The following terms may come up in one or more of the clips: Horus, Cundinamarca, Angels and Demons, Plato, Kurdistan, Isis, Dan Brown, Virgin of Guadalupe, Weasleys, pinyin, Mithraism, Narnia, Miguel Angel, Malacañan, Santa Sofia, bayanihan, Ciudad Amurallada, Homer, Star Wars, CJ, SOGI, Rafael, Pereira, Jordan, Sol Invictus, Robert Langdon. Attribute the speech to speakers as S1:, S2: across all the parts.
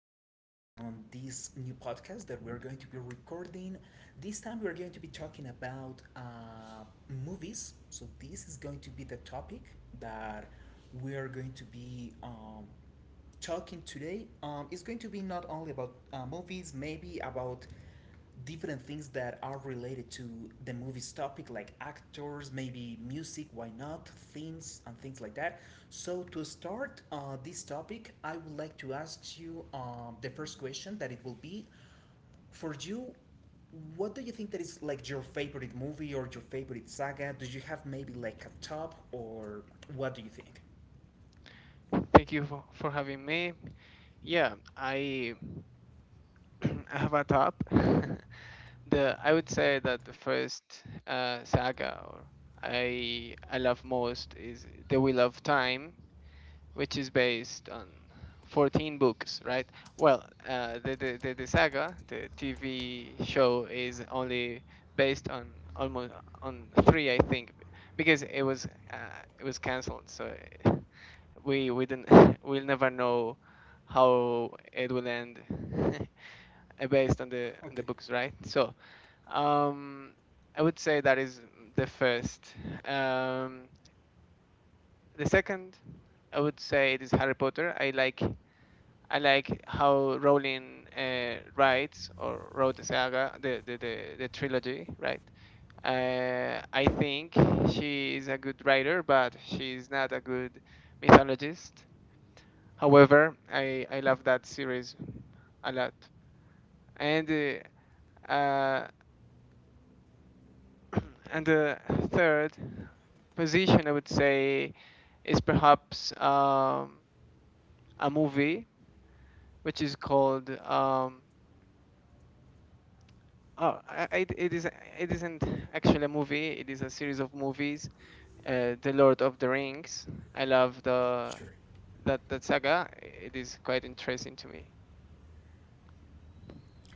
S1: me on this new podcast that we're going to be recording. This time, we're going to be talking about movies. So, this is going to be the topic that we are going to be talking today, is going to be not only about movies, maybe about different things that are related to the movie's topic, like actors, maybe music, why not, themes, and things like that. So, to start this topic, I would like to ask you, the first question that it will be for you. What do you think that is like your favorite movie or your favorite saga? Do you have maybe like a top or what do you think?
S2: Thank you for having me. Yeah, I I have a top. the I would say that the first saga or I love most is The Wheel of Time, which is based on 14 books, right? Well, the saga, the TV show is only based on almost on three, I think, because uh, it was cancelled. So we didn't we'll never know how it will end based on the
S1: Okay,
S2: books, right? So um I would say that is the first. um the second, I would say it is Harry Potter. I like I like how Rowling writes or wrote the saga, the trilogy, right? I think she is a good writer, but she is not a good mythologist. However, I love that series a lot. And uh, uh, and the third position, I would say, is perhaps a movie which is called. It is it isn't actually a movie, it is a series of movies, The Lord of the Rings. I love the
S1: sure.
S2: that that saga. It is quite interesting to me.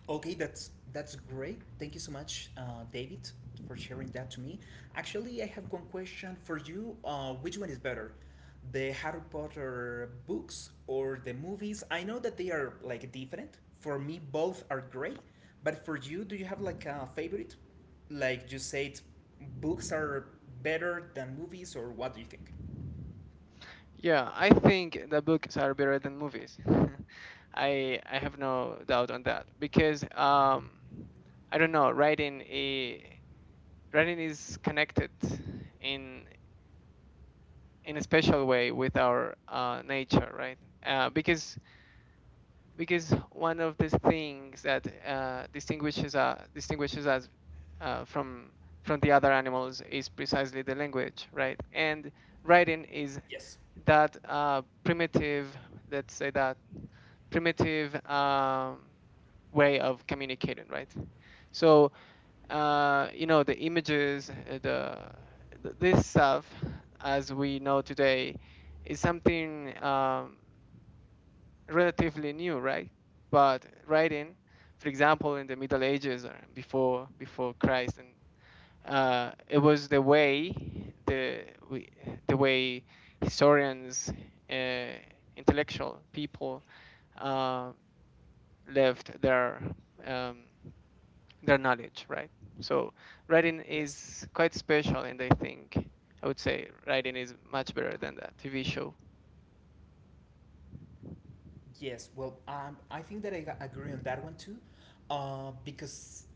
S1: Okay, that's great. Thank you so much, David, for sharing that to me. Actually, I have one question for you. Which one is better, the Harry Potter books or the movies? I know that they are like different. For me, both are great. But for you, do you have like a favorite? Like you said, books are better than movies, or what do you think?
S2: Yeah, I think the books are better than movies. I have no doubt on that because I don't know, writing is connected in in a special way with our nature, right? Uh, because because one of the things that distinguishes us uh, from from the other animals is precisely the language, right? And writing is
S1: Yes.
S2: that primitive, let's say, that primitive way of communicating, right? So you know, the images, the this stuff as we know today is something relatively new, right? But writing, for example, in the Middle Ages or before Christ, and it was the way we, the way historians, uh, intellectual people, uh, left um, their knowledge, right? So writing
S1: Yes.
S2: is quite special, and I think I would say writing is much better than that TV show.
S1: Yes, well, I think that agree on that one too, because,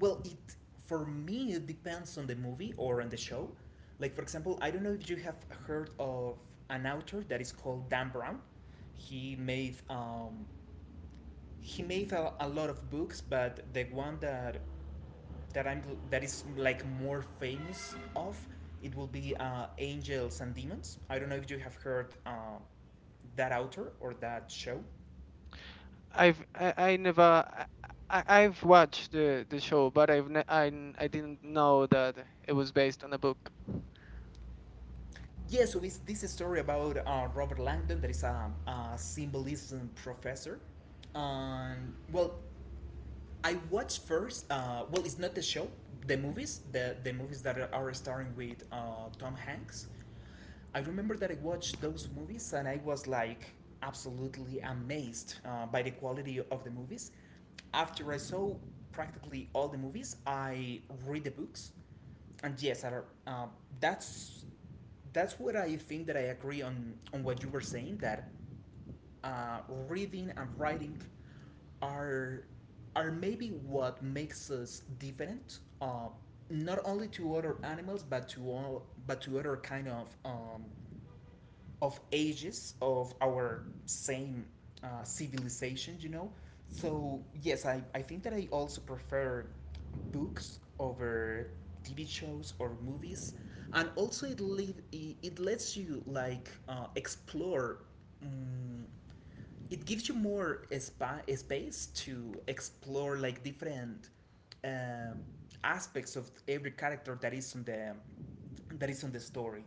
S1: well, it for me it depends on the movie or on the show. Like for example, I don't know if you have heard of an author that is called Dan Brown. He made um, he made a lot of books, but the one that I'm that is like more famous of it will be Angels and Demons. I don't know if you have heard that author or that show.
S2: I've I never I, I- have watched the show, but I've ne- I, n- I did didn't know that it was based on a book.
S1: Yeah, so it's this story about Robert Langdon, that is a symbolism professor. Well, I watched first. Well, it's not the show, the movies, the movies that are starring with Tom Hanks. I remember that I watched those movies and I was like absolutely amazed by the quality of the movies. After I saw practically all the movies, I read the books, and yes, uh, that's that's what I think that I agree on what you were saying that uh, reading and writing are are maybe what makes us different, not only to other animals but to all, but to other kind of ages of our same civilization, you know. So yes, I think that I also prefer books over TV shows or movies, and also it lets you like explore, um, it gives you more space to explore like different um aspects of every character that is on the that is on the story.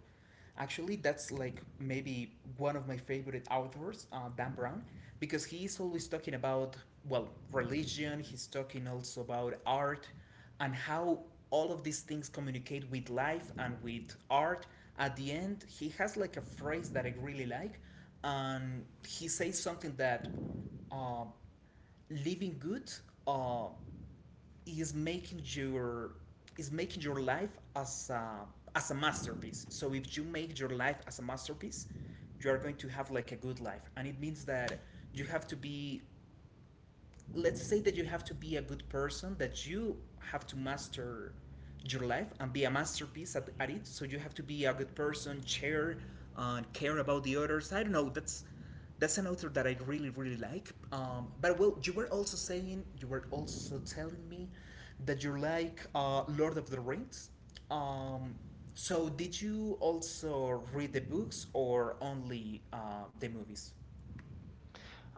S1: Actually, that's like maybe one of my favorite authors, Dan Brown, because he is always talking about well religion. He's talking also about art and how all of these things communicate with life and with art. At the end, he has like a phrase that I really like, and he says something that uh, living good, uh, is making your is making your life as a masterpiece. So if you make your life as a masterpiece, you are going to have like a good life, and it means that you have to be, let's say that you have to be a good person, that you have to master your life and be a masterpiece at it, so you have to be a good person, share and care about the others. I don't know, that's an author that I really really like, but well, you were also saying, you were also telling me that you like Lord of the Rings, um, so did you also read the books or only the movies?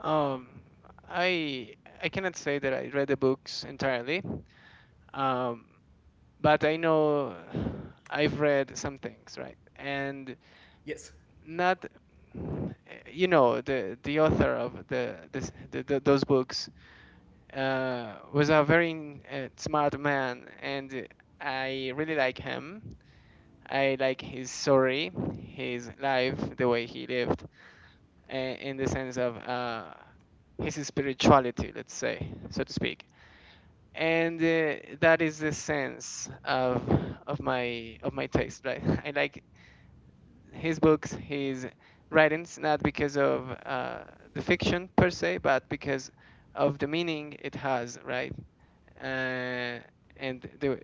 S2: Um, I I cannot say that I read the books entirely, um, but I know I've read some things, right? And
S1: Yes.
S2: not, you know, the author of the, this, the those books was a very smart man, and I really like him. I like his story, his life, the way he lived, in the sense of his spirituality, let's say, so to speak. And that is the sense of my taste, right? I like his books, his writings, not because of the fiction per se, but because of the meaning it has, right? Uh, and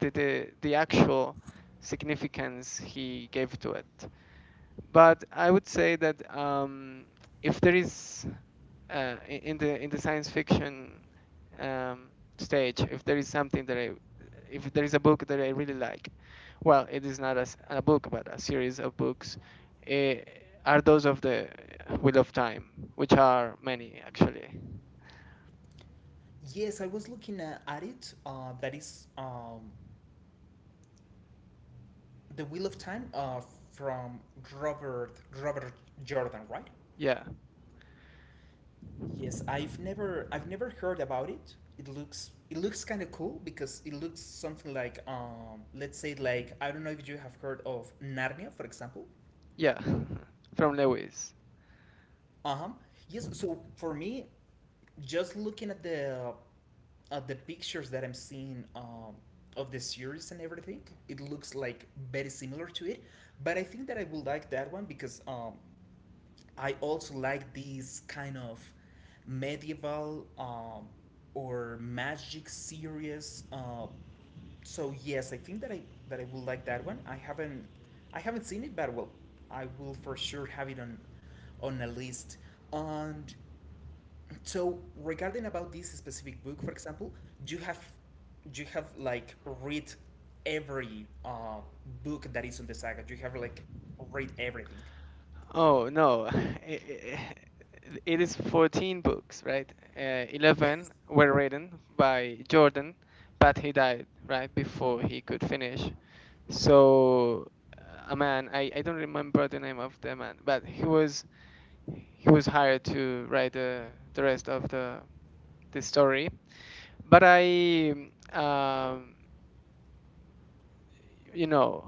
S2: the actual significance he gave to it. But I would say that if there is I- in the science fiction um, stage, if there is a book that I really like, well, it is not a a book, but a series of books, eh, are those of the Wheel of Time, which are many, actually.
S1: Yes, I was looking at it. That is The Wheel of Time, from Robert Robert Jordan, right?
S2: Yeah,
S1: Yes, I've never heard about it. It looks, it looks kind of cool because it looks something like, let's say like, I don't know if you have heard of Narnia, for example.
S2: yeah, from Lewis.
S1: Uh-huh. Yes, so for me, just looking at the pictures that I'm seeing, of the series and everything, it looks like very similar to it. But I think that I will like that one because, I also like these kind of medieval, or magic series, so yes, I think that I will like that one. I haven't, I haven't seen it, but well, I will for sure have it on a list. And so regarding about this specific book, for example, do you have, do you have like read every book that is on the saga? Do you have like read everything?
S2: Oh no, i- it is 14 books, right? 11
S1: Yes.
S2: were written by Jordan, but he died right before he could finish. So uh, a man, I don't remember the name of the man, but he was hired to write the rest of the story. But I you know,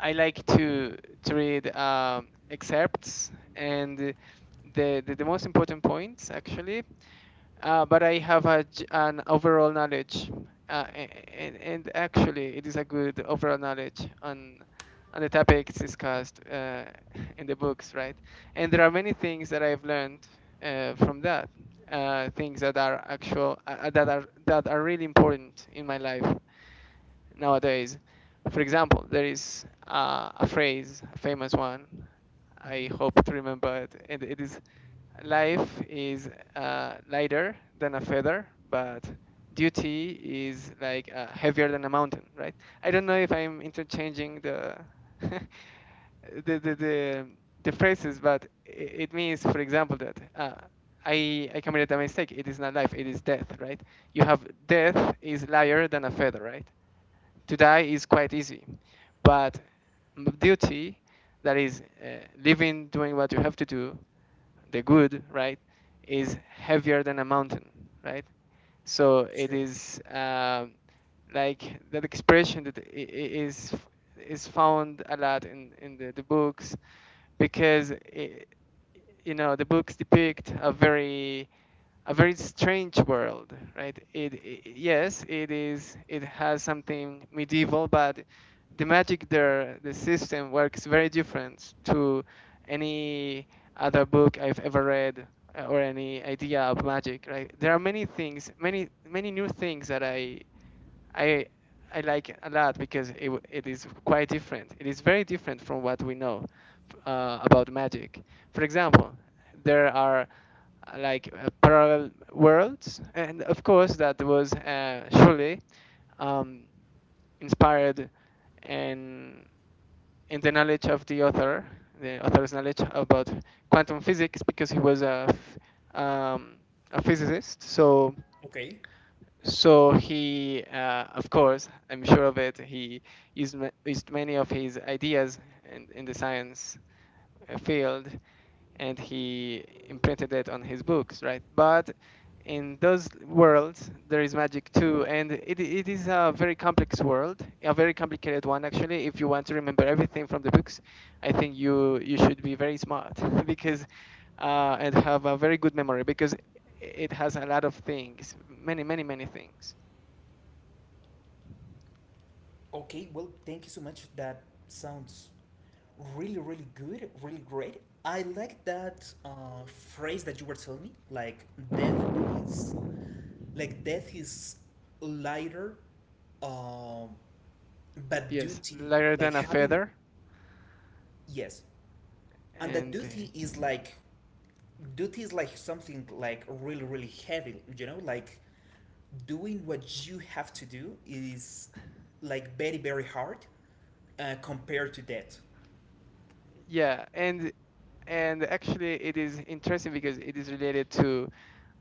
S2: I like to read excerpts and the most important points, actually, but I have a, an overall knowledge, uh, and actually, it is a good overall knowledge on the topics discussed in the books, right? And there are many things that I've learned from that, things that are actual, that are really important in my life nowadays. For example, there is a phrase, a famous one. I
S1: Hmm.
S2: hope to remember it, and it is: life is lighter than a feather, but duty is like heavier than a mountain, right? I don't know if I'm interchanging the the, the, the, the phrases, but it means, for example, that I committed a mistake. It is not life, it is death, right? You have death is lighter than a feather, right? To die is quite easy, but duty, that is living, doing what you have to do, the good, right, is heavier than a mountain, right? So it
S1: Sure.
S2: is like that expression that is found a lot in the books because I you know, the books depict a very strange world, right? It, I yes, it is. It has something medieval, but the magic there, the system works very different to any other book I've ever read, or any idea of magic, right? There are many things, many new things that I I like a lot because it is quite different. It is very different from what we know about magic. For example, there are parallel worlds, and of course that was surely um, inspired in in the knowledge of the author, the author's knowledge about quantum physics, because he was a a physicist. So
S1: Okay.
S2: he, of course I'm sure of it, he used many of his ideas in the science field, and he imprinted it on his books, right? But in those worlds, there is magic too, and it is a very complex world, a very complicated one actually. If you want to remember everything from the books, I think you should be very smart because and have a very good memory because it has a lot of things, many things.
S1: Okay, well, thank you so much. That sounds really, really good, really great. I like that phrase that you were telling me. Death is, like death is lighter, um, but
S2: Yes,
S1: duty,
S2: lighter
S1: like
S2: than a
S1: having,
S2: feather,
S1: yes, and the
S2: and
S1: duty is like, duty is like something like really really heavy, you know, like doing what you have to do is like very very hard compared to that.
S2: yeah, and actually it is interesting because it is related to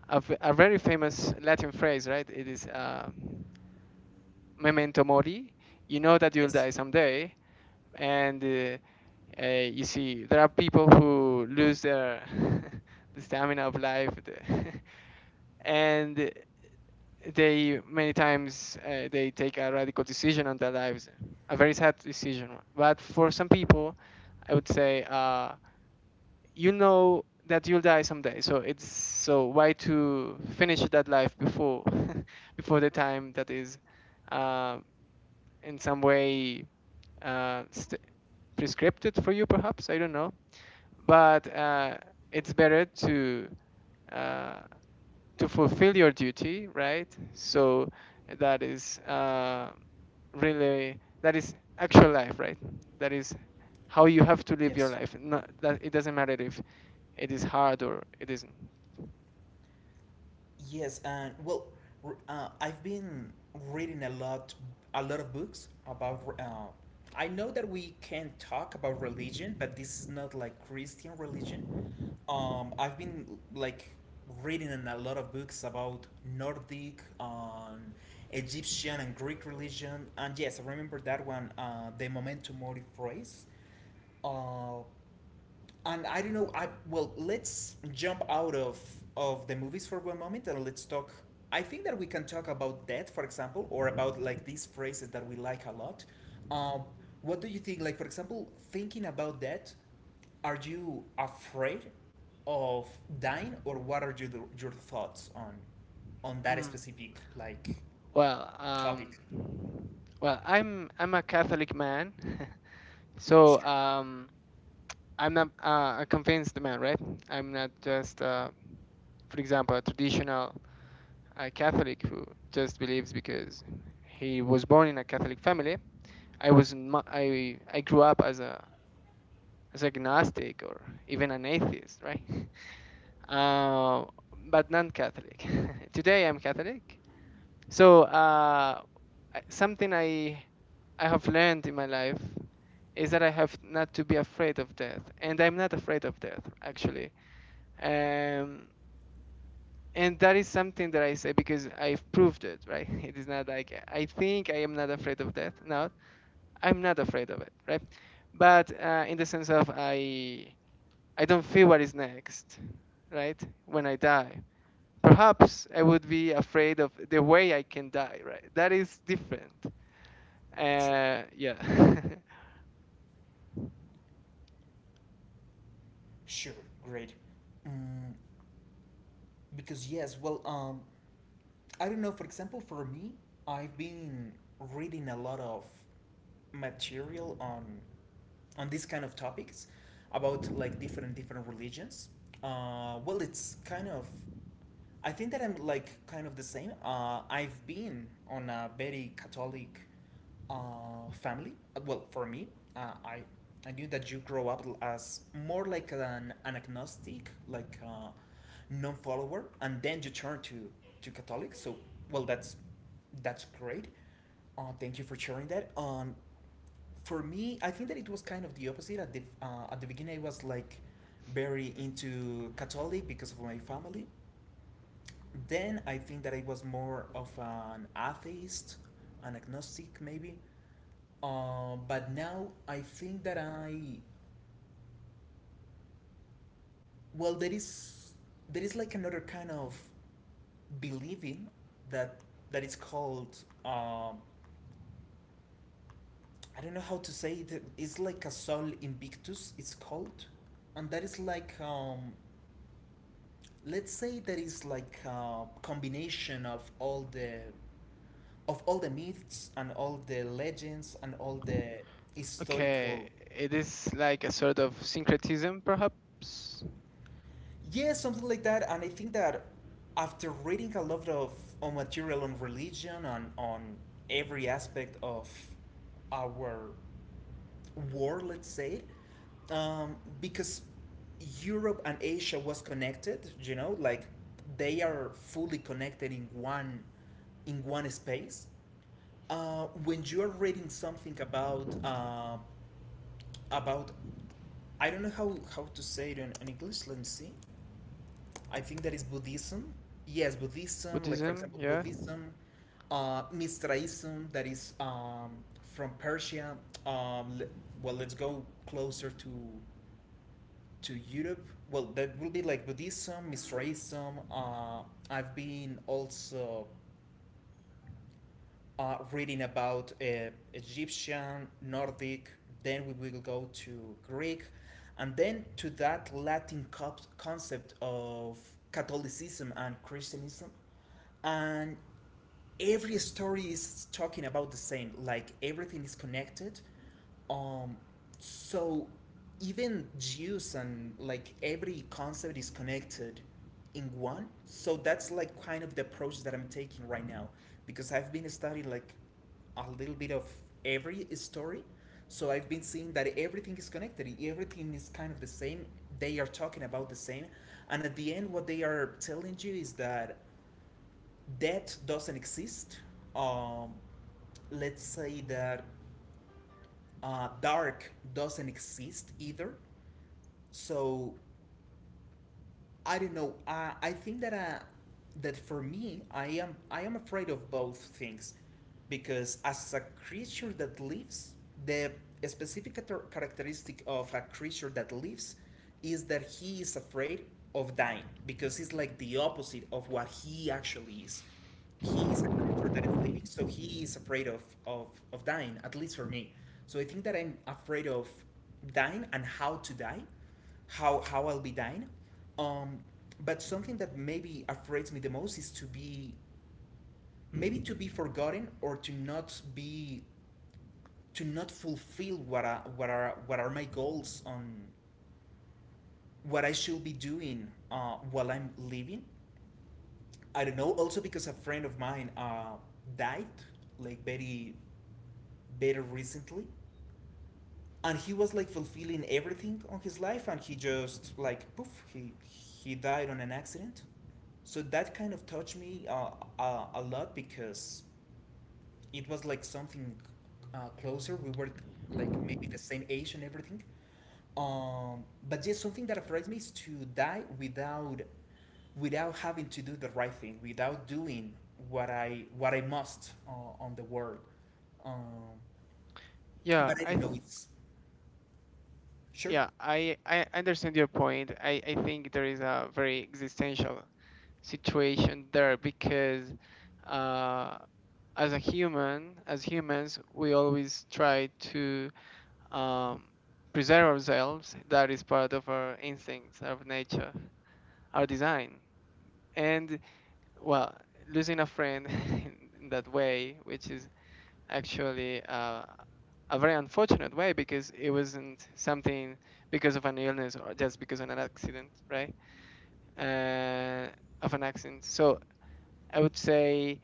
S2: a, a very famous Latin phrase, right? It is memento mori. You know that you'll
S1: Yes,
S2: die someday, and you see, there are people who lose their the stamina of life, and they many times they take a radical decision on their lives, a very sad decision. But for some people, I would say, you know that you'll die someday, so it's so why to finish that life before before the time that is uh, in some way st- prescripted for you, perhaps, I don't know. But it's better uh, to fulfill your duty, right? So that is really, that is actual life, right? That is how you have to live your
S1: yes.
S2: life, no? That it doesn't matter if it is hard or it isn't.
S1: Yes, and well, I've been reading a lot of books about. I know that we can talk about religion, but this is not like Christian religion. I've been like reading in a lot of books about Nordic, Egyptian, and Greek religion, and yes, I remember that one, the memento mori phrase. Uh, and I don't know. I, well, let's jump out of the movies for one moment and let's talk. I think that we can talk about death, for example, or about like these phrases that we like a lot. Um, what do you think? Like, for example, thinking about that, are you afraid of dying, or what are your thoughts on that
S2: Mm.
S1: specific like
S2: Well,
S1: topic?
S2: I'm a Catholic man, so
S1: Sure,
S2: I'm not a convinced man, right? I'm not just, for example, a traditional Catholic who just believes because he was born in a Catholic family. I grew up as a as agnostic or even an atheist, right? Uh, but non-Catholic. Today I'm Catholic, so something I have learned in my life is that I have not to be afraid of death, and I'm not afraid of death actually. Um, and that is something that I say because I've proved it, right? It is not like I think I am not afraid of death. No, I'm not afraid of it, right? But in the sense of I don't feel what is next, right? When I die, perhaps I would be afraid of the way I can die, right? That is different.
S1: sure,
S2: Yeah.
S1: sure. Great. Mm, because yes, well, I don't know. For example, for me, I've been reading a lot of material on these kind of topics about like different, different religions. Well, it's kind of. I think that I'm like kind of the same. I've been on a very Catholic family. Well, for me, uh, I I knew that you grow up as more like an agnostic, like a non-follower, and then you turn to Catholic. So, well, that's great. Thank you for sharing that. For me, I think that it was kind of the opposite. At the beginning, I was like very into Catholic because of my family. Then I think that I was more of an atheist, an agnostic maybe. But now I think that I well, there is like another kind of believing that that is called, um, I don't know how to say it. It's like a Sol Invictus, it's called, and that is like, let's say that is like a combination of all the myths and all the legends and all the
S2: Okay,
S1: historical,
S2: it is like a sort of syncretism, perhaps.
S1: yeah, something like that. And I think that after reading a lot of on material on religion and on every aspect of our war, let's say, because Europe and Asia was connected. You know, like they are fully connected in one space. When you are reading something about about, I don't know how to say it in English. Let me see. I think that is Buddhism. Yes, Buddhism, like for
S2: Buddhism.
S1: example,
S2: Yeah,
S1: Buddhism, Mithraism, that is from Persia. Um, le- well, let's go closer to Europe. Well, that will be like Buddhism, Mithraism. I've been also reading about Egyptian, Nordic. Then we will go to Greek, and then to that Latin concept of Catholicism and Christianism, and every story is talking about the same, like everything is connected, um so even Jews, and like every concept is connected in one, so that's like kind of the approach that I'm taking right now, because I've been studying like a little bit of every story, so I've been seeing that everything is connected, everything is kind of the same, they are talking about the same, and at the end what they are telling you is that that doesn't exist. Um, let's say that dark doesn't exist either. So I don't know. I think that that for me, I am, I am afraid of both things, because as a creature that lives, the specific characteristic of a creature that lives is that he is afraid of dying because it's like the opposite of what he actually is. He is a creature that is living, so he is afraid of dying, at least for me. So I think that I'm afraid of dying and how to die, how I'll be dying. Um, but something that maybe afraids me the most is to be, maybe, to be forgotten, or to not be to not fulfill what are my goals on what I should be doing while I'm living. I don't know. Also because a friend of mine died, like very very recently, and he was like fulfilling everything on his life, and he just like poof, he died on an accident. So that kind of touched me a lot, because it was like something closer. We were like maybe the same age and everything. But just something that afraid me is to die without without having to do the right thing, without doing what I must on the world. Um,
S2: yeah.
S1: but I don't know. It's sure,
S2: Yeah, I understand your point. I think there is a very existential situation there because uh, as a human, as humans, we always try to um, preserve ourselves. That is part of our instincts, our nature, our design, and well, losing a friend in that way, which is actually a very unfortunate way, because it wasn't something because of an illness or just because of an accident, right? Uh, of an accident. So I would say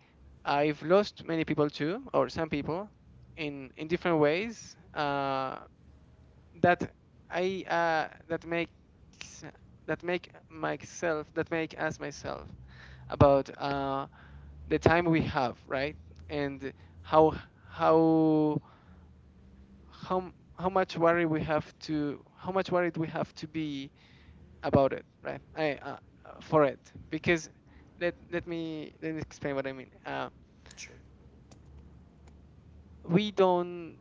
S2: I've lost many people too, or some people, in different ways. That I that makes that make myself that make us myself about, the time we have, right? And how how how how much worry we have to how much worried we have to be about it, right? I, for it because let let me explain what I mean.
S1: sure,
S2: We don't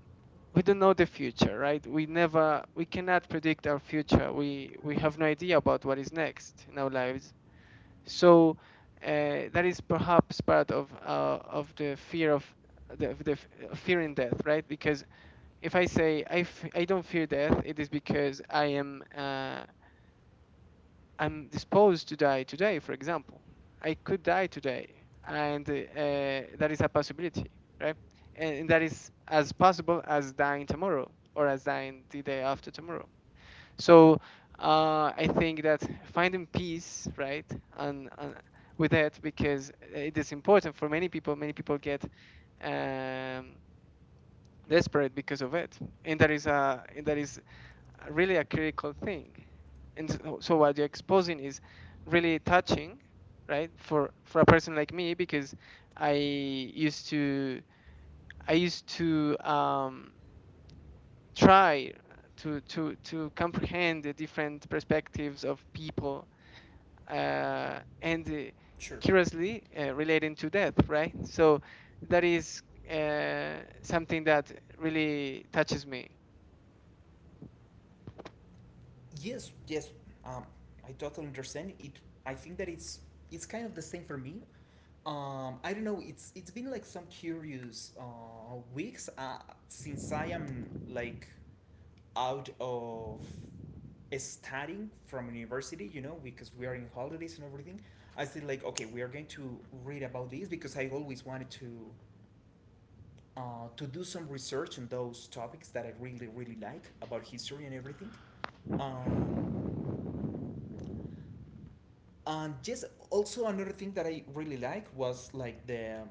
S2: we don't know the future, right? We cannot predict our future. We have no idea about what is next in our lives. So that is perhaps part of the fear of the fear in death, right? Because if I say I don't fear death, it is because I am I'm disposed to die today. For example, I could die today, and that is a possibility, right? And that is as possible as dying tomorrow or as dying the day after tomorrow. So I think that finding peace, right, and with that, because it is important for many people. Many people get um, desperate because of it, and that is really a critical thing. And so what you're exposing is really touching, right? For a person like me, because I used to I used to try to comprehend the different perspectives of people, and
S1: sure.
S2: curiously relating to death, right? So that is something that really touches me.
S1: Yes, yes. Um, I totally understand it. I think that it's kind of the same for me. I don't know. It's been like some curious weeks since I am like out of studying from university. You know, because we are in holidays and everything. I said like, okay, we are going to read about this because I always wanted to do some research on those topics that I really really like about history and everything. Um, and just also another thing that I really like was like the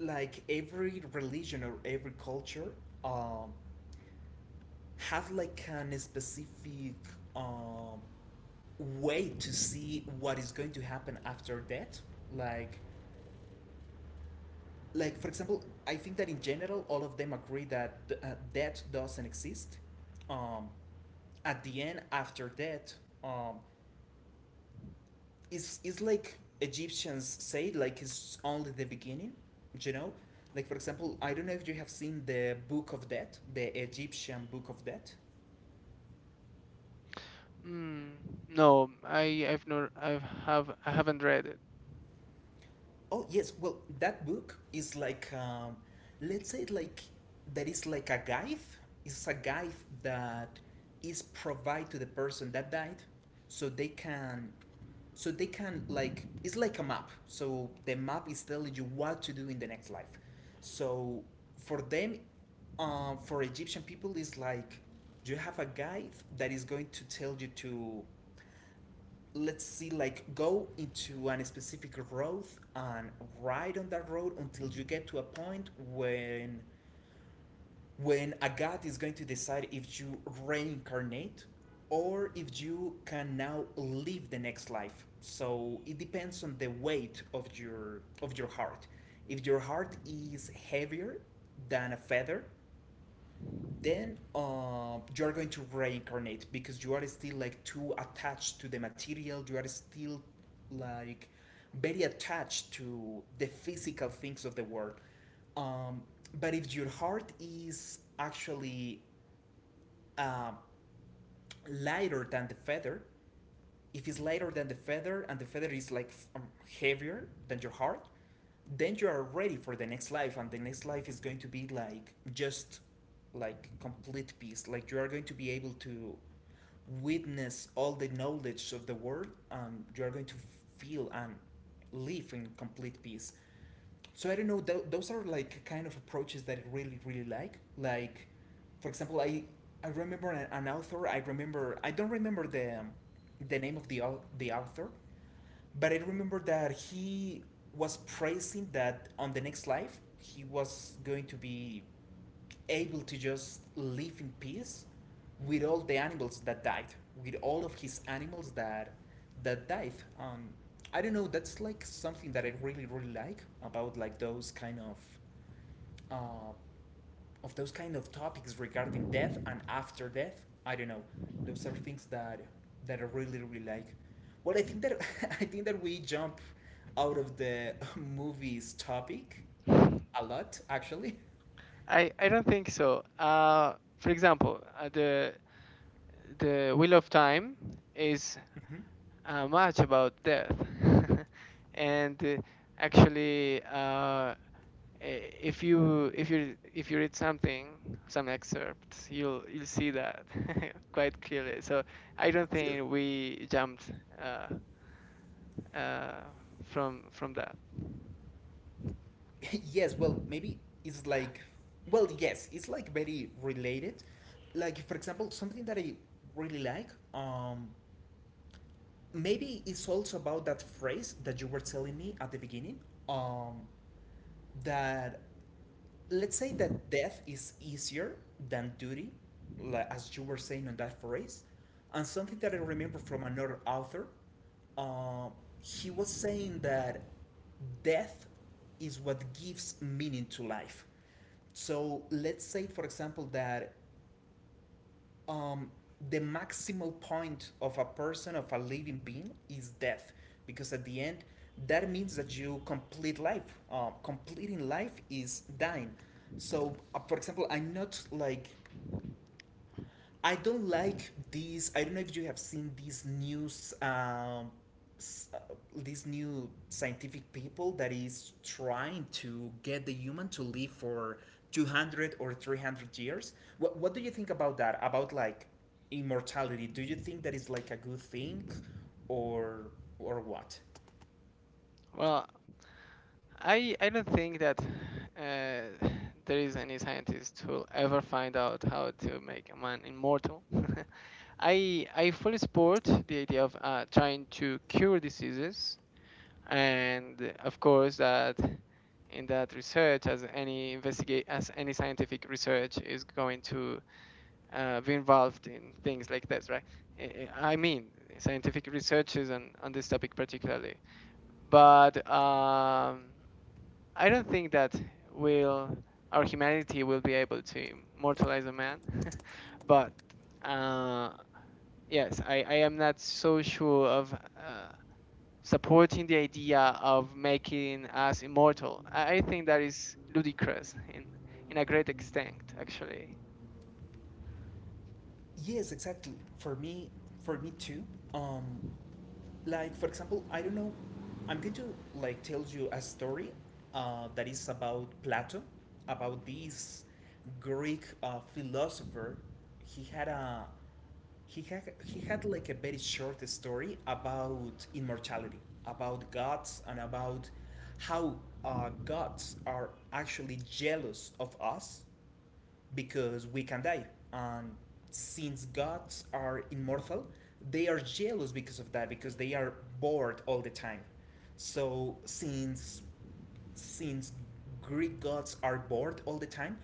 S1: like every religion or every culture um, have like an specific um, way to see what is going to happen after death. like like for example, I think that in general all of them agree that uh, death doesn't exist um, at the end, after death. um, it's like Egyptians say, like it's only the beginning, you know. Like for example, I don't know if you have seen the Book of Death, the Egyptian Book of Death.
S2: Mm, no, I haven't read it.
S1: Oh yes, well that book is like let's say it like that is like a guide. It's a guide that is provided to the person that died, so they so they can, like it's like a map. So the map is telling you what to do in the next life. So for them, for Egyptian people, is like you have a guide that is going to tell you to let's see like go into a specific road and ride on that road until you get to a point when a god is going to decide if you reincarnate, or if you can now live the next life. So it depends on the weight of your heart. If your heart is heavier than a feather, then you are going to reincarnate because you are still like too attached to the material, you are still like very attached to the physical things of the world. um, but if your heart is actually uh, lighter than the feather, if it's lighter than the feather and the feather is like um, heavier than your heart, then you are ready for the next life, and the next life is going to be like just like complete peace. Like you are going to be able to witness all the knowledge of the world, and you are going to feel and live in complete peace. So I don't know. Those are like kind of approaches that I really really like. Like, for example, I remember an author. I remember I don't remember the name of the author, but I remember that he was praising that on the next life he was going to be able to just live in peace with all the animals that died, with all of his animals that that died. Um, I don't know. That's like something that I really really like about like those kind uh, of those kind of topics regarding death and after death. I don't know. Those are things that that I really really like. Well, I think that I think that we jump out of the movies topic a lot actually.
S2: I don't think so. For example, the Wheel of Time is
S1: Hmm.
S2: much about death, and actually, uh, i- if you read something, some excerpts, you'll see that quite clearly. So I don't think we jumped uh, uh, from that.
S1: Yes, well, maybe it's like well, yes, it's like very related. Like for example, something that I really like, um maybe it's also about that phrase that you were telling me at the beginning, um that let's say that death is easier than duty, like, as you were saying on that phrase. And something that I remember from another author, uh, he was saying that death is what gives meaning to life. So let's say, for example, that um, the maximal point of a person, of a living being, is death, because at the end that means that you complete life. Completing life is dying. So for example, I'm not like I don't like these. I don't know if you have seen these news, s- uh, these new scientific people that is trying to get the human to live for 200 or 300 years. What do you think about that? About like immortality? Do you think that is like a good thing, or or what?
S2: Well, I don't think that uh, there is any scientist who'll ever find out how to make a man immortal. I fully support the idea of trying to cure diseases, and of course that in that research, as any scientific research is going to be involved in things like this, right? I mean, scientific researches on this topic particularly, but. I don't think that will our humanity will be able to immortalize a man, but uh, yes, I am not so sure of supporting the idea of making us immortal. I think that is ludicrous in a great extent, actually.
S1: Yes, exactly. For me too. Um, like for example, I don't know, I'm going to like tell you a story that is about Plato, about this Greek philosopher. He had a he had like a very short story about immortality, about gods, and about how gods are actually jealous of us because we can die. And since gods are immortal, they are jealous because of that, because they are bored all the time. So since Greek gods are bored all the time,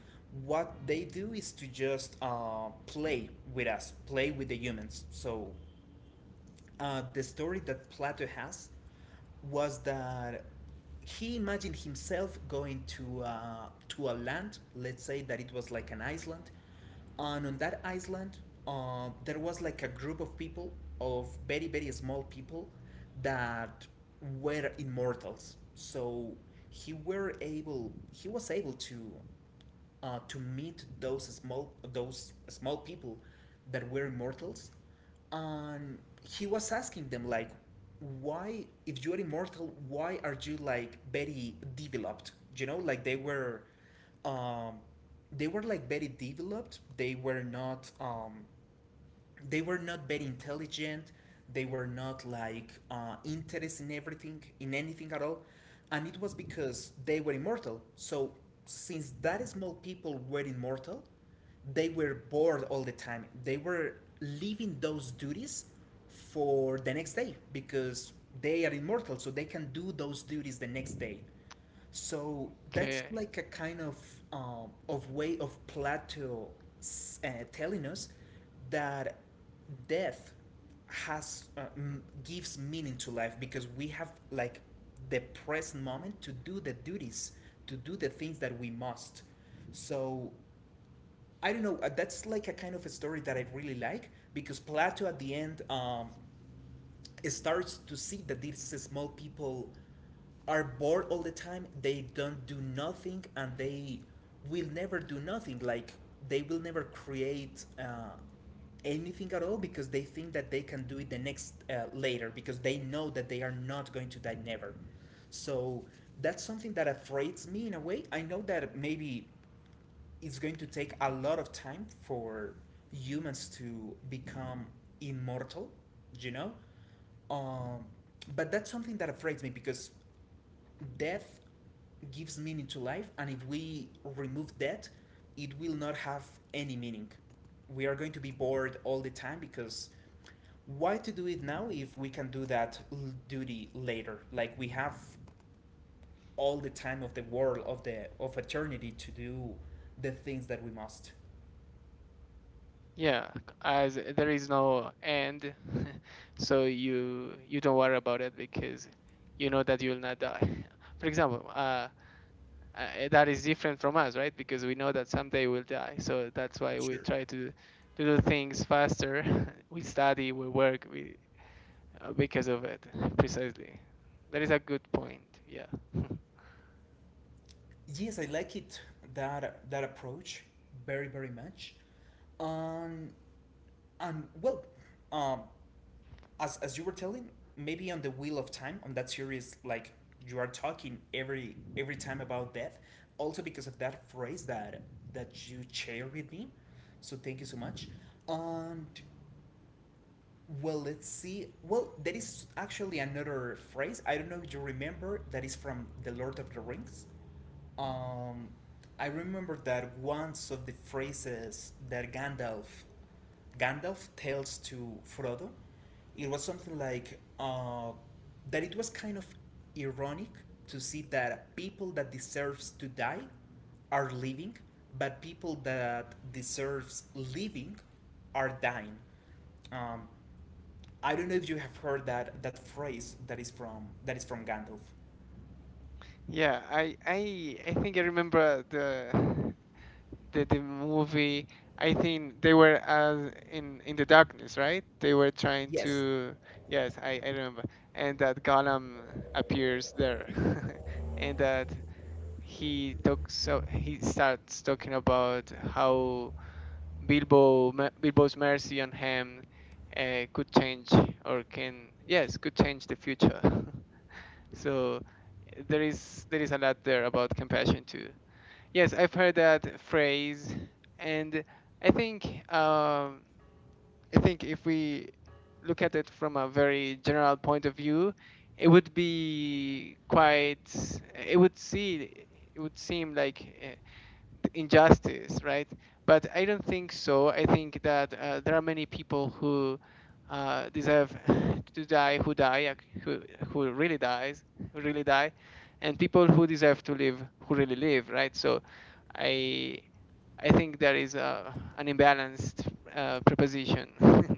S1: what they do is to just play with us, play with the humans. So the story that Plato has was that he imagined himself going to a land. Let's say that it was like an island, and on that island, there was like a group of people, of very very small people, that were immortals. So he was able to meet those small people that were immortals, and he was asking them like, why if you're immortal, why are you like very developed, you know? Like um, they were like very developed, they were not very intelligent, they were not like interested in everything, in anything at all. And it was because they were immortal. So since that small people were immortal, they were bored all the time, they were leaving those duties for the next day because they are immortal, so they can do those duties the next day. So that's
S2: Okay,
S1: like a kind of way of Plato telling us that death gives meaning to life because we have like the present moment to do the duties, to do the things that we must. So I don't know. That's like a kind of a story that I really like because Plato at the end, starts to see that these small people are bored all the time, they don't do nothing, and they will never do nothing. Like they will never create anything at all because they think that they can do it the next later, because they know that they are not going to die never. So that's something that afraids me in a way. I know that maybe it's going to take a lot of time for humans to become immortal, you know. um, but that's something that affrights me because death gives meaning to life, and if we remove that, it will not have any meaning. We are going to be bored all the time, because why to do it now if we can do that duty later? Like we have all the time of the world, of the of eternity to do the things that we must.
S2: yeah, as there is no end, so you don't worry about it because you know that you will not die. For example, that is different from us, right? Because we know that someday we'll die. So that's why we
S1: Sure.
S2: try to do things faster. We study, we work, we because of it precisely. That is a good point. Yeah.
S1: Yes, I like it that that approach very very much. Um, and well, um, as you were telling, maybe on the Wheel of Time, on that series, like you are talking every time about death. Also because of that phrase that that you share with me. So thank you so much. And well, let's see. Well, there is actually another phrase. I don't know if you remember that is from The Lord of the Rings. Um, I remember that once of the phrases that Gandalf tells to Frodo, it was something like that. It was kind of ironic to see that people that deserves to die are living, but people that deserves living are dying. Um, I don't know if you have heard that that phrase that is from Gandalf.
S2: Yeah, I think I remember the the movie. I think they were in the darkness, right? They were trying
S1: Yes,
S2: to. Yes, I remember. And that Gollum appears there, and that he talks he starts talking about how Bilbo's mercy on him could change or can yes could change the future. So there is a lot there about compassion too. Yes, I've heard that phrase, and I think um, I think if we look at it from a very general point of view, it would be quite it would see it would seem like injustice, right? But I don't think so. I think that there are many people who deserve to die, who die, who really dies, who really die, and people who deserve to live, who really live, right? So, I I think there is a an imbalanced proposition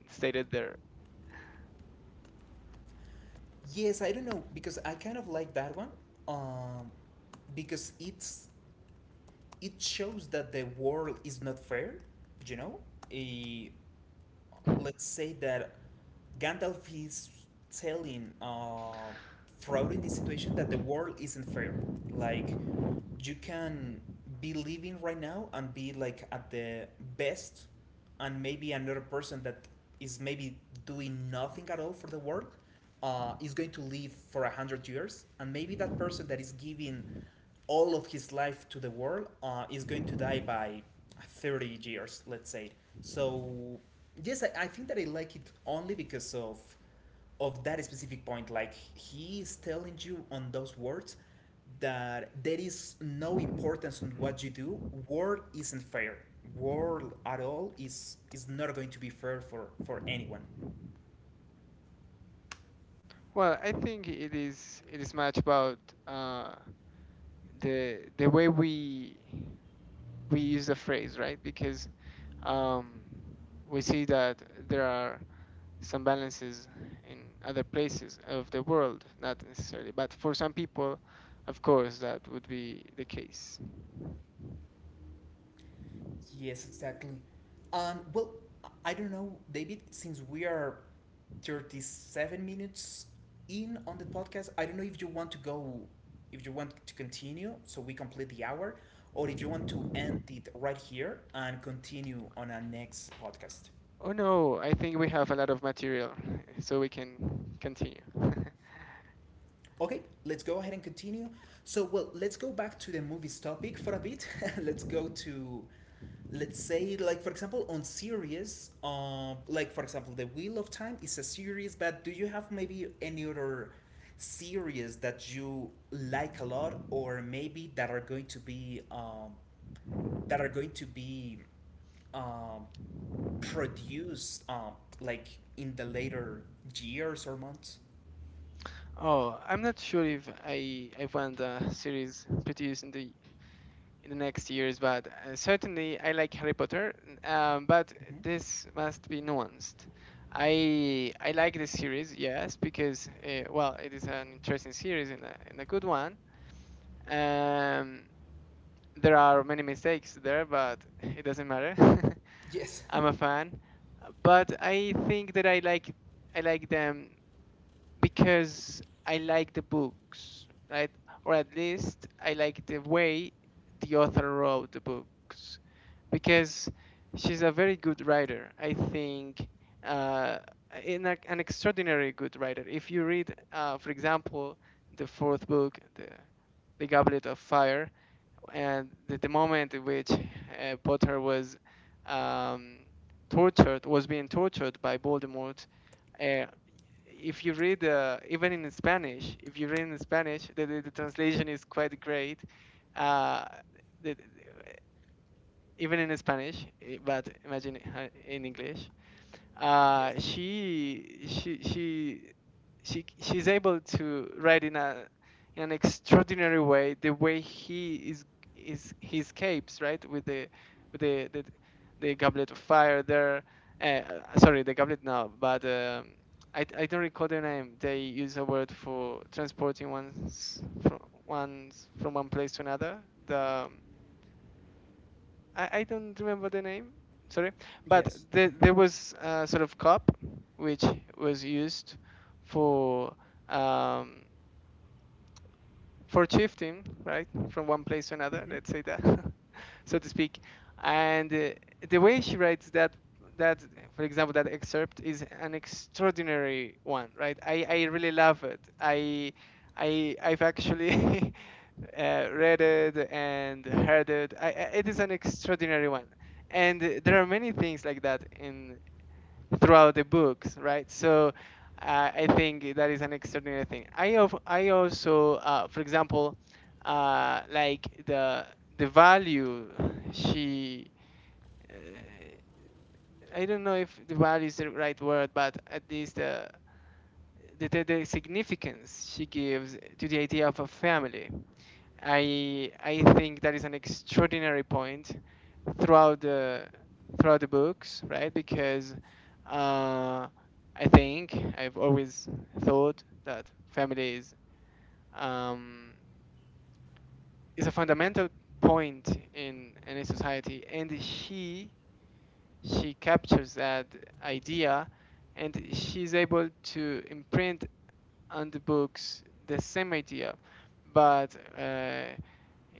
S2: stated there.
S1: Yes, I don't know because I kind of like that one, um, because it shows that the world is not fair, you know. Eh, let's say that Gandalf is telling Frodo in this situation that the world isn't fair. Like, you can be living right now and be like at the best, and maybe another person that is maybe doing nothing at all for the world is going to live for a hundred years, and maybe that person that is giving all of his life to the world is going to die by 30 years, let's say. So, yes, I think that I like it only because of that specific point. Like he is telling you on those words that there is no importance on what you do. War isn't fair. War at all is not going to be fair for anyone.
S2: Well, I think it is much about uh, the way we use the phrase, right? Because um, we see that there are some balances in other places of the world, not necessarily, but for some people, of course, that would be the case.
S1: Yes, exactly. And well, I don't know, David, since we are 37 minutes in on the podcast, I don't know if you want to go, if you want to continue so we complete the hour, or if you want to end it right here and continue on our next podcast.
S2: Oh no, I think we have a lot of material, so we can continue.
S1: Okay, let's go ahead and continue. So, well, let's go back to the movies topic for a bit. Let's go to, let's say, like for example, on series, like for example, The Wheel of Time is a series. But do you have maybe any other series that you like a lot, or maybe that are going to be, that are going to be, um, produced, like in the later years or months?
S2: Oh, I'm not sure if I want a series produced in the next years, but certainly I like Harry Potter, but
S1: Hmm.
S2: this must be nuanced. I like the series, yes, because well, it is an interesting series and and a good one. Um, there are many mistakes there, but it doesn't matter.
S1: Yes.
S2: I'm a fan, but I think that I like them because I like the books, right? Or at least I like the way the author wrote the books, because she's a very good writer. I think uh, an extraordinary good writer. If you read, for example, the fourth book, the Goblet of Fire, and the moment in which Potter was um, was being tortured by Voldemort. Uh, if you read if you read in Spanish, the translation is quite great. Uh, the, the- Even in Spanish, eh, but imagine in English uh,
S1: Yes.
S2: she she she she she's able to write in a in an extraordinary way the way he is he escapes, right, with with the the, the goblet of fire there, sorry, the goblet now, but I don't recall the name. They use a word for transporting one's from one place to another, the I don't remember the name. Sorry, but
S1: Yes. Hmm.
S2: there was a sort of cup which was used for um, for shifting, right, from one place to another.
S1: Hmm.
S2: Let's say that, so to speak. And the way she writes that, for example, that excerpt is an extraordinary one, right? I really love it. I've actually read it and heard it. It is an extraordinary one, and there are many things like that in throughout the books, right? So I think that is an extraordinary thing. I also, for example, like the value she. Uh, I don't know if the value is the right word, but at least the the significance she gives to the idea of a family. I think that is an extraordinary point throughout the books, right? Because uh, I think I've always thought that family um, is a fundamental point in a society, and she captures that idea, and she's able to imprint on the books the same idea, but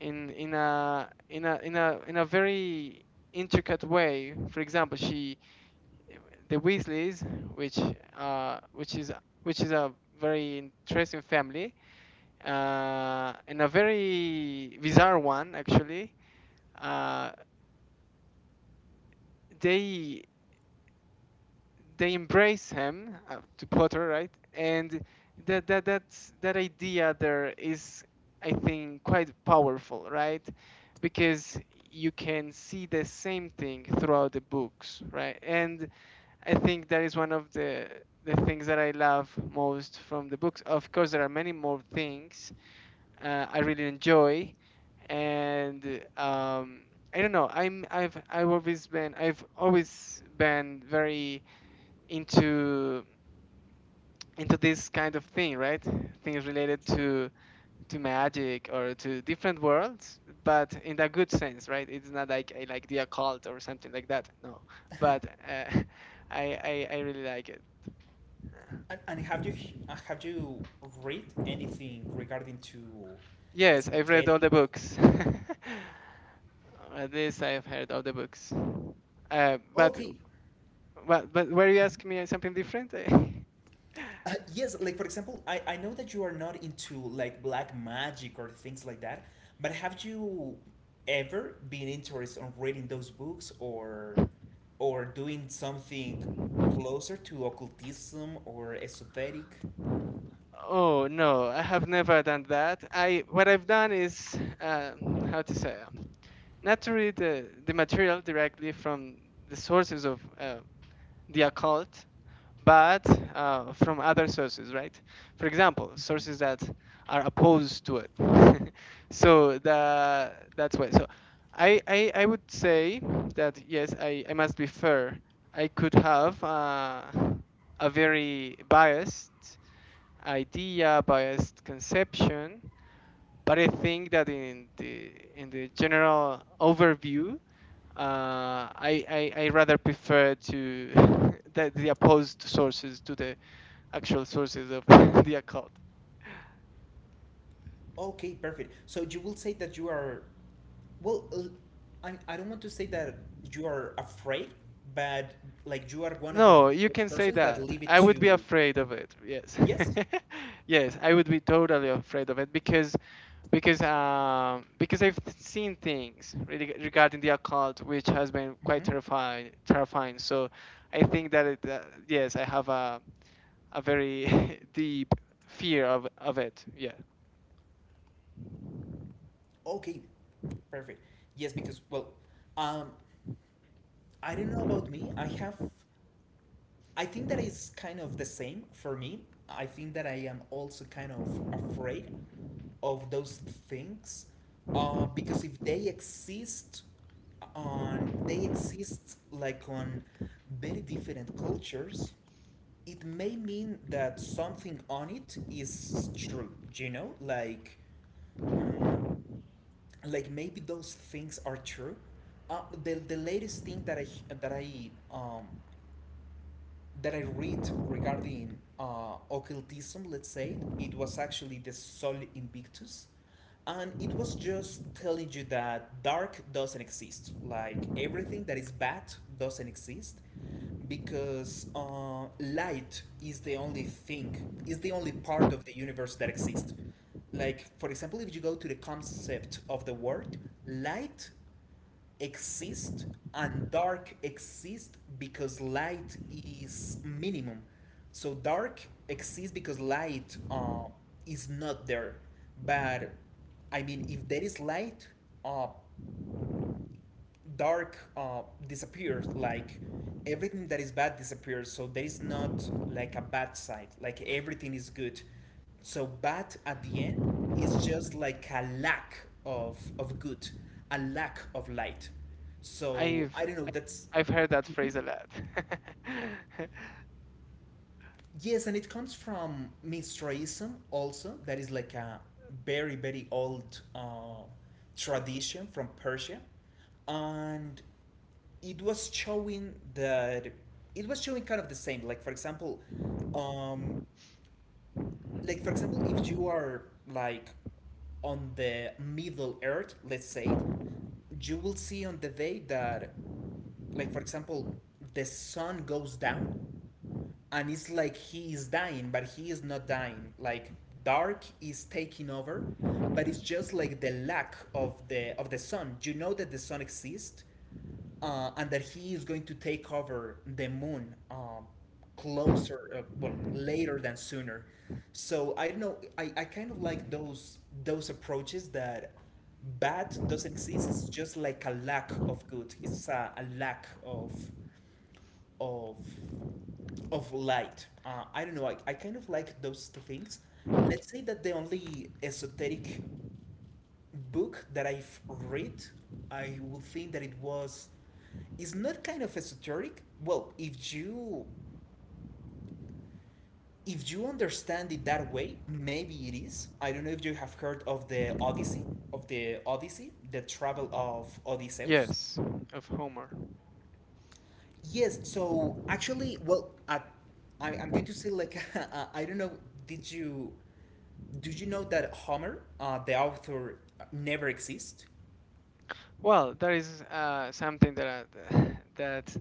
S2: in a in a in a in a very intricate way. For example, she the Weasleys, which uh which is which is a very interesting family, and a very bizarre one actually. Uh, they they embrace him, to Potter, right? And that idea there is, I think, quite powerful, right? Because you can see the same thing throughout the books, right? And I think that is one of the things that I love most from the books. Of course, there are many more things I really enjoy, and um, I don't know. I've always been very into this kind of thing, right? Things related
S1: Sure.
S2: to magic or to different worlds, but in the good sense, right? It's not like I like the occult or something like that, no, but I, I really like it.
S1: And have you read anything regarding to
S2: Yes, I've read all
S1: esoteric?
S2: the books. Or at least I've heard all the books, uh, but
S1: Okay.
S2: but but were you asking me something different?
S1: Yes, like for example, I know that you are not into like black magic or things like that, but have you ever been interested on reading those books or doing something closer to occultism or esoteric?
S2: Oh no, I have never done that. I what I've done is how to say. Naturally the material directly from the sources of the occult, but from other sources, right? For example,
S1: Hmm.
S2: sources that are opposed to it. So that's why. So I would say that yes, I must be fair. I could have a very biased idea, biased conception, but I think that in the general overview, uh, I, I rather prefer to the opposed sources to the actual sources of the occult.
S1: Okay, perfect. So you will say that you are, well, I don't want to say that you are afraid, but like you are one of the
S2: No, you
S1: those
S2: can say
S1: persons that
S2: that.
S1: leave it
S2: I would be
S1: to,
S2: afraid of it. Yes,
S1: yes.
S2: yes, I would be totally afraid of it because I've seen things really regarding the occult which has been quite
S1: Hmm.
S2: terrifying. So I think that yes, I have a very deep fear of it. Yeah.
S1: Okay, perfect. Yes, because well, um, I don't know about me. I think that is kind of the same for me. I think that I am also kind of afraid of those things because if they exist on they exist like on very different cultures it may mean that something on it is true, you know, like mm, like maybe those things are true. The latest thing that that i um, I read regarding occultism, let's say, it was actually the Sol Invictus. And it was just telling you that dark doesn't exist. Like everything that is bad doesn't exist because light is the only thing, is the only part of the universe that exists. Like, for example, if you go to the concept of the word, light exist and dark exists because light is minimum. So dark exists because light is not there. But I mean, if there is light, uh, dark disappears, like everything that is bad disappears, so there is not like a bad side, like everything is good, so bad at the end is just like a lack of good, a lack of light, so
S2: I've
S1: I don't know, that's...
S2: I've heard that
S1: Mhm.
S2: phrase a lot.
S1: Yes, and it comes from Mithraism also. That is like a very, very old tradition from Persia. And it was showing that it was showing kind of the same, like for example, um like for example, if you are like on the middle earth, let's say it, you will see on the day that like for example the sun goes down and it's like he is dying but he is not dying, like dark is taking over, but it's just like the lack of the sun, you know, that the sun exists and that he is going to take over the moon closer, well, later than sooner. So I don't know, I kind of like those approaches, that bad doesn't exist, it's just like a lack of good, it's a lack of of light. I don't know. I kind of like those two things. Let's say that the only esoteric book that I've read, I would think that it was, is not kind of esoteric. Well, if you understand it that way, maybe it is. I don't know if you have heard of the Odyssey, the travel of Odysseus.
S2: Yes, of Homer.
S1: Yes, so actually, well, I'm going to say like I don't know. Did you, did you know that Homer, the author, never exist?
S2: Well, there is something that that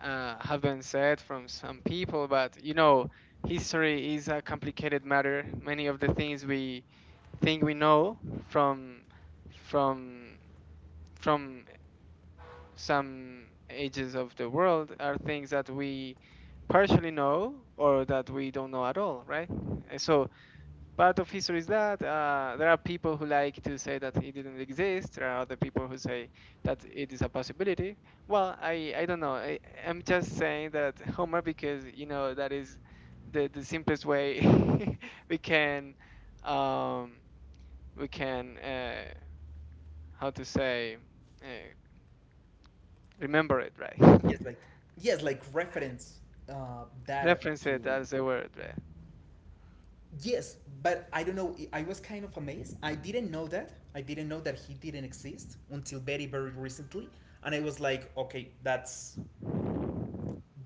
S2: have been said from some people, but you know, history is a complicated matter. Many of the things we think we know from from from some ages of the world are things that we partially know or that we don't know at all, right? So part of history is that there are people who like to say that it didn't exist. There are other people who say that it is a possibility. Well, I don't know. I, I'm just saying that Homer because you know that is the simplest way we can um, we can how to say uh, remember it, right.
S1: Yes, like yes, like reference that
S2: Reference it
S1: to.
S2: as a word, right?
S1: Yes, but I don't know. I was kind of amazed. I didn't know that. I didn't know that he didn't exist until very, very recently, and I was like, okay,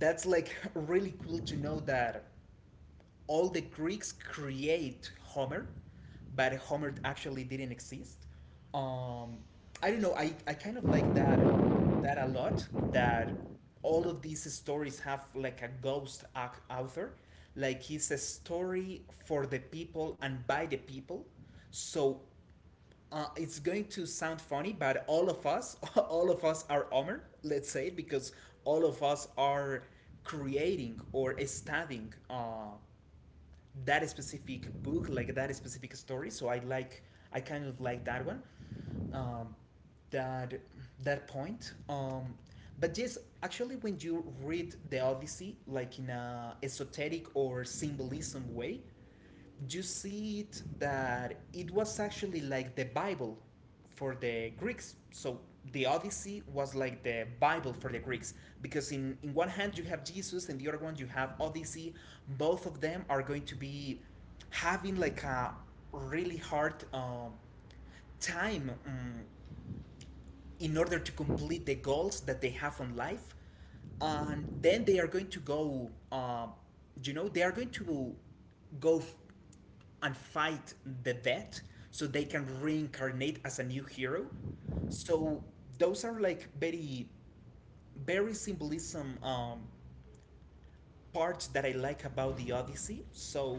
S1: that's like really cool to know that all the Greeks create Homer, but Homer actually didn't exist. Um, I don't know. I kind of like that that a lot. That all of these stories have like a ghost ac- author, like it's a story for the people and by the people. So it's going to sound funny, but all of us, all of us are Homer. Let's say because all of us are creating or studying that specific book, like that specific story. So I like, I kind of like that one, um, that that point. But yes, actually, when you read the Odyssey, like in a esoteric or symbolism way, you see it that it was actually like the Bible for the Greeks. So the Odyssey was like the Bible for the Greeks because in one hand you have Jesus and the other one you have Odyssey. Both of them are going to be having like a really hard time in order to complete the goals that they have on life and then they are going to go you know they are going to go and fight the death so they can reincarnate as a new hero, so those are like very very symbolism parts that I like about the odyssey. So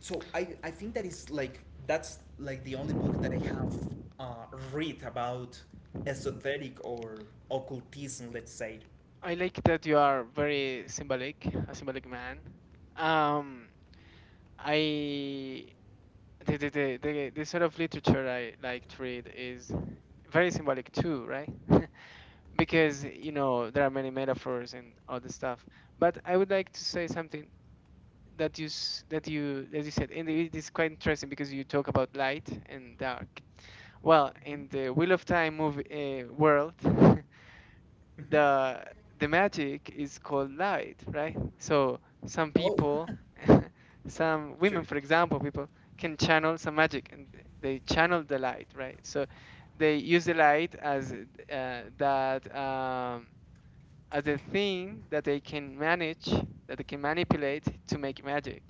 S1: so I think that is like that's like the only book that I have read about esoteric or occultism, let's say.
S2: I like that you are very symbolic, a symbolic man. Um, I the sort of literature I like to read is very symbolic too, right? Because you know there are many metaphors and all this stuff. But I would like to say something that that you, as you said, and it is quite interesting because you talk about light and dark. Well, in the Wheel of Time movie world,
S1: Mhm.
S2: the the magic is called light, right? So some
S1: Oh,
S2: people, some women,
S1: sure.
S2: for example, people can channel some magic and they channel the light, right? So they use the light as that as a thing that they can manage, that they can manipulate to make magic,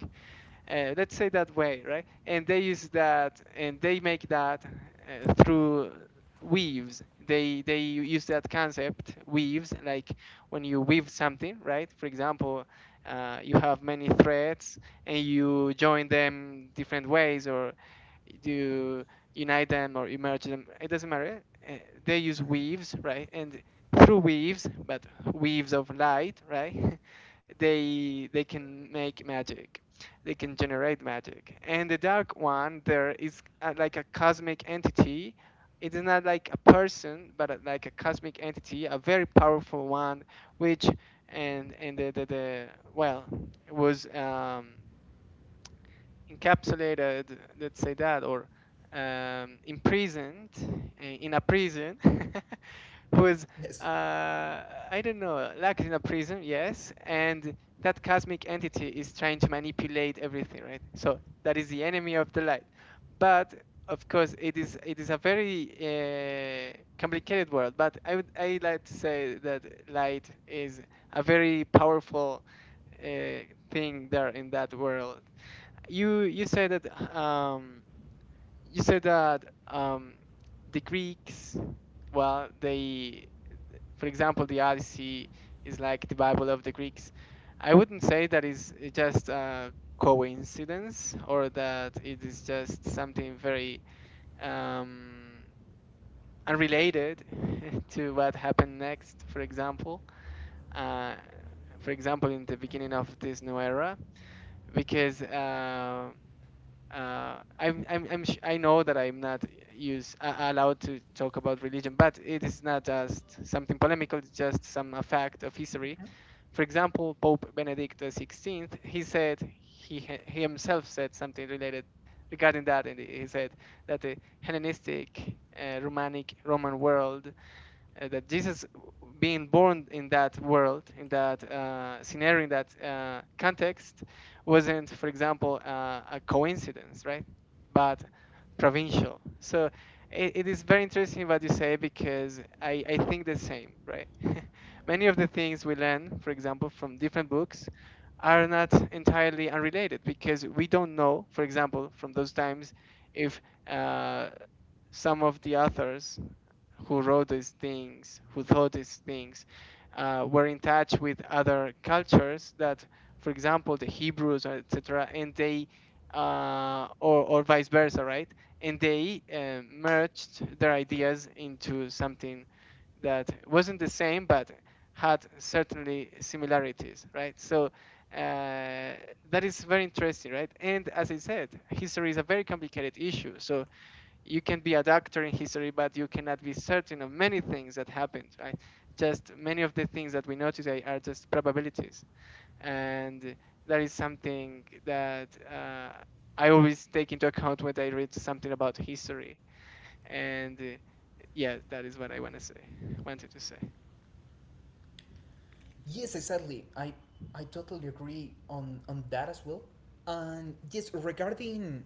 S2: let's say that way, right? And they use that, and they make that through weaves. They use that concept weaves, like when you weave something, right? For example, you have many threads and you join them different ways, or you unite them or merge them. It doesn't matter. Uh, they use
S1: Mhm.
S2: weaves, right? And through weaves, but weaves of light, right? They can make magic, they can generate magic. And the dark one, there is like a cosmic entity. It's not like a person, but like a cosmic entity, a very powerful one, which and the well, it was encapsulated, let's say that, or imprisoned, in a prison, who is
S1: Yes.
S2: uh, I don't know, locked in a prison, yes, and that cosmic entity is trying to manipulate everything, right? So that is the enemy of the light. But of course, it is a very complicated world. But I like to say that light is a very powerful uh, thing there in that world. You say that um, you said that the Greeks, well, they, for example, the Odyssey is like the Bible of the Greeks. I wouldn't say that is just a coincidence or that it is just something very um, unrelated to what happened next, for example. Uh, for example, in the beginning of this new era, because I know that I'm not use allowed to talk about religion, but it is not just something polemical. It's just some a fact of history. For example, Pope Benedict XVI, he said, he, he himself said something related regarding that, and he said that the Hellenistic, Romanic, Roman world, that Jesus being born in that world, in that scenario, in that context, wasn't, for example, a coincidence, right? But provincial. So it is very interesting what you say because I think the same, right? Many of the things we learn, for example, from different books, are not entirely unrelated because we don't know, for example, from those times, if uh, some of the authors who wrote these things, who thought these things, were in touch with other cultures that, for example, the Hebrews, etc., and they, or vice versa, right? And they merged their ideas into something that wasn't the same, but had certainly similarities, right? So uh, that is very interesting, right? And as I said, history is a very complicated issue. So you can be a doctor in history, but you cannot be certain of many things that happened, right? Just many of the things that we know today are just probabilities. And that is something that I always take into account when I read something about history. And yeah, that is what I want to say, wanted to say.
S1: Yes, exactly. I totally agree on that as well. And yes, regarding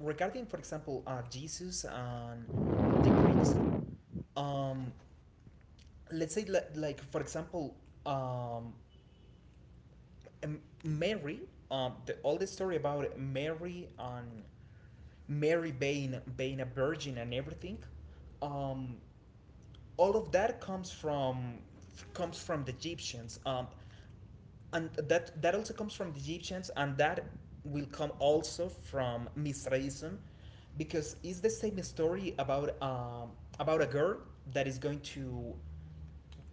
S1: regarding for example Jesus and the Greeks, um, let's say like for example um, Mary, the oldest story about Mary and Mary being being a virgin and everything, um, all of that comes from the Egyptians, and that that also comes from the Egyptians, and that will come also from Mithraism, because it's the same story about a girl that is going to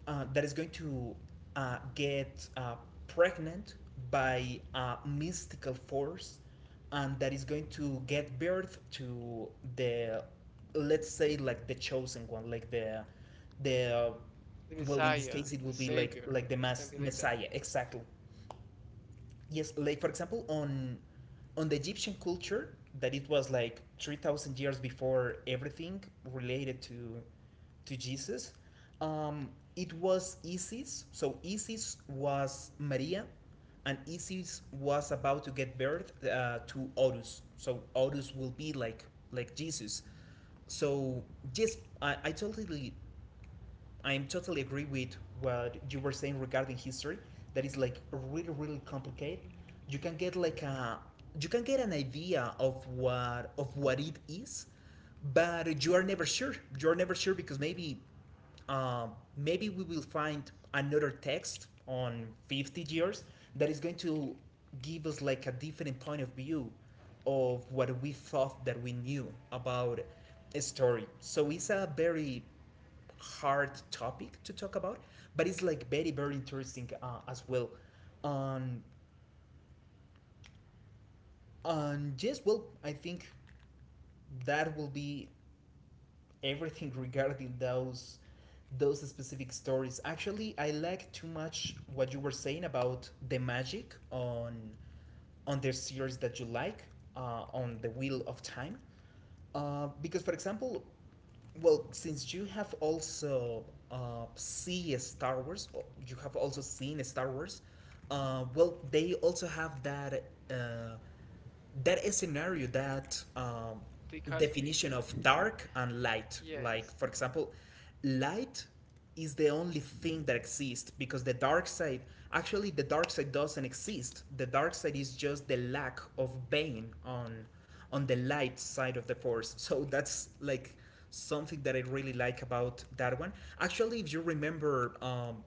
S1: that is going to get pregnant by a mystical force and that is going to get birth to the, let's say, like the chosen one, like the
S2: The
S1: well, in this
S2: Messiah,
S1: case it
S2: the
S1: will be
S2: Savior,
S1: like the
S2: or
S1: mass
S2: something like that.
S1: messiah exactly. Yes, like for example on the egyptian culture that it was like 3000 years before everything related to jesus um, it was Isis, so Isis was Maria and Isis was about to get birth to Horus, so Horus will be like Jesus. So yes, I totally I'm totally agree with what you were saying regarding history. That is like really really complicated. You can get like a you can get an idea of what it is, but you are never sure. You are never sure because maybe um, maybe we will find another text on 50 years that is going to give us like a different point of view of what we thought that we knew about a story. So it's a very hard topic to talk about, but it's like very very interesting as well. On on yes, well, I think that will be everything regarding those specific stories. Actually, I like too much what you were saying about the magic on the series that you like on the Wheel of Time, because for example, well, since you have also see Star Wars, or you have also seen Star Wars. Well, they also have that uh, that is scenario that
S2: Dichotomy.
S1: definition of dark and light, like
S2: Yes.
S1: for example light is the only thing that exists because the dark side, actually the dark side doesn't exist. The dark side is just the lack of bane on the light side of the force, so that's like something that I really like about that one. Actually, if you remember,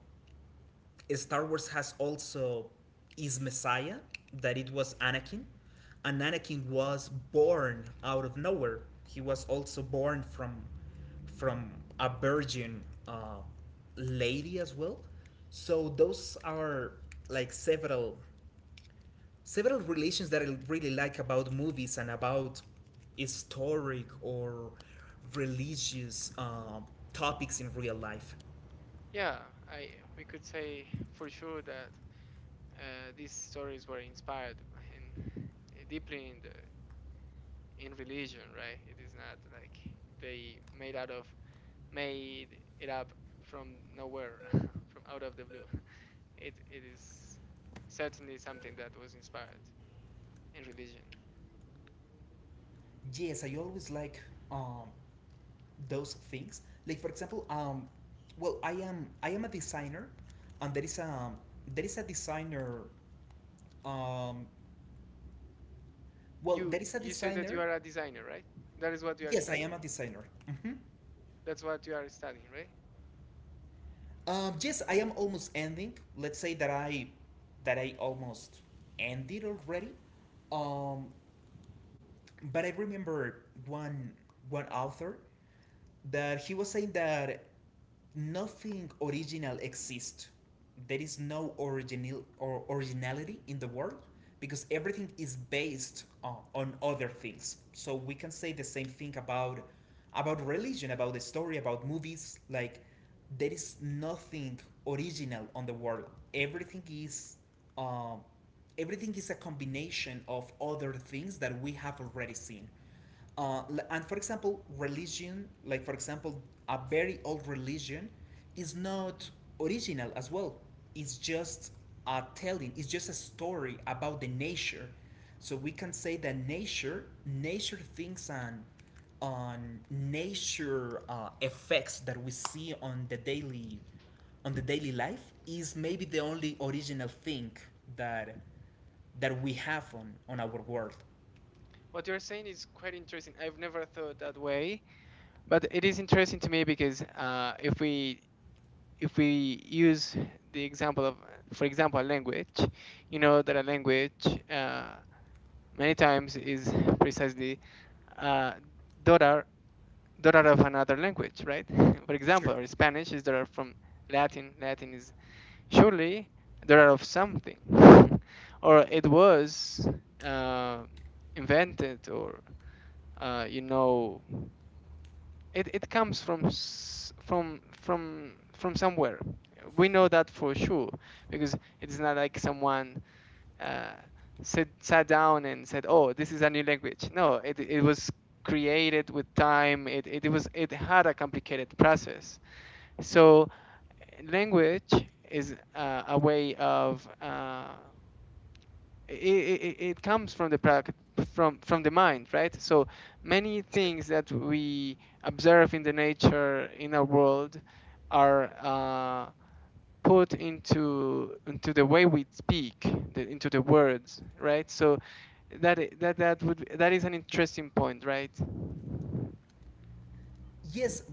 S1: Star Wars has also is Messiah, that it was Anakin, and Anakin was born out of nowhere. He was also born from from a virgin, uh, lady as well. So those are like several relations that I really like about movies and about historic or religious topics in real life.
S2: Yeah, I, we could say for sure that these stories were inspired in, deeply in the in religion, right? It is not like they made out of made it up from nowhere, from out of the blue. It is certainly something that was inspired in religion.
S1: Yes, I always like, um, those things. Like for example, well, I am a designer, and there is a designer. Um, well,
S2: You
S1: there is a
S2: you say that you
S1: designer.
S2: are a designer, right? That is what you are
S1: Yes, I
S2: studying.
S1: am a designer.
S2: That's what you are studying, right?
S1: Yes, I am almost ending. Let's say that I almost ended already. Um, but I remember one one author that he was saying that nothing original exists. There is no original or originality in the world because everything is based on other things. So we can say the same thing about religion, about the story, about movies. Like there is nothing original on the world. Everything is, um, everything is a combination of other things that we have already seen. Uh, and for example, religion, like for example, a very old religion, is not original as well. It's just a telling. It's just a story about the nature. So we can say that nature, thinks, and on nature effects that we see on the daily life is maybe the only original thing that we have on our world.
S2: What you are saying is quite interesting. I've never thought that way, but it is interesting to me because if we, if we use the example of, for example, language. You know that a language, many times, is precisely uh, daughter daughter of another language, right? For example,
S1: Sure.
S2: or Spanish is daughter from Latin, Latin is surely daughter of something, or it was uh, invented, or you know, it comes from from somewhere. We know that for sure because it's not like someone uh, sat down and said, oh, this is a new language. No, it, it was created with time. It was, it had a complicated process. So language is a way of it, it, it comes from the prac from the mind, right? So many
S1: Sure.
S2: things that we observe in the nature, in our world, are put into the way we speak, into the words, right? So that is an interesting point, right?
S1: Yes,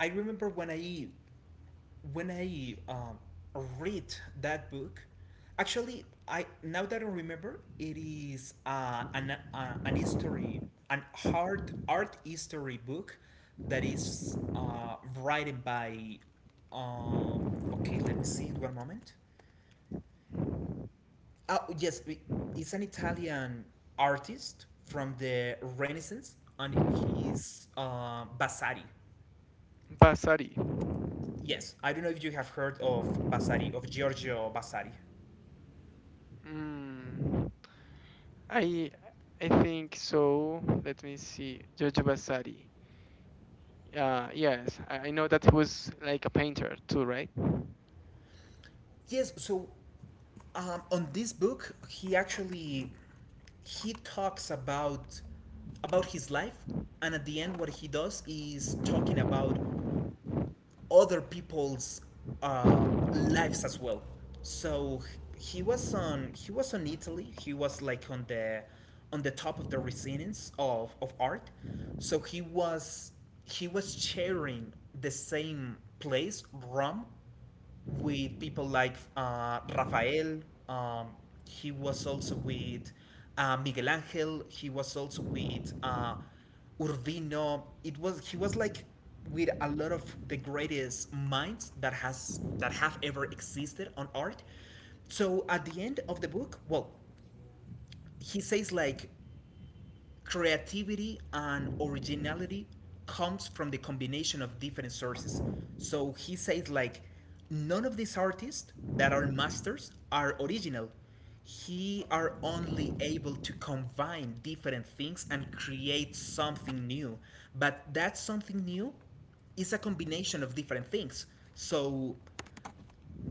S1: I remember when I when I um, read that book. Actually, I, now that I remember, it is an history, an art history book that is written by. Um, okay, let me see it one moment. Oh yes, it's an Italian artist from the Renaissance, and he's Vasari.
S2: Basari.
S1: Yes, I don't know if you have heard of Vasari, of Giorgio Vasari.
S2: Mm, i I think so. Let me see. Giorgio Basari. Yes, I know that he was like a painter too, right?
S1: Yes, so on this book, he actually he talks about his life, and at the end, what he does is talking about other people's, uh, lives as well. So he was on Italy. He was like on the top of the resonance of art. So he was sharing the same place, Rome, with people like Rafael. Um, he was also with Miguel Angel. He was also with Urbino. It was He was like with a lot of the greatest minds that has that have ever existed on art. So at the end of the book, well, he says like creativity and originality comes from the combination of different sources. So he says like none of these artists that are masters are original. He are only able to combine different things and create something new. But that something new is a combination of different things. So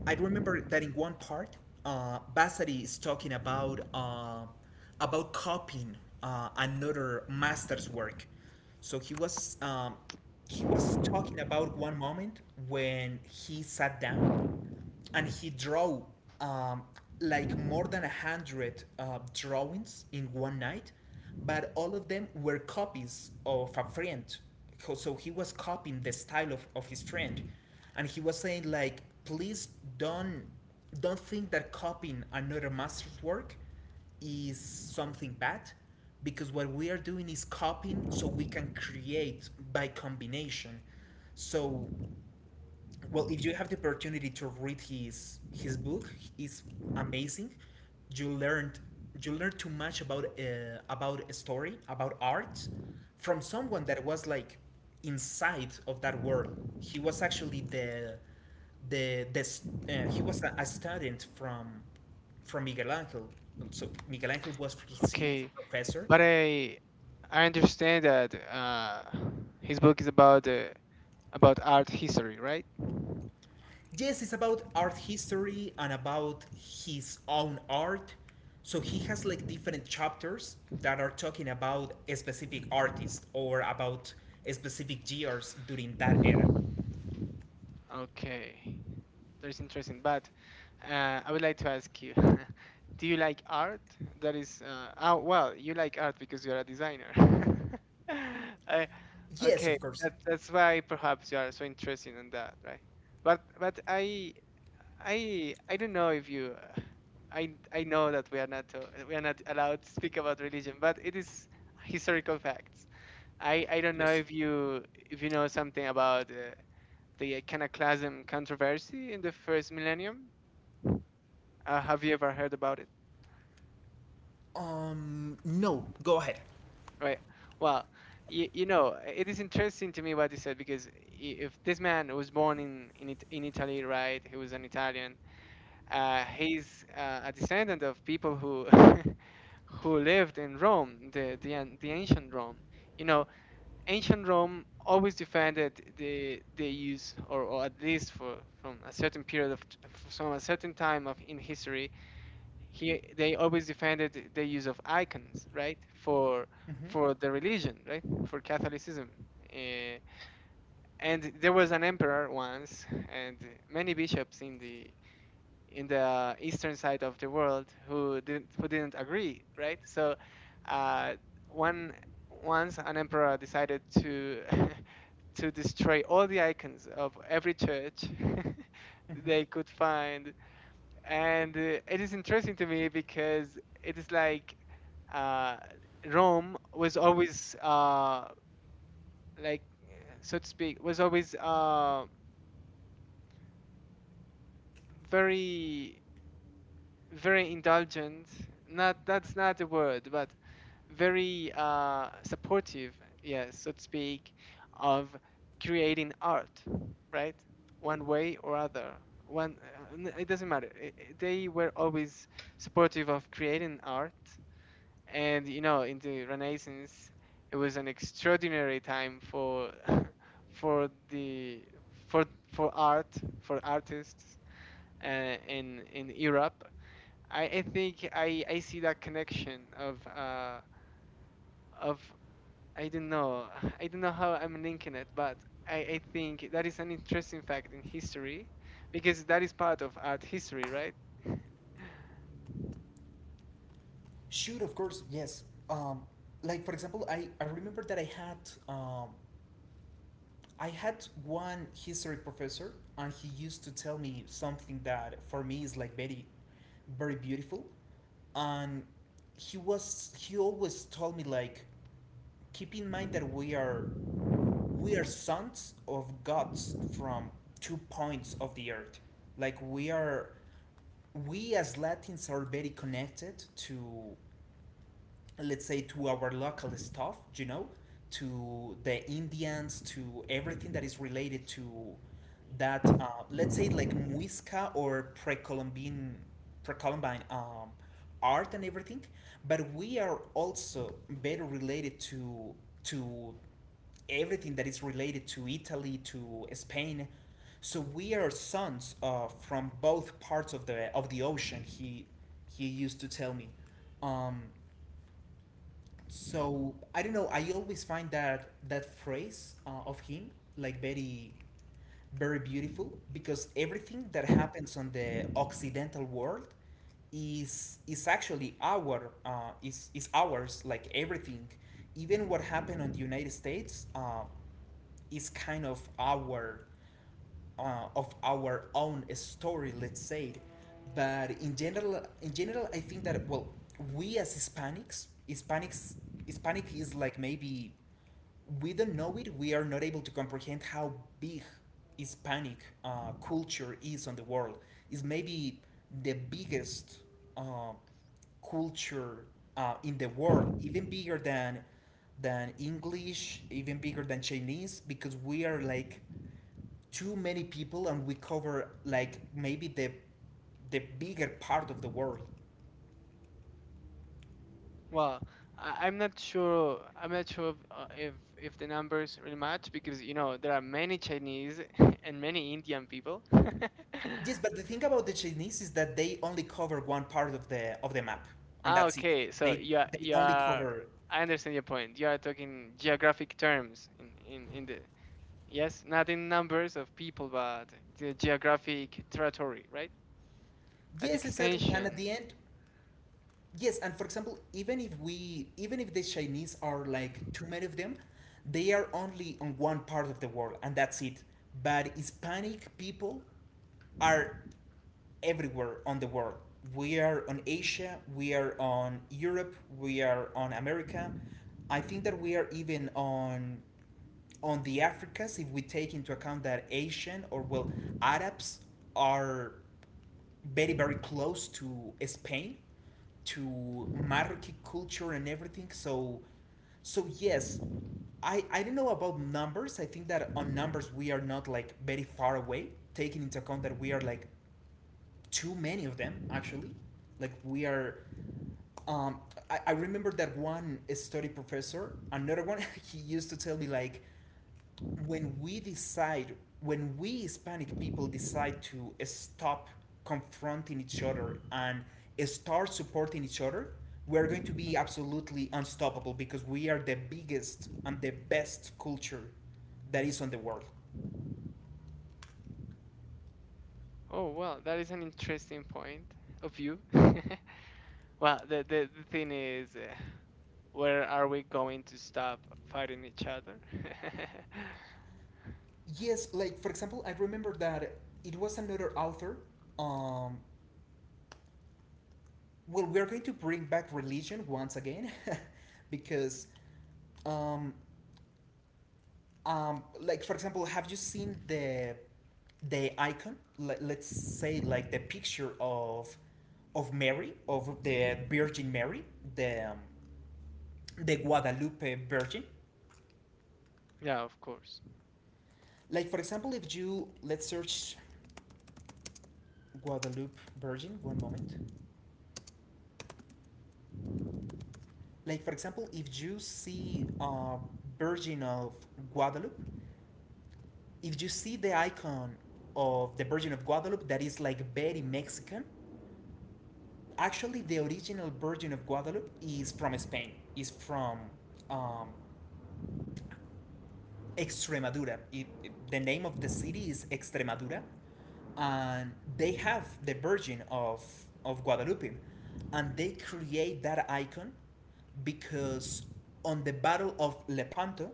S1: I remember that in one part, Vasari is talking about, about copying another master's work. So he was, he was talking about one moment when he sat down and he drew, um, like more than a hundred drawings in one night, but all of them were copies of a friend. So he was copying the style of his friend, and he was saying like, please don't don't think that copying another master's work is something bad, because what we are doing is copying so we can create by combination. So, well, if you have the opportunity to read his book, it's amazing. You learned, you learn too much about, about a story about art from someone that was like inside of that world. He was actually the the the s- he was a student from Miguel Angel. So Miguel Angel was his
S2: Okay,
S1: professor.
S2: but I understand that his book is about art history, right?
S1: Yes, it's about art history and about his own art. So he has like different chapters that are talking about a specific artist or about a specific years during that era.
S2: Okay, that's interesting. But I would like to ask you, do you like art? That is, oh well, you like art because you are a designer. I,
S1: Yes,
S2: okay,
S1: of course.
S2: that, that's why perhaps you are so interested in that, right? But I don't know if you, I know that we are not to, we are not allowed to speak about religion, but it is historical facts. I don't know
S1: Yes.
S2: if you, if you know something about the iconoclasm controversy in the first millennium. Have you ever heard about it?
S1: No, go ahead.
S2: Right. Well, you know, it is interesting to me what you said because if this man was born in Italy, right? He was an Italian. He's a descendant of people who who lived in Rome, the ancient Rome. You know, ancient Rome always defended the use, or at least for, from a certain time of in history, he they always defended the use of icons, right? For the religion, right? For Catholicism. Uh, and there was an emperor once, and many bishops in the, in the eastern side of the world who didn't, who didn't agree, right? So uh, one once an emperor decided to to destroy all the icons of every church they could find, and it is interesting to me because it is like uh, Rome was always like, so to speak, was always very, very indulgent, not that's not the word, but very supportive, yes, so to speak, of creating art, right? one way or other one n- it doesn't matter. They were always supportive of creating art. And you know, in the renaissance, it was an extraordinary time for for the for for art, for artists, in Europe. I see that connection of of I don't know, I don't know how I'm linking it, but I think that is an interesting fact in history because that is part of art history, right?
S1: Should, of course, yes. Like, for example, I remember that I had, um, I had one history professor, and he used to tell me something that for me is like very, very beautiful. And he always told me like, keep in mind that we are sons of gods from 2 points of the earth. Like we as Latins are very connected to, let's say to our local stuff, you know, to the indians, to everything that is related to that, let's say like muisca or pre-columbian, pre-columbine art and everything. But we are also better related to to everything that is related to Italy, to Spain. So we are sons, from both parts of the ocean, he used to tell me. um, so I don't know. I always find that phrase, of him like very, very beautiful, because everything that happens on the Occidental world is, actually our, is ours. Like everything, even what happened on the United States, is kind of our, of our own story, let's say. But in general, I think that, well, we as Hispanics, Hispanic is like maybe, we don't know it. We are not able to comprehend how big Hispanic, culture is on the world. It's maybe the biggest, uh, culture, in the world, even bigger than English, even bigger than Chinese, because we are like too many people and we cover like maybe the bigger part of the world.
S2: Well, I'm not sure, I'm not sure if, if the numbers really match because you know there are many Chinese and many Indian people.
S1: Yes, but the thing about the Chinese is that they only cover one part of the map, and
S2: Ah,
S1: that's it.
S2: okay, so
S1: They
S2: you
S1: only
S2: are,
S1: cover.
S2: I understand your point. You are talking geographic terms in, in the, yes, not in numbers of people, but the geographic territory, right? At the
S1: Yes, exactly. And at
S2: extension.
S1: the end, yes. And for example, even if we, even if the Chinese are like too many of them, they are only on one part of the world, and that's it. But Hispanic people are everywhere on the world. We are on Asia, we are on Europe, we are on America. I think that we are even on the Africas, if we take into account that Asian, or well, Arabs are very, very close to Spain, to Marroquí culture and everything. So yes, I don't know about numbers. I think that on numbers we are not like very far away, taking into account that we are like too many of them, actually. Like we are. Um, I remember that one study professor. Another one, he used to tell me like, when we decide, when we Hispanic people decide to stop confronting each other and start supporting each other, we're going to be absolutely unstoppable, because we are the biggest and the best culture that is on the world.
S2: Oh, well, that is an interesting point of view. Well, the thing is, where are we going to stop fighting each other?
S1: Yes, like for example, I remember that it was another author. Um, Well, we're going to bring back religion once again, because, um, like, for example, have you seen the icon? Let, let's say, like, the picture of Mary, of the Virgin Mary, the, the Guadalupe Virgin.
S2: Yeah, of course.
S1: Like, for example, if you, let's search Guadalupe Virgin. One moment. Like, for example, if you see, Virgin of Guadalupe, if you see the icon of the Virgin of Guadalupe that is like very Mexican, actually the original Virgin of Guadalupe is from Spain, is from, um, Extremadura. The name of the city is Extremadura, and they have the Virgin of Guadalupe, and they create that icon because on the Battle of Lepanto,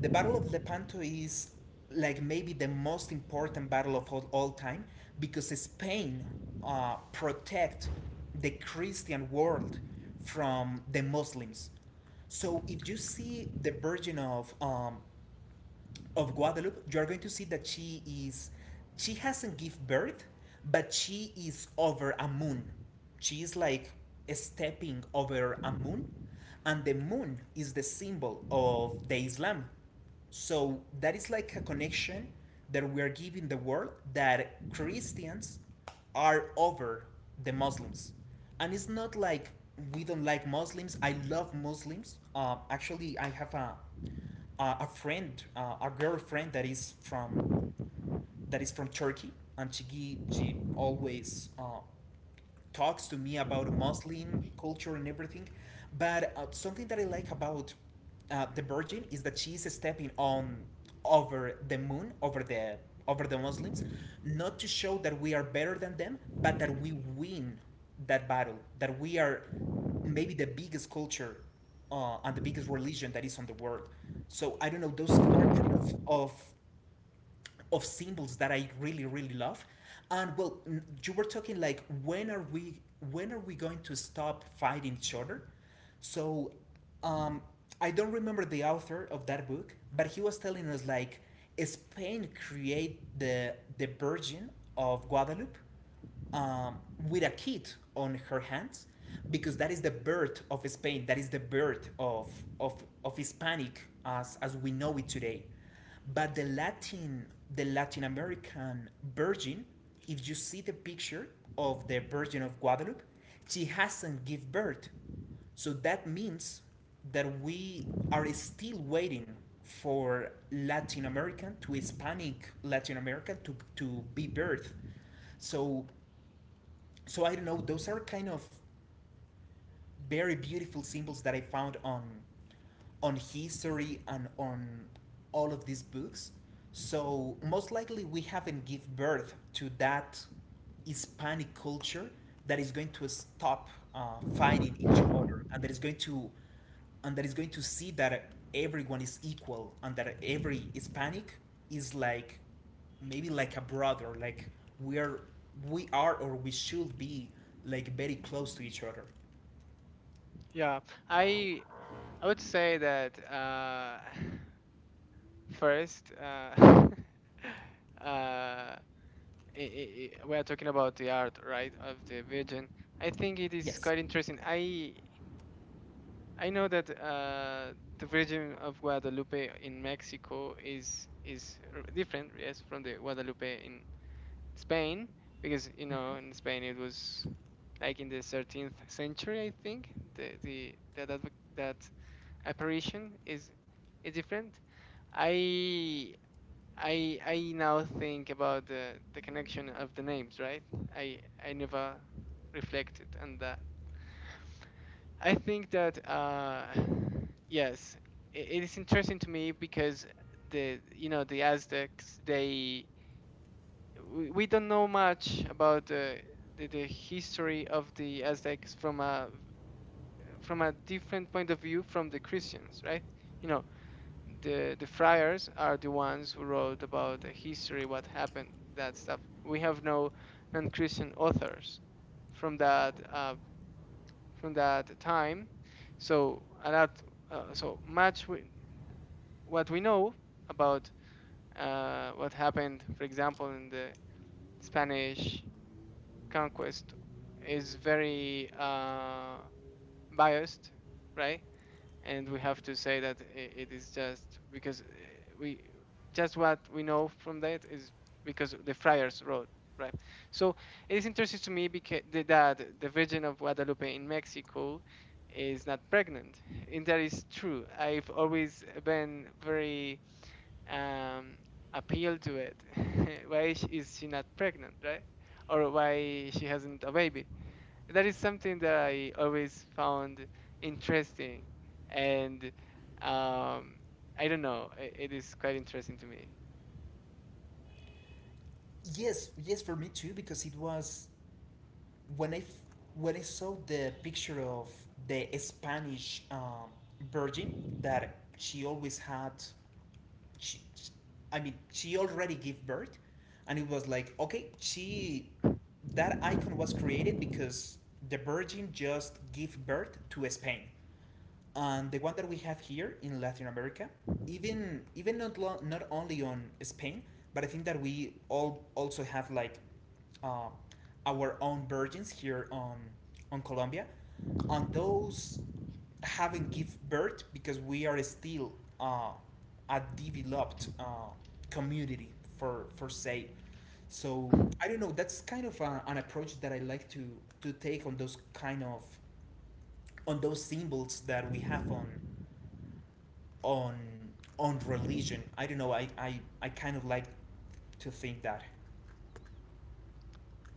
S1: the Battle of Lepanto is like maybe the most important battle of all, time, because Spain, protect the Christian world from the Muslims. So if you see the Virgin of, of Guadalupe, you're going to see that she is, she hasn't give birth, but she is over a moon. She is like stepping over a moon, and the moon is the symbol of the Islam. So that is like a connection that we are giving the world, that Christians are over the Muslims. And it's not like we don't like Muslims. I love Muslims. Actually, I have a, a friend, a girlfriend that is from Turkey, and she always, talks to me about Muslim culture and everything. But something that I like about, the Virgin is that she's stepping on, over the moon, over the Muslims, not to show that we are better than them, but that we win that battle, that we are maybe the biggest culture, and the biggest religion that is on the world. So I don't know, those are kind of symbols that I really, really love. And well, you were talking like when are we, when are we going to stop fighting each other? So, um, I don't remember the author of that book, but he was telling us like Spain create the Virgin of Guadalupe, um, with a kid on her hands, because that is the birth of Spain. That is the birth of Hispanic as we know it today. But the Latin American Virgin, if you see the picture of the Virgin of Guadalupe, she hasn't give birth. So that means that we are still waiting for Latin American to Hispanic Latin American to be birth. So so I don't know. Those are kind of very beautiful symbols that I found on history and on all of these books. So most likely we haven't give birth to that Hispanic culture that is going to stop fighting each other, and that is going to and that is going to see that everyone is equal, and that every Hispanic is like maybe like a brother, like we are we are or we should be like very close to each other.
S2: Yeah, I I would say that first, uh, we are talking about the art, right, of the Virgin. I think it is
S1: Yes.
S2: quite interesting. I know that the Virgin of Guadalupe in Mexico is, different, yes, from the Guadalupe in Spain, because you know in Spain it was like in the 13th century, I think. The that apparition is different. I I now think about the connection of the names, right? I I never reflected on that. I think that yes, it is interesting to me because the you know the Aztecs they we don't know much about the history of the Aztecs from a different point of view from the Christians, right? You know, the friars are the ones who wrote about the history, what happened, that stuff. We have no non-Christian authors from that uh, from that time. So a lot so much, what we know about, what happened, for example, in the Spanish conquest is very, biased, right. And we have to say that it is just because, we just what we know from that is because the friars wrote, right. So it is interesting to me because that the Virgin of Guadalupe in Mexico is not pregnant, and that is true. I've always been very, um appealed to it. Why is she not pregnant, right? Or why she hasn't a baby? That is something that I always found interesting, and um, I don't know, it is quite interesting to me.
S1: Yes, yes, for me too, because it was when when I saw the picture of the Spanish, virgin, that she always had, she, I mean, she already gave birth, and it was like, okay, she, that icon was created because the virgin just gave birth to Spain, and the one that we have here in Latin America, even not only on Spain, but I think that we all also have like, um, our own virgins here on Colombia, and those haven't give birth because we are still, uh, a developed, community, for say. So I don't know. That's kind of an approach that I like to take on those kind of on those symbols that we have on on on religion. I don't know. I kind of like to think that.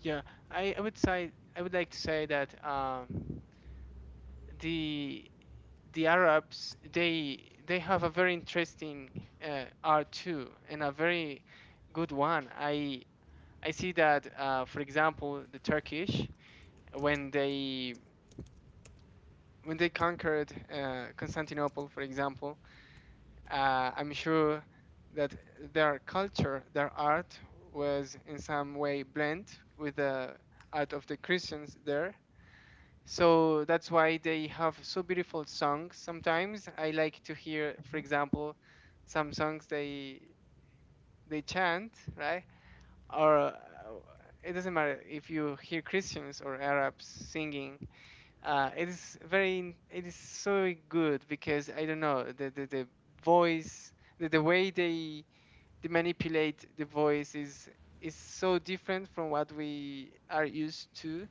S2: Yeah, I would say, I would like to say that the Arabs, they have a very interesting art too, and a very good one. I see that for example, the Turkish, when they when they conquered, Constantinople, for example. I'm sure that their culture, their art, was in some way blend with the art of the Christians there. So that's why they have so beautiful songs. Sometimes I like to hear, for example, some songs they chant, right? Or it doesn't matter if you hear Christians or Arabs singing. It is so good because I don't know the voice, the way they, the manipulate the voice is so different from what we are used to.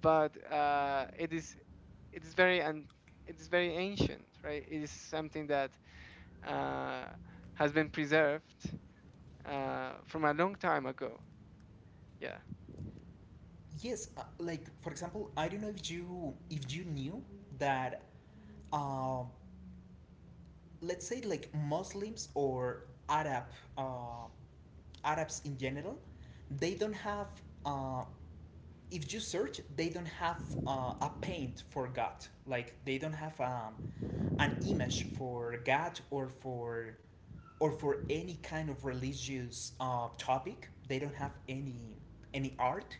S2: But it is, it is very and it is very ancient, right. It is something that uh, has been preserved, from a long time ago. Yeah.
S1: Yes, like for example, I don't know if you knew that, uh, let's say like Muslims or uh, Arabs in general, they don't have. Uh, if you search, they don't have a paint for God. Like they don't have, an image for God or for any kind of religious, topic. They don't have any art.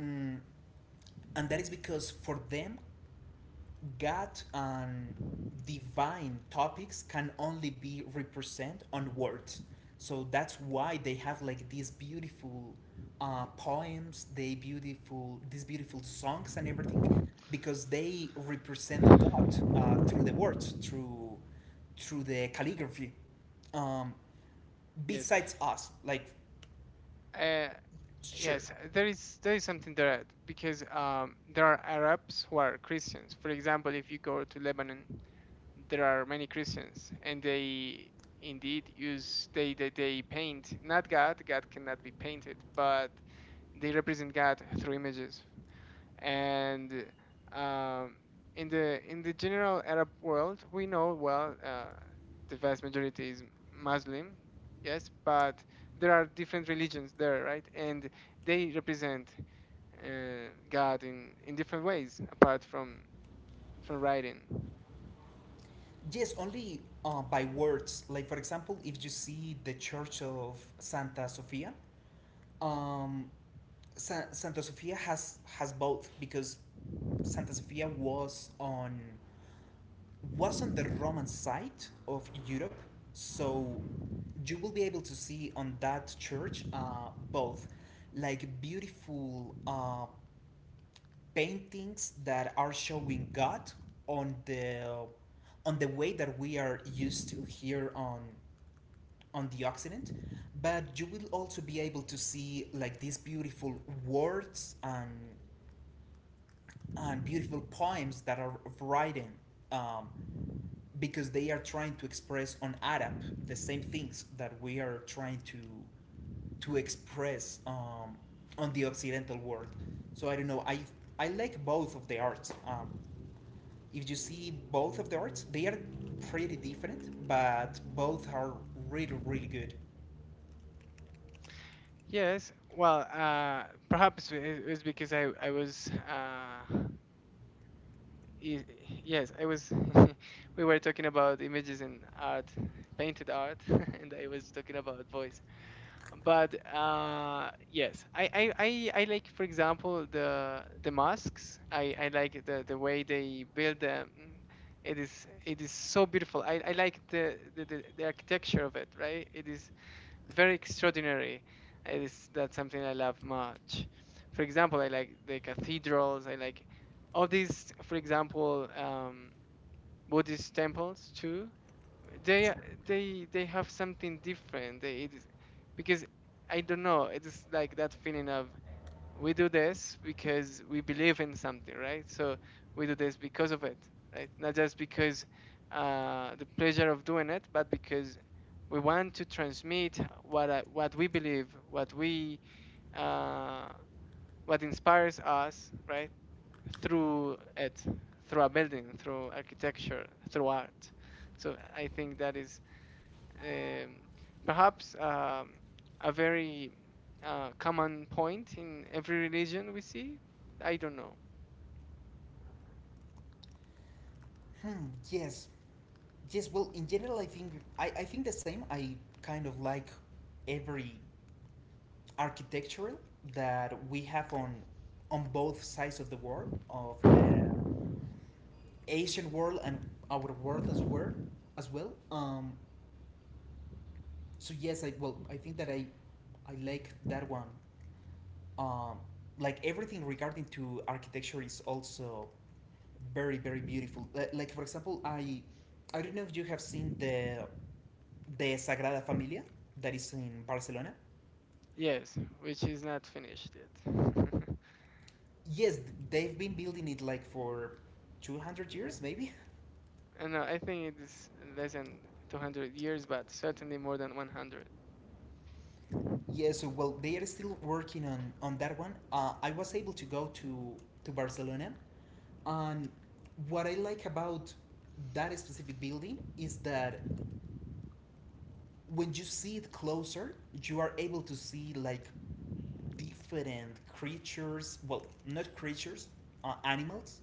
S1: Mm, and that is because for them, God and divine topics can only be represent on words. So that's why they have like these beautiful, poems, they beautiful these beautiful songs and everything, because they represent God, through the words, through the calligraphy. Um,
S2: Yes,
S1: besides us, like,
S2: uh,
S1: sure.
S2: yes, there is something there because there are Arabs who are Christians, for example. If you go to Lebanon there are many Christians, and they indeed use they paint, not God. God cannot be painted, but they represent God through images. And um, in the general Arab world, we know well, the vast majority is Muslim, yes, but there are different religions there, right? And they represent, uh, God in different ways apart from writing.
S1: Yes, only by words. Like, for example, if you see the Church of Santa Sofia, um, Santa Sofia has both, because Santa Sofia was on the Roman side of Europe, so you will be able to see on that church, both like beautiful, paintings that are showing God on the way that we are used to here on the Occident, but you will also be able to see like these beautiful words and beautiful poems that are written, um, because they are trying to express on Arab the same things that we are trying to express, on the Occidental world. So I don't know. I like both of the arts. If you see both of the arts, they are pretty different, but both are really, really good.
S2: Yes, well, perhaps it was because I was, i- yes, I was, we were talking about images and art, painted art, and I was talking about voice. But yes, I like, for example, the masks. I like the way they build them. It is so beautiful. I like the architecture of it, right? It is very extraordinary. Is That's something I love much. For example, I like the cathedrals. I like all these, for example, Buddhist temples too. They are- they have something different. It is because I don't know. It is like that feeling of, we do this because we believe in something, right? So we do this because of it, right? Not just because, the pleasure of doing it, but because we want to transmit what I, what we believe, what we, uh, what inspires us, right? Through it, through a building, through architecture, through art. So I think that is, um, perhaps, a very, common point in every religion we see. I don't know.
S1: Hmm, yes. Yes, well, in general, I think I think the same. I kind of like every architectural that we have on both sides of the world, of the Asian world and our world as well. So yes, I well, I think that I like that one. Um, like everything regarding to architecture is also very very beautiful. Like for example, I don't know if you have seen the Sagrada Familia that is in Barcelona.
S2: Yes, which is not finished yet.
S1: Yes, they've been building it like for 200 years maybe.
S2: And I think it is less than 200 years, but certainly more than 100.
S1: Yeah, so well they are still working on that one. I was able to go to Barcelona, and what I like about that specific building is that when you see it closer, you are able to see like different creatures, well, not creatures, animals,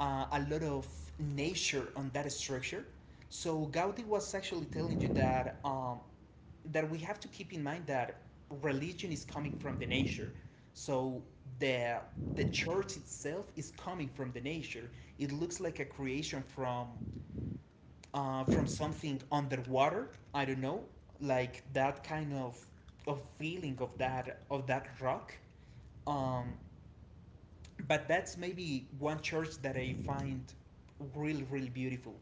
S1: a lot of nature on that structure. So Gaudi was actually telling you that we have to keep in mind that religion is coming from the nature. So the the church itself is coming from the nature. It looks like a creation from something underwater. I don't know, like that kind of feeling of that rock. um, but that's maybe one church that I find really, really beautiful.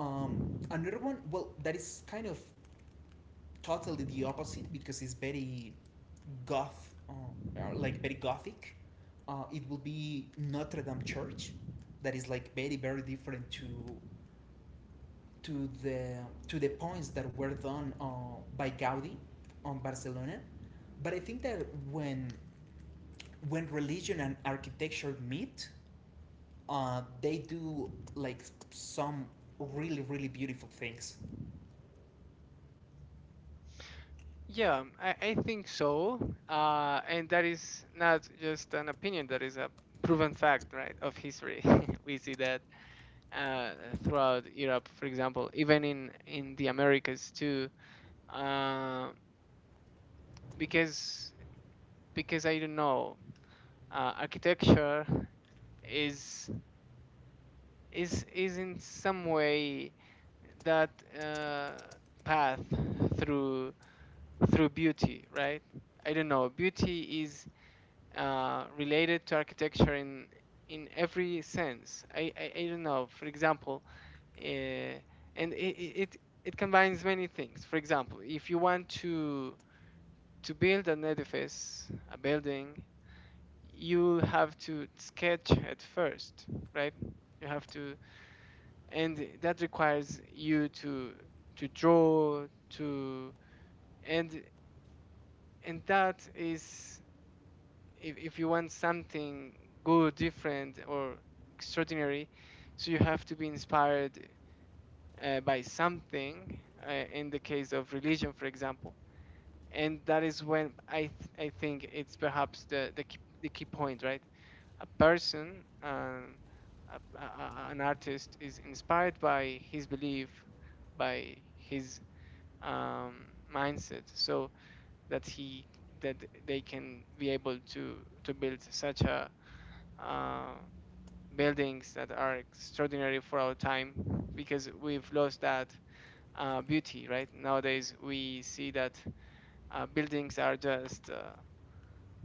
S1: Um, another one, well, that is kind of totally the opposite, because it's goth, uh, very gothic. It will be Notre Dame Church, that is like very, very different to the to the points that were done, by Gaudi on Barcelona. But I think that when when religion and architecture meet, they do like some really really beautiful things.
S2: Yeah, I think so. And that is not just an opinion, that is a proven fact, right, of history. We see that uh, throughout Europe, for example, even in the Americas too, uh, because because I don't know, architecture is is in some way that, uh, path through through beauty, right? I don't know. Beauty is, related to architecture in every sense. I don't know. For example, uh, and it combines many things. For example, if you want to build an edifice, a building, you'll have to sketch at first, right? You have to, and that requires you to draw to, and and that is, if you want something good, different, or extraordinary, so you have to be inspired, by something, in the case of religion, for example. And that is when I think it's perhaps the, key, the key point, right? A person, an artist, is inspired by his belief, by his, um, mindset, so that he that they can be able to build such a, uh, buildings that are extraordinary for our time because we've lost that, beauty, right? Nowadays, we see that, buildings are just,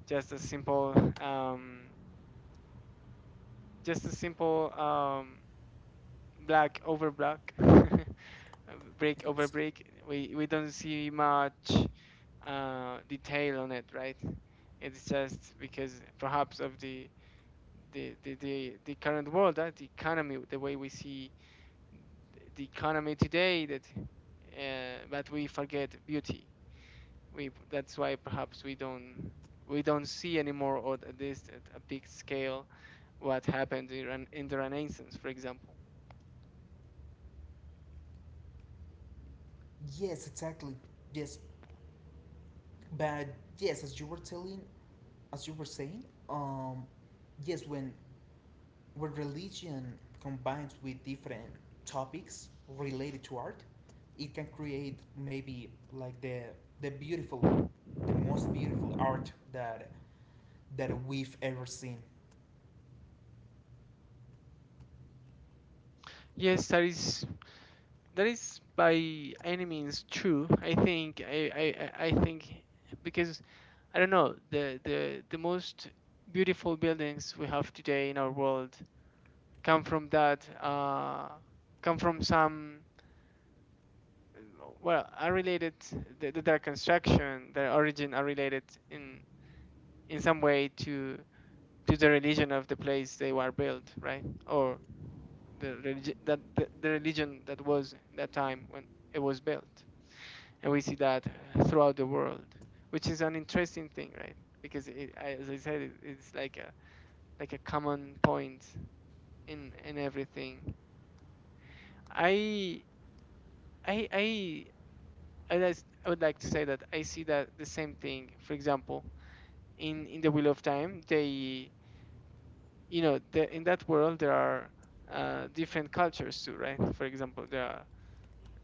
S2: just a simple, um, just a simple um, black over black, brick over
S1: Yes.
S2: brick. We don't see much, detail on it, right? It's just because perhaps of the current world, right? The economy, the way we see the economy today, that, but we forget beauty. We that's why perhaps we don't see anymore, or at least at a big scale, what happened in the Renaissance, for example.
S1: Yes, exactly. Yes, but yes, as you were telling, as you were saying, yes, when religion combines with different topics related to art, it can create maybe like the beautiful, the most beautiful art that we've ever seen.
S2: Yes, that is by any means true, I think. I think, because I don't know, the most beautiful buildings we have today in our world come from that, come from some, well, are related, the, their construction, their origin are related in in some way to the religion of the place they were built, right? Or the religion that, the religion that was that time when it was built. And we see that throughout the world, which is an interesting thing, right, because, as I said, it's like a, common point in everything. i i i I would like to say that I see that the same thing, for example, in the Wheel of Time. They the, in that world there are, different cultures too, right? For example, there are,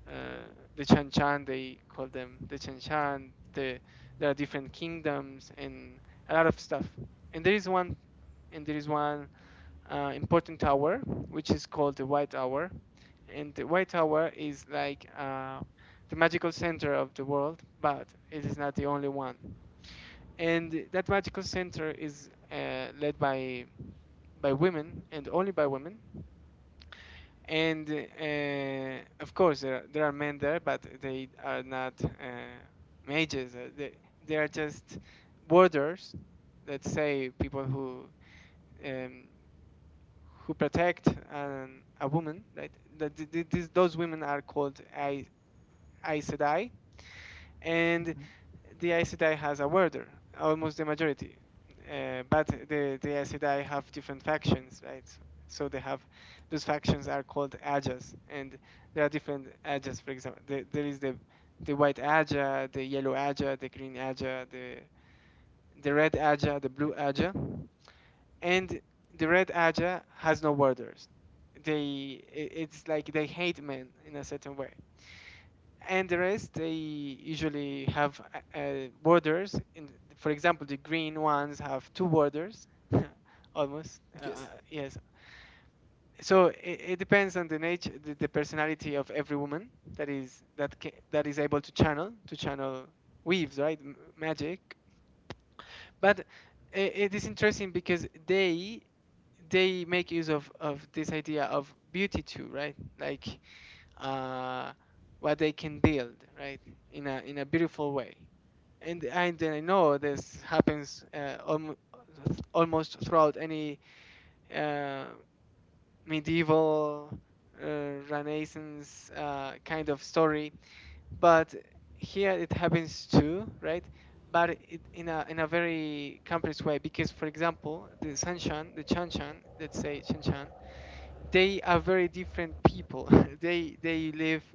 S2: uh, the Chan Chan, they call them the Chan Chan, there are different kingdoms and a lot of stuff. And there is one and there is one, important hour, which is called the White Hour. And the White Hour is like, the magical center of the world, but it is not the only one. And that magical center is, led by women, and only by women. And of course there are men there, but they are not, mages. They are just warders, let's say people who, um, who protect a woman, right? That those women are called Aes Sedai, and
S1: Mhm.
S2: the Aes Sedai has a warder, almost the majority. But the Aes Sedai have different factions, right? So those factions are called Ajas, and there are different Ajas, for example. There is the White Aja, the Yellow Aja, the Green Aja, the Red Aja, the Blue Aja. And the Red Aja has no warders. They, it's like they hate men in a certain way, and the rest they usually have, borders in, for example, the green ones have two borders, almost,
S1: Yes.
S2: yes. So it depends on the nature, the personality of every woman that is that is able to channel, weaves, right. Magic. But i- it is interesting because they make use of this idea of beauty too, right, like, uh, what they can build, right? In a beautiful way. And I know this happens, almost throughout any, uh, medieval, Renaissance, kind of story, but here it happens too, right? But in a, very complex way, because, for example, the Sanshan, the Chanshan, let's say Chanshan, they are very different people. they live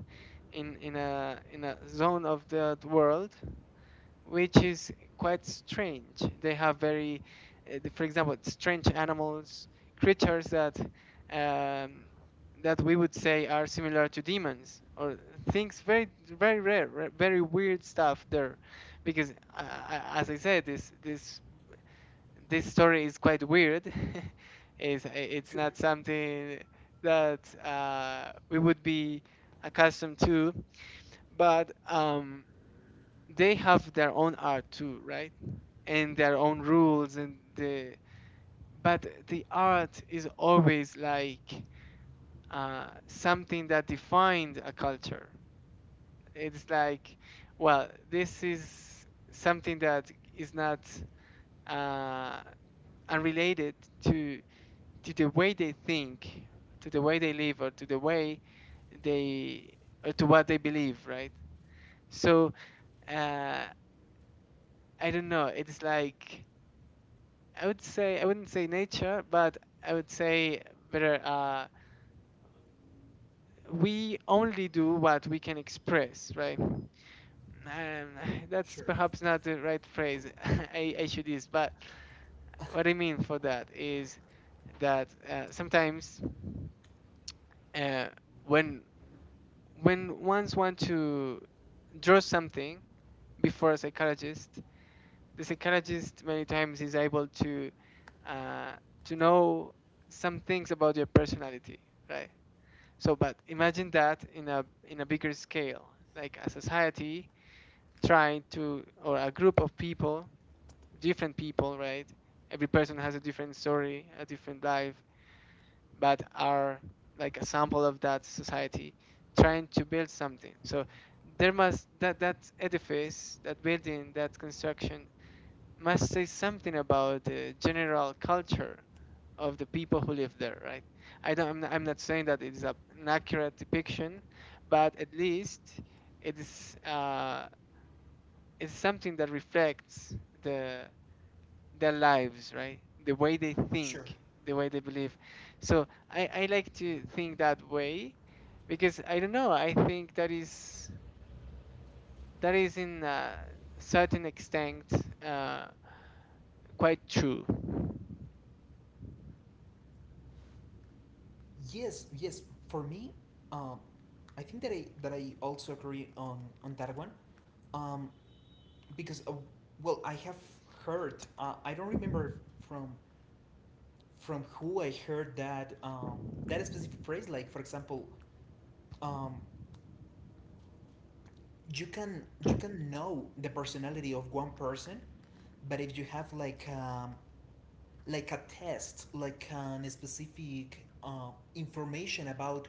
S2: in a zone of the world which is quite strange. They have very, for example, strange animals, creatures that, um, that we would say are similar to demons, or things very, very rare, very weird stuff there, because, as I said, this story is quite weird. It's
S1: Sure.
S2: not something that we would be accustomed to, but they have their own art too, right? And their own rules and the but the art is always like something that defined a culture. It's like, well, this is something that is not uh, unrelated to to the way they think, to the way they live, or to the way they, or to what they believe, right? So uh, I don't know. It's like I would say I wouldn't say nature, but I would say better. We only do what we can express, right? That's
S1: Sure.
S2: perhaps not the right phrase I should use, but what I mean for that is that sometimes uh, when when ones want to draw something before a psychologist, the psychologist many times is able uh, to know some things about your personality, right? So, but imagine that in a bigger scale, like a society trying to or a group of people, different people, right? Every person has a different story, a different life, but are like a sample of that society trying to build something so there must that that edifice that building that construction must say something about the general culture of the people who live there, right? I'm not saying that it's a, an accurate depiction, but at least it is it's something that reflects the their lives, right? The way they
S1: Sure.
S2: think, the way they believe. So I like to think that way because I don't know. I think that is in a certain extent uh, quite true.
S1: Yes, yes. For me, um, I think that I also agree on that one, um, because, well, I have heard. I don't remember from from who I heard that specific phrase. Like for example, um, you can know the personality of one person, but if you have like, like a test, like an specific, information about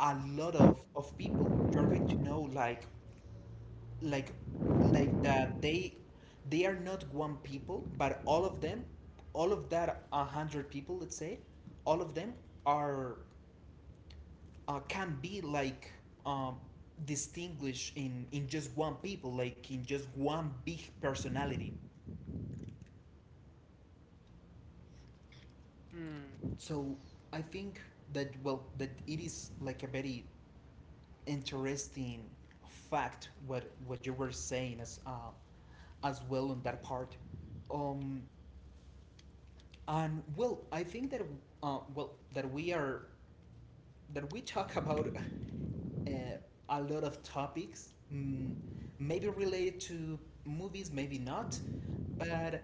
S1: a lot of people, you're going to know like like that they are not one people, but all of them, all of that 100 people, let's say, all of them are, can be like, um, distinguished in just one people, like in just one big personality.
S2: Mm.
S1: So I think that, well, that it is like a very interesting fact, what you were saying as well on that part, um and well, I think that, well, that we talk about, uh, a lot of topics, maybe related to movies, maybe not. But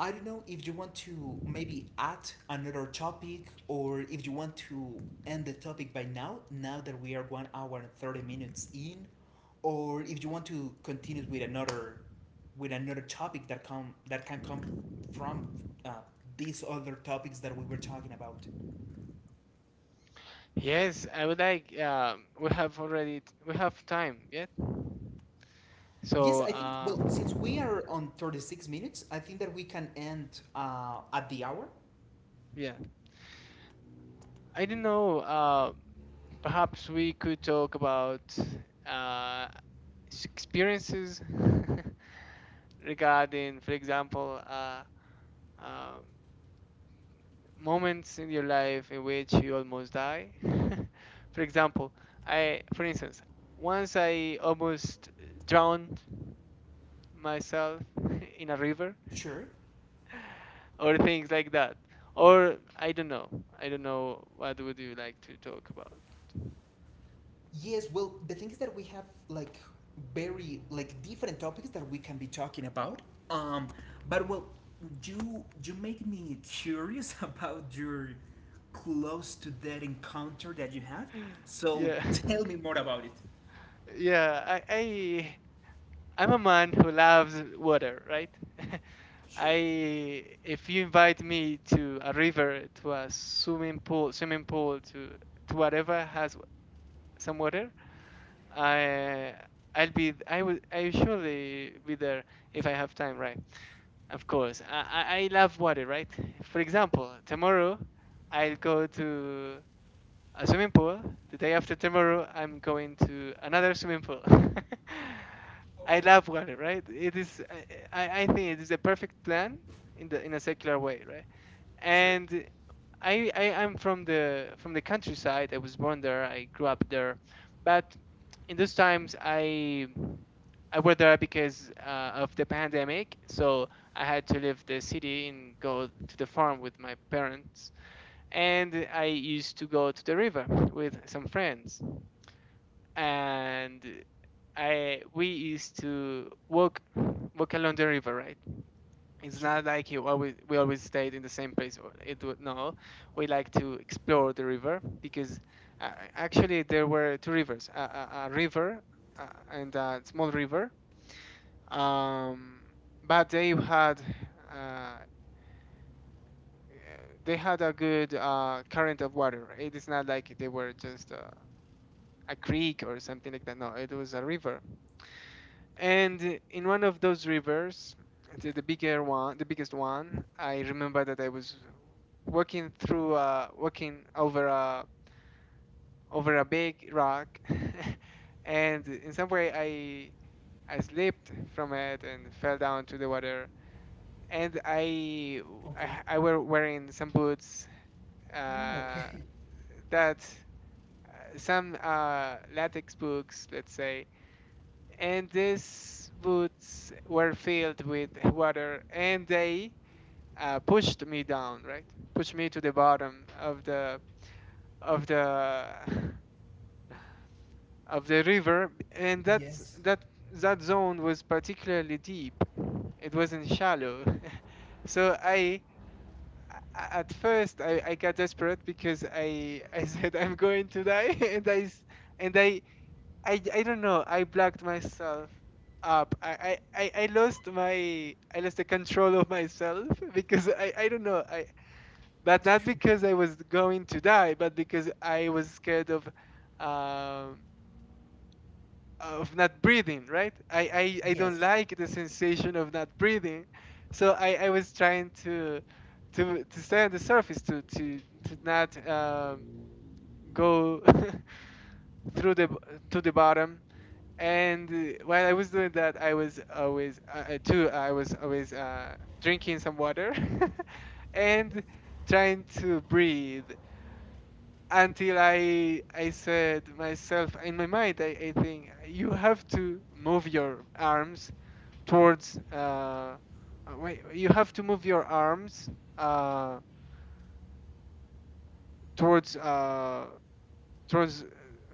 S1: I don't know if you want to maybe add another topic, or if you want to end the topic by now, now that we are 1 hour and 30 minutes in, or if you want to continue with another topic that can come from, uh, these other topics that we were talking about.
S2: Yes, I would like. We have already t- we have time yet,
S1: Yes,
S2: so
S1: I think, well, since we are on 36 minutes, I think that we can end, at the hour.
S2: yeah. I don't know. Perhaps we could talk about uh, s- experiences. regarding, for example, uh, moments in your life in which you almost die. for example, I, for instance, once I almost drowned myself in a river,
S1: Sure.
S2: or things like that. Or I don't know. I don't know what would you like to talk about.
S1: Yes, well, the thing is that we have like very like different topics that we can be talking about. Um, but well, you make me curious about your close to that encounter that you had. So
S2: Yeah,
S1: tell me more about it.
S2: yeah. I I'm a man who loves water, right?
S1: Sure.
S2: I if you invite me to a river, to a swimming pool, to whatever has some water, I I'll be I will I surely be there if I have time, right? Of course, I love water, right? For example, tomorrow I'll go to a swimming pool. The day after tomorrow, I'm going to another swimming pool. I
S1: Okay.
S2: love water, right? It is I think it is the perfect plan in the in a secular way, right?
S1: Sure.
S2: And I'm from the countryside. I was born there. I grew up there, but in those times I were there because of the pandemic. So I had to leave the city and go to the farm with my parents, and I used to go to the river with some friends, and I we used to walk walk along the river, right? It's
S1: Sure.
S2: not like you always we always stayed in the same place or it would no we like to explore the river because actually there were two rivers a river uh, and a small river, um, but uh, they had a good current of water. It is not like they were just a creek or something like that, no, it was a river. And in one of those rivers, the bigger one, the biggest one, I remember that I was walking through, walking over a over a big rock, and in some way I slipped from it and fell down to the water. And I
S1: Okay.
S2: I were wearing some boots,
S1: Mm,
S2: uh,
S1: okay.
S2: that uh, some latex boots, let's say, and these boots were filled with water and they pushed me down, right, pushed me to the bottom of the of the river. And that's
S1: Yes.
S2: that that zone was particularly deep. It wasn't shallow. so i at first I got desperate because I, I said, "I'm going to die." And I don't know. I blacked myself up. I lost my I lost the control of myself. Because I don't know. I but not
S1: Sure.
S2: because I was going to die, but because I was scared um of not breathing. Right? I don't
S1: Yes.
S2: like the sensation of not breathing, so I was trying to to stay on the surface to to not go through the b- to the bottom. And while I was doing that, I was always too. I was always drinking some water and trying to breathe until I said myself in my mind, I think you have to move your arms towards. Wait, you have to move your arms uh, towards towards."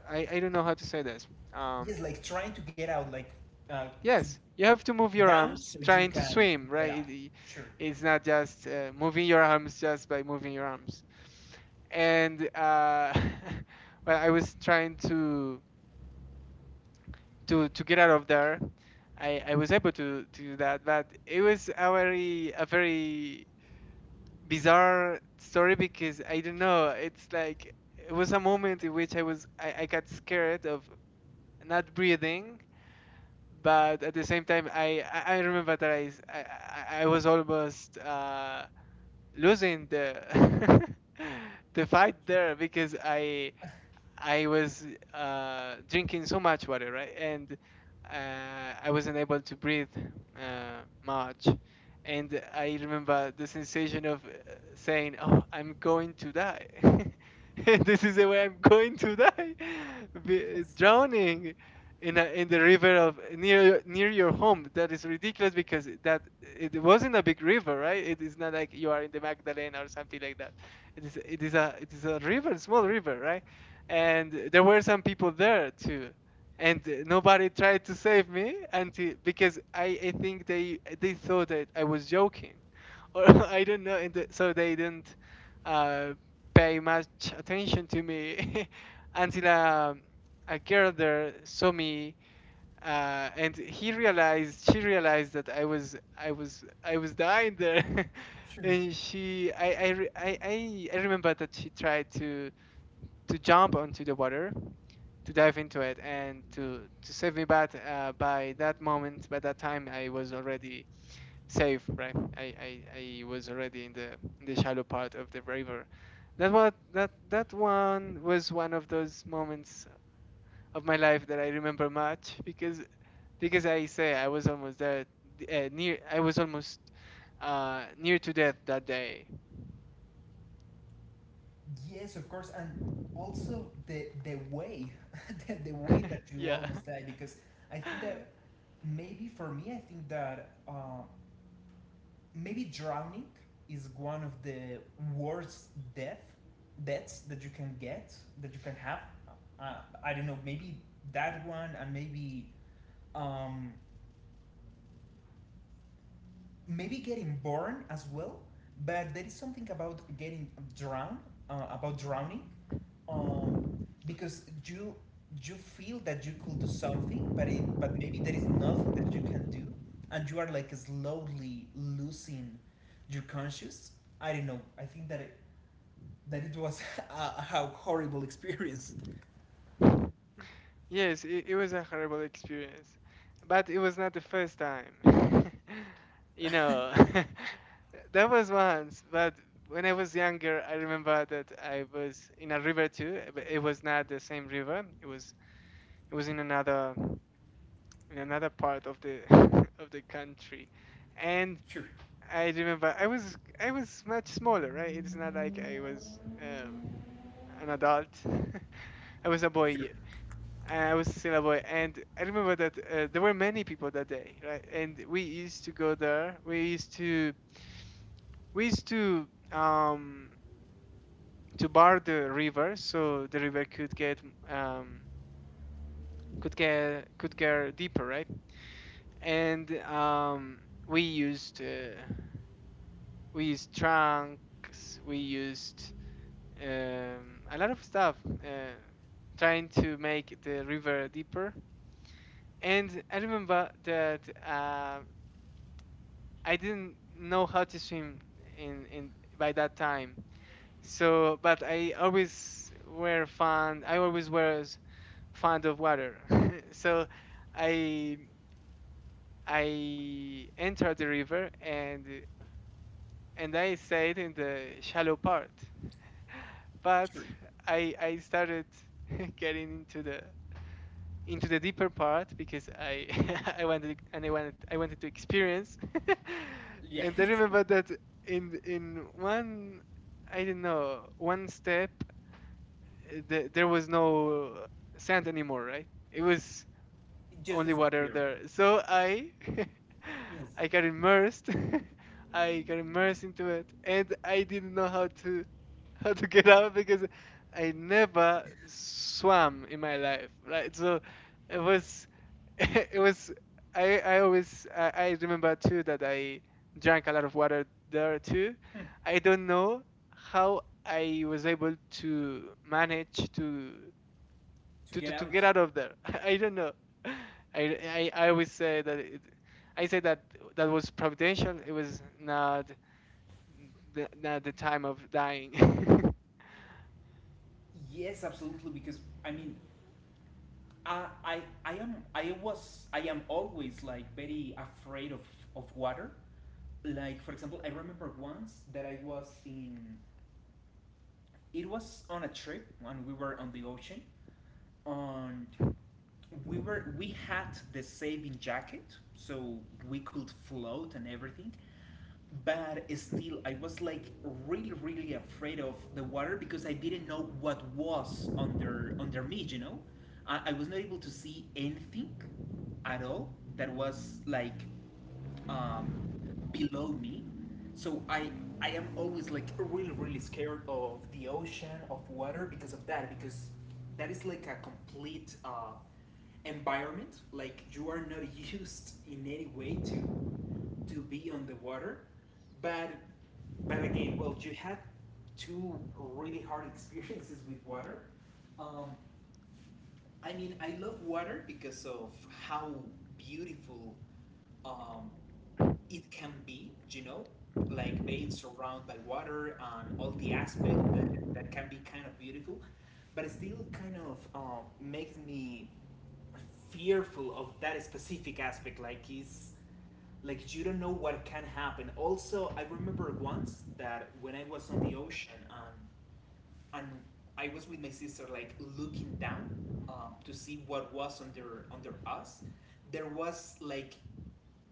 S2: I don't know how to say this. Um,
S1: Yes, like trying to get out, like, uh, to
S2: Yes, you have to move your
S1: down so
S2: arms
S1: you
S2: trying to
S1: can
S2: swim,
S1: get
S2: right?
S1: out.
S2: It- it-
S1: Sure.
S2: it's not just moving your arms just by moving your arms. And well, I was trying to to get out of there. I was able to do that, but it was a very bizarre story because I don't know. It's like it was a moment in which I was I got scared of not breathing, but at the same time I remember that I s- I was almost losing the the fight there because I I was drinking so much water, right? And I wasn't able to breathe much. And I remember the sensation of saying, "Oh, I'm going to die. This is the way I'm going to die, Be-
S1: Yes.
S2: drowning in a, in the river of near near your home. That is ridiculous because that it wasn't a big river, right? It is not like you are in the Magdalena or something like that. It is a river, small river, right?" And there were some people there too, and nobody tried to save me until because I think they thought that I was joking or I don't know, so they didn't uh, pay much attention to me until a girl there saw me, and he realized she realized that I was I was dying there.
S1: Sure.
S2: And she I re- I remember that she tried to jump onto the water to dive into it and to save me, but by that moment by that time I was already safe, right? I was already in the shallow part of the river. That what that that one was one of those moments of my life that I remember much because I say I was almost there near I was almost near to death that day.
S1: Yes, of course, and also the way, the way that you
S2: Yeah.
S1: almost die, because I think that maybe for me I think that, maybe drowning is one of the worst death deaths that you can have. Uh, I don't know, maybe that one and um, maybe getting born as well, but there is something about getting drowned, about drowning, um, because you feel that you could do something, but maybe there is nothing that you can do, and you are like slowly losing your conscious. I don't know. I think that it was a horrible experience.
S2: Yes, it was a horrible experience, but it was not the first time. You know, that was once, but when I was younger, I remember that I was in a river too, but it was not the same river. It was in another part of the of the country. And
S1: Sure,
S2: I remember I was much smaller, right? It's not like I was an adult. I was a
S1: sure,
S2: boy I was still a boy, and I remember that there were many people that day, right? And we used to go there. We used to bar the river so the river could get um could get could get deeper, right? And we used uh, we used trunks, we used a lot of stuff, trying to make the river deeper. And I remember that I didn't know how to swim in by that time. So, but I always were fond. I always was fond of water. So, I I entered the river and I stayed in the shallow part. But
S1: sure.
S2: I started getting into the deeper part because I I wanted and I wanted to experience. And I
S1: Yes.
S2: remember that in one I don't know one step there was no sand anymore, right? It was
S1: It just
S2: only water
S1: disappeared.
S2: there. So I
S1: Yes.
S2: I got immersed. I got immersed into it, and I didn't know how to how to get out because I never swam in my life, right? So it was, it was. I remember too that I drank a lot of water there too.
S1: Hmm.
S2: I don't know how I was able to manage to
S1: To
S2: to to,
S1: get
S2: to get
S1: out.
S2: out of there. I don't know. I, I I always say that it, I say that that was providential. It was not the time of dying.
S1: Yes, absolutely. Because I mean, I am always like very afraid of water. Like for example, I remember once that I was in it was on a trip when we were on the ocean and we were we had the saving jacket, so we could float and everything, but still I was like really really afraid of the water, because I didn't know what was under me. I was not able to see anything at all that was like, um, below me. So I am always like really really scared of the ocean, of water because of that, because that is like a complete environment. Like you are not used in any way to be on the water, but again, well, you had two really hard experiences with water. um, I mean, I love water because of how beautiful um, it can be, like being surrounded by water, and all the aspect that, can be kind of beautiful, but it still kind of makes me fearful of that specific aspect. Like it's like you don't know what can happen. Also, I remember once that when I was on the ocean, and I was with my sister, like looking down, to see what was under us. There was like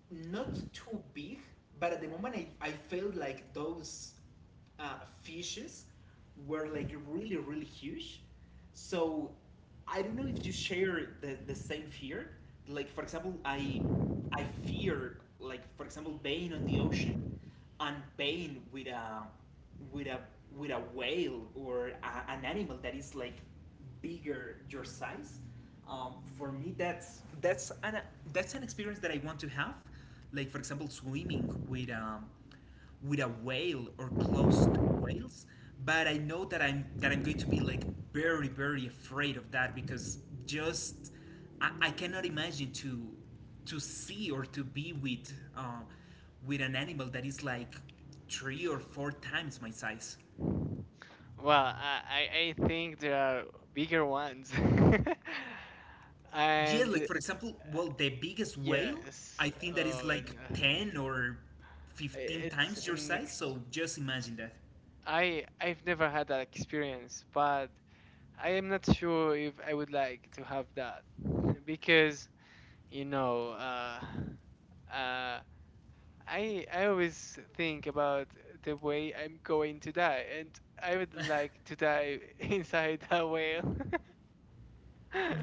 S1: not too big, but at the moment I felt like those fishes were like really, really huge. So I don't know if you share the same fear. Like for example, I fear, like for example, being on the ocean and being with a with a whale, or a, an animal that is like bigger your size. For me, that's an experience that I want to have, like for example swimming with a whale or close to whales. But I know that I'm going to be like very very afraid of that because just I cannot imagine to see or to be with an animal that is like three or four times my size.
S2: Well, I think there are bigger ones.
S1: Yeah, like
S2: And
S1: for example, well, the biggest whale,
S2: yes,
S1: I think that is
S2: oh
S1: like
S2: no.
S1: 10 or 15
S2: It's
S1: times your
S2: an
S1: size,
S2: ex
S1: so just imagine that.
S2: I've never had that experience, but I am not sure if I would like to have that, because you know, uh, uh, I always think about the way I'm going to die, and I would like to die inside a whale.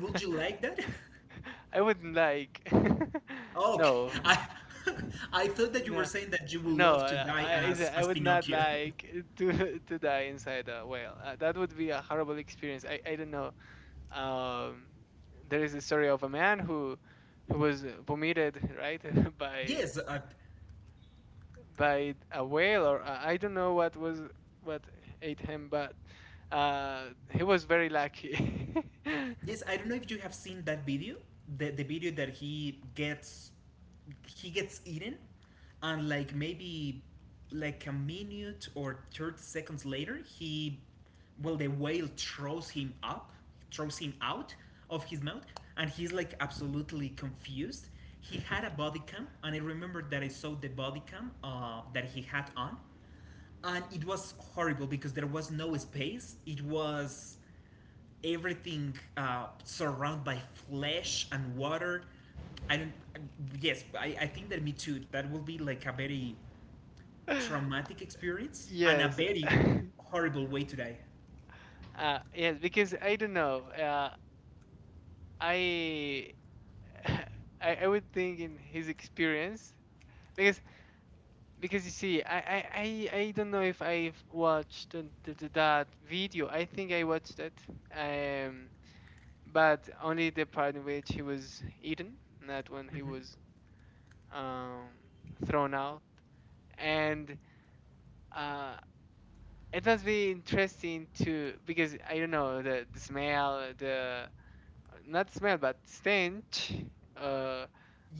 S1: Would you like that?
S2: I wouldn't like.
S1: Okay.
S2: No,
S1: I I thought that you were
S2: no,
S1: saying that you would
S2: no.
S1: love to die as
S2: I would not
S1: Pinocchio.
S2: like to to die inside a whale. That would be a horrible experience. I don't know. Um, there is a story of a man who was vomited right by
S1: Yes,
S2: by a whale, or I don't know what ate him, but he was very lucky.
S1: yes, I don't know if you have seen that video, the video that he gets eaten, and like maybe like a minute or 30 seconds later, he, well, the whale throws him up, throws him out of his mouth, and he's like absolutely confused. He had a body cam, and I remember that I saw the body cam that he had on, and it was horrible because there was no space. It was everything surrounded by flesh and water. I don't. Yes, I think that me too. That will be like a very traumatic experience and a
S2: Yes,
S1: very horrible way to die.
S2: yes, because I don't know. I I would think in his experience, because you see, I don't know if I've watched that video. I think I watched it, um but only the part in which he was eaten, not when he
S1: Hmm.
S2: was um thrown out, and uh it must be interesting to, because I don't know the smell, the, not smell, but stench, uh,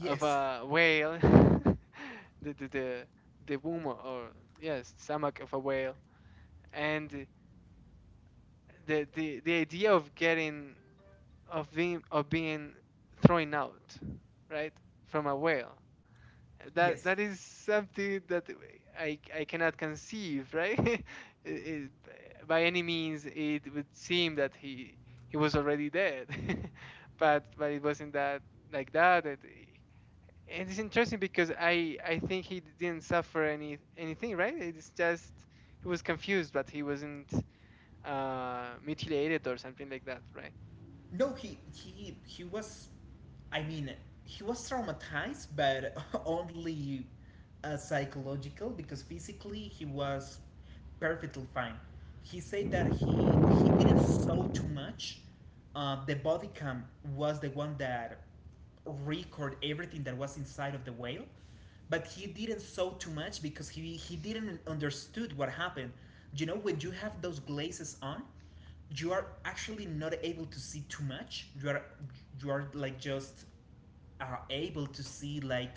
S2: of a whale, the, the the the womb, or, yes, stomach of a whale, and the idea of getting, of being, thrown out, right, from a whale. That
S1: yes.
S2: that is something that I cannot conceive, right? It- it- by any means, it would seem that he was already dead, but it wasn't that, like that. And it's interesting, because I think he didn't suffer anything, right? It's just he was confused, but he wasn't, mutilated or something like that, right?
S1: No, he was. I mean, he was traumatized, but only psychological, because physically he was perfectly fine. He said that he didn't saw too much. The body cam was the one that record everything that was inside of the whale, but he didn't saw too much because he didn't understood what happened. You know, when you have those glazes on, you are actually not able to see too much. You are like just able to see like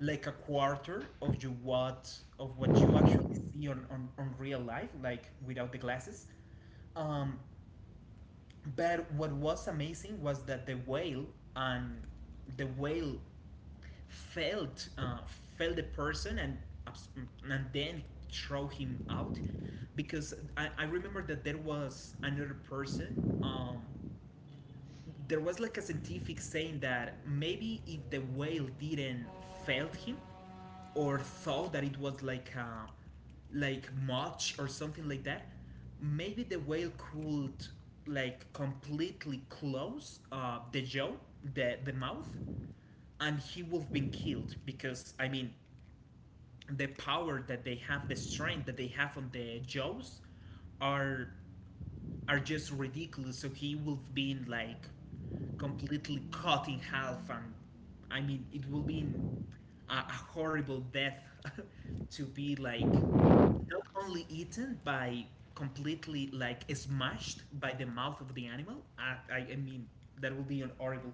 S1: a quarter of you what of what you actually see on, on real life, like without the glasses. um, but what was amazing was that and the whale felt felt the person, and abs- and then throw him out, because I remember that there was another person. um, there was like a scientific saying that maybe if the whale didn't felt him, or thought that it was like much or something like that, maybe the whale could like completely close the jaw, the mouth, and he would have been killed, because I mean, the power that they have, the strength that they have on the jaws, are just ridiculous. So he will be like completely cut in half, and I mean it will be in a horrible death to be like not only eaten by, completely like smashed by the mouth of the animal. I mean that will be an horrible.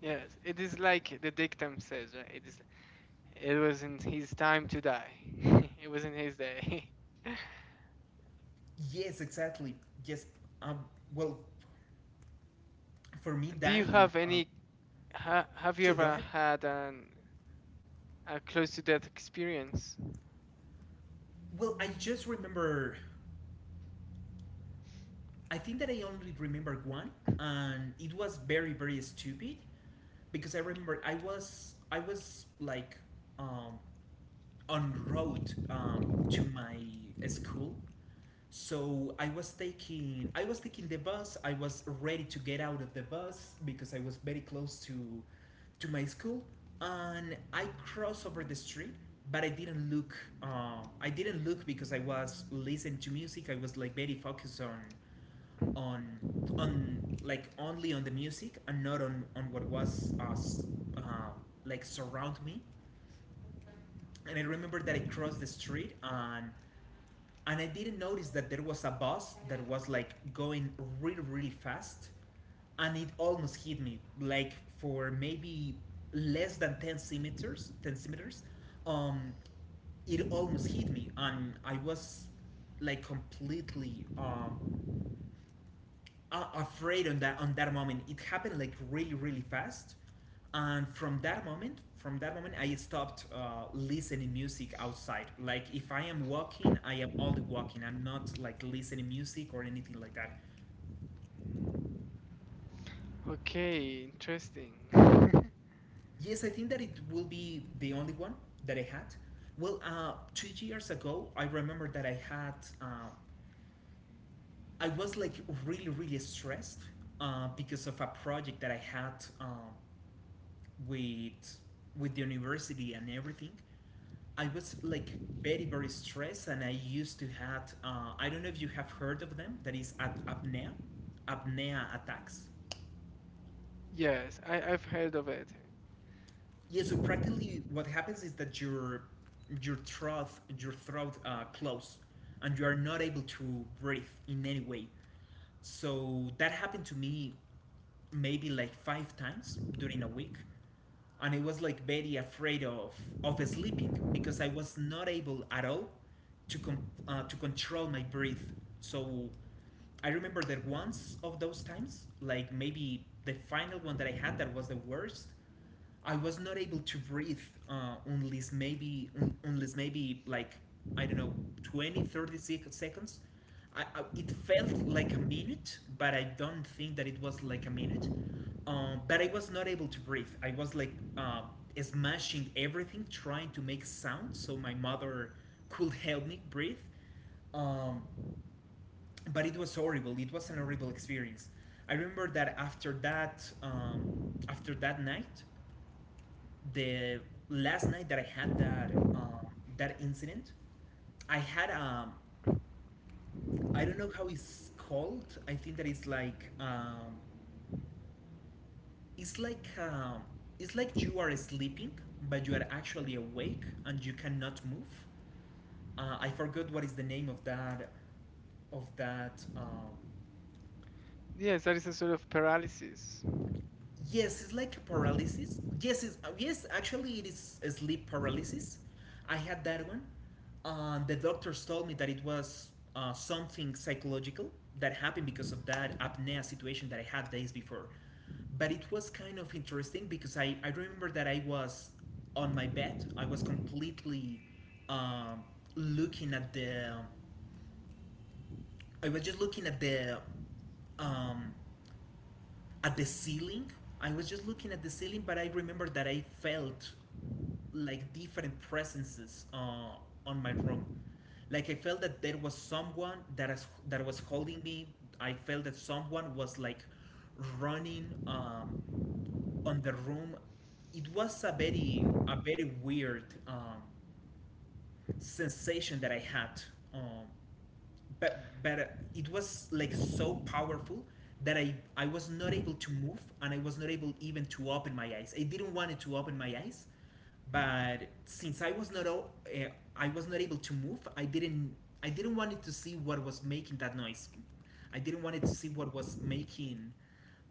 S2: Yes, it is like the dictum says, right? It wasn't his time to die. It wasn't his day.
S1: Yes, exactly. Just um well for me
S2: Do you
S1: dying
S2: have any? Have you
S1: sure, go
S2: ever
S1: ahead.
S2: had an a close to death experience?
S1: Well, I just remember, I think that I only remember one, and it was very very stupid, because I remember I was like um, on road, um, to my school, so I was taking the bus. I was ready to get out of the bus because I was very close to my school, and I crossed over the street. But I didn't look. I didn't look because I was listening to music. I was like very focused on on like only on the music, and not on what was us, uh, like surround me. And I remember that I crossed the street, and I didn't notice that there was a bus that was like going really really fast, and it almost hit me like for maybe less than 10 centimeters, 10 centimeters. um it almost hit me, and I was like completely afraid on that, on that moment. It happened like really really fast, and from that moment, I stopped listening music outside. Like if I am walking, I am only walking. I'm not like listening music or anything like that.
S2: Okay, interesting.
S1: Yes, I think that it will be the only one that I had. Well, 2 years ago, I remember that I had. Uh, I was like really really stressed because of a project that I had, uh, with the university and everything. I was like very very stressed, and I used to have, I don't know if you have heard of them. That is at apnea, apnea attacks.
S2: Yes, I've heard of it.
S1: Yeah, so practically what happens is that your throat your throat close, and you are not able to breathe in any way. So that happened to me maybe like five times during a week, and I was like very afraid of sleeping because I was not able at all to to control my breath. So I remember that once of those times, like maybe the final one that I had, that was the worst, I was not able to breathe, unless maybe unless maybe like I don't know, 20, 30 seconds. It felt like a minute, but I don't think that it was like a minute. But I was not able to breathe, I was like smashing everything, trying to make sound so my mother could help me breathe. um, but it was horrible, it was an horrible experience. I remember that after that, after that night, the last night that I had that that incident, I had, I don't know how it's called. I think that it's like, it's like um, it's like you are sleeping, but you are actually awake and you cannot move. I forgot what is the name of that, of that
S2: Yes, that is a sort of paralysis.
S1: Yes, it's like a paralysis. Yes, it's, yes, actually, it is a sleep paralysis. I had that one. The doctors told me that it was something psychological that happened because of that apnea situation that I had days before. But it was kind of interesting because I remember that I was on my bed. I was completely um, looking at the. I was just looking at the, um, at the ceiling. I was just looking at the ceiling, but I remember that I felt like different presences on my room. Like I felt that there was someone that was holding me. I felt that someone was like running, on the room. It was a very, a very weird sensation that I had. Um, but it was like so powerful that I was not able to move, and I was not able even to open my eyes. I didn't want it to open my eyes, but since uh, I was not able to move, I didn't want it to see what was making that noise. I didn't want it to see what was making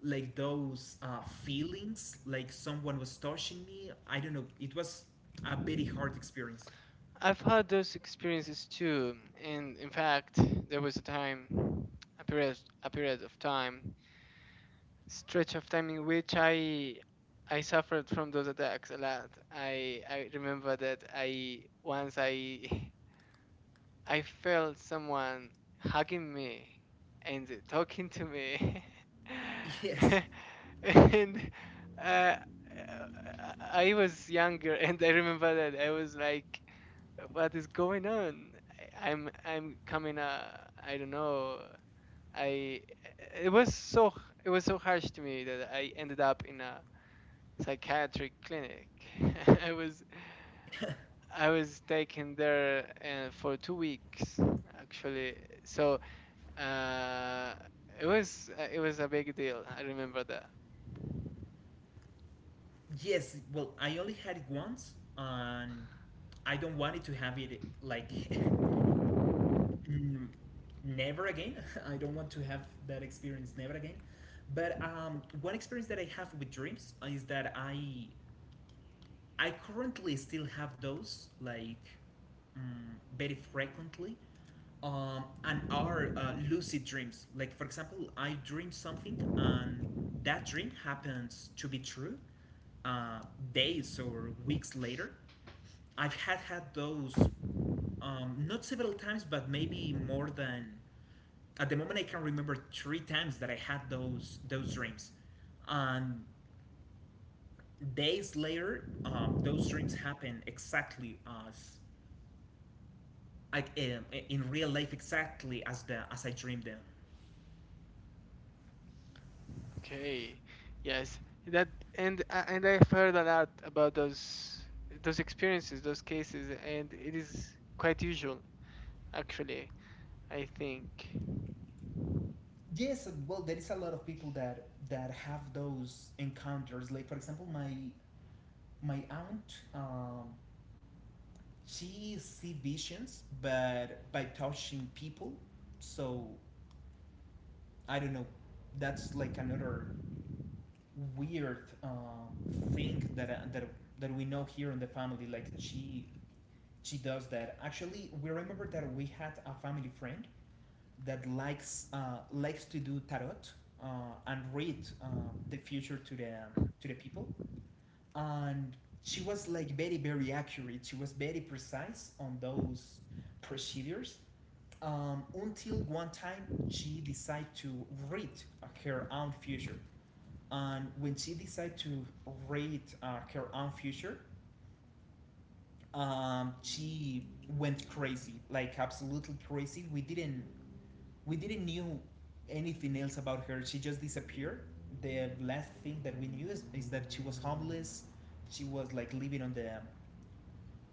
S1: like those feelings, like someone was touching me. I don't know. It was a very hard experience.
S2: I've had those experiences too, and in fact, there was a time, a period of time, stretch of time in which I suffered from those attacks a lot. I remember that I once I I felt someone hugging me and talking to me,
S1: Yes.
S2: and uh, I was younger, and I remember that I was like, "What is going on? I'm coming, I don't know, I it was it was so harsh to me that I ended up in a psychiatric clinic. I was I was taken there, for 2 weeks, actually. So uh, it was a big deal. I remember that."
S1: Yes, well, I only had it once, and I don't want it to have it like n- never again. I don't want to have that experience never again. But one experience that I have with dreams is that I currently still have those like very frequently, and are lucid dreams. Like for example, I dream something, and that dream happens to be true uh, days or weeks later. I've had had those, not several times, but maybe more than, at the moment I can remember three times that I had those dreams, and days later those dreams happen exactly as, like in real life, exactly as the as I dreamed them.
S2: Okay, yes, that and I've heard a lot about those experiences, those cases, and it is quite usual, actually. I think.
S1: Yes, well, there is a lot of people that have those encounters. Like for example, my my aunt she see visions but by touching people, so I don't know. That's like another weird thing that we know here in the family, like she does that. Actually, we remember that we had a family friend that likes to do tarot, uh, and read the future to the people. And she was like very, very accurate. She was very precise on those procedures, until one time she decided to read her own future. And when she decided to read her own future, she went crazy, like absolutely crazy. We didn't knew anything else about her. She just disappeared. The last thing that we knew is that she was homeless. She was like living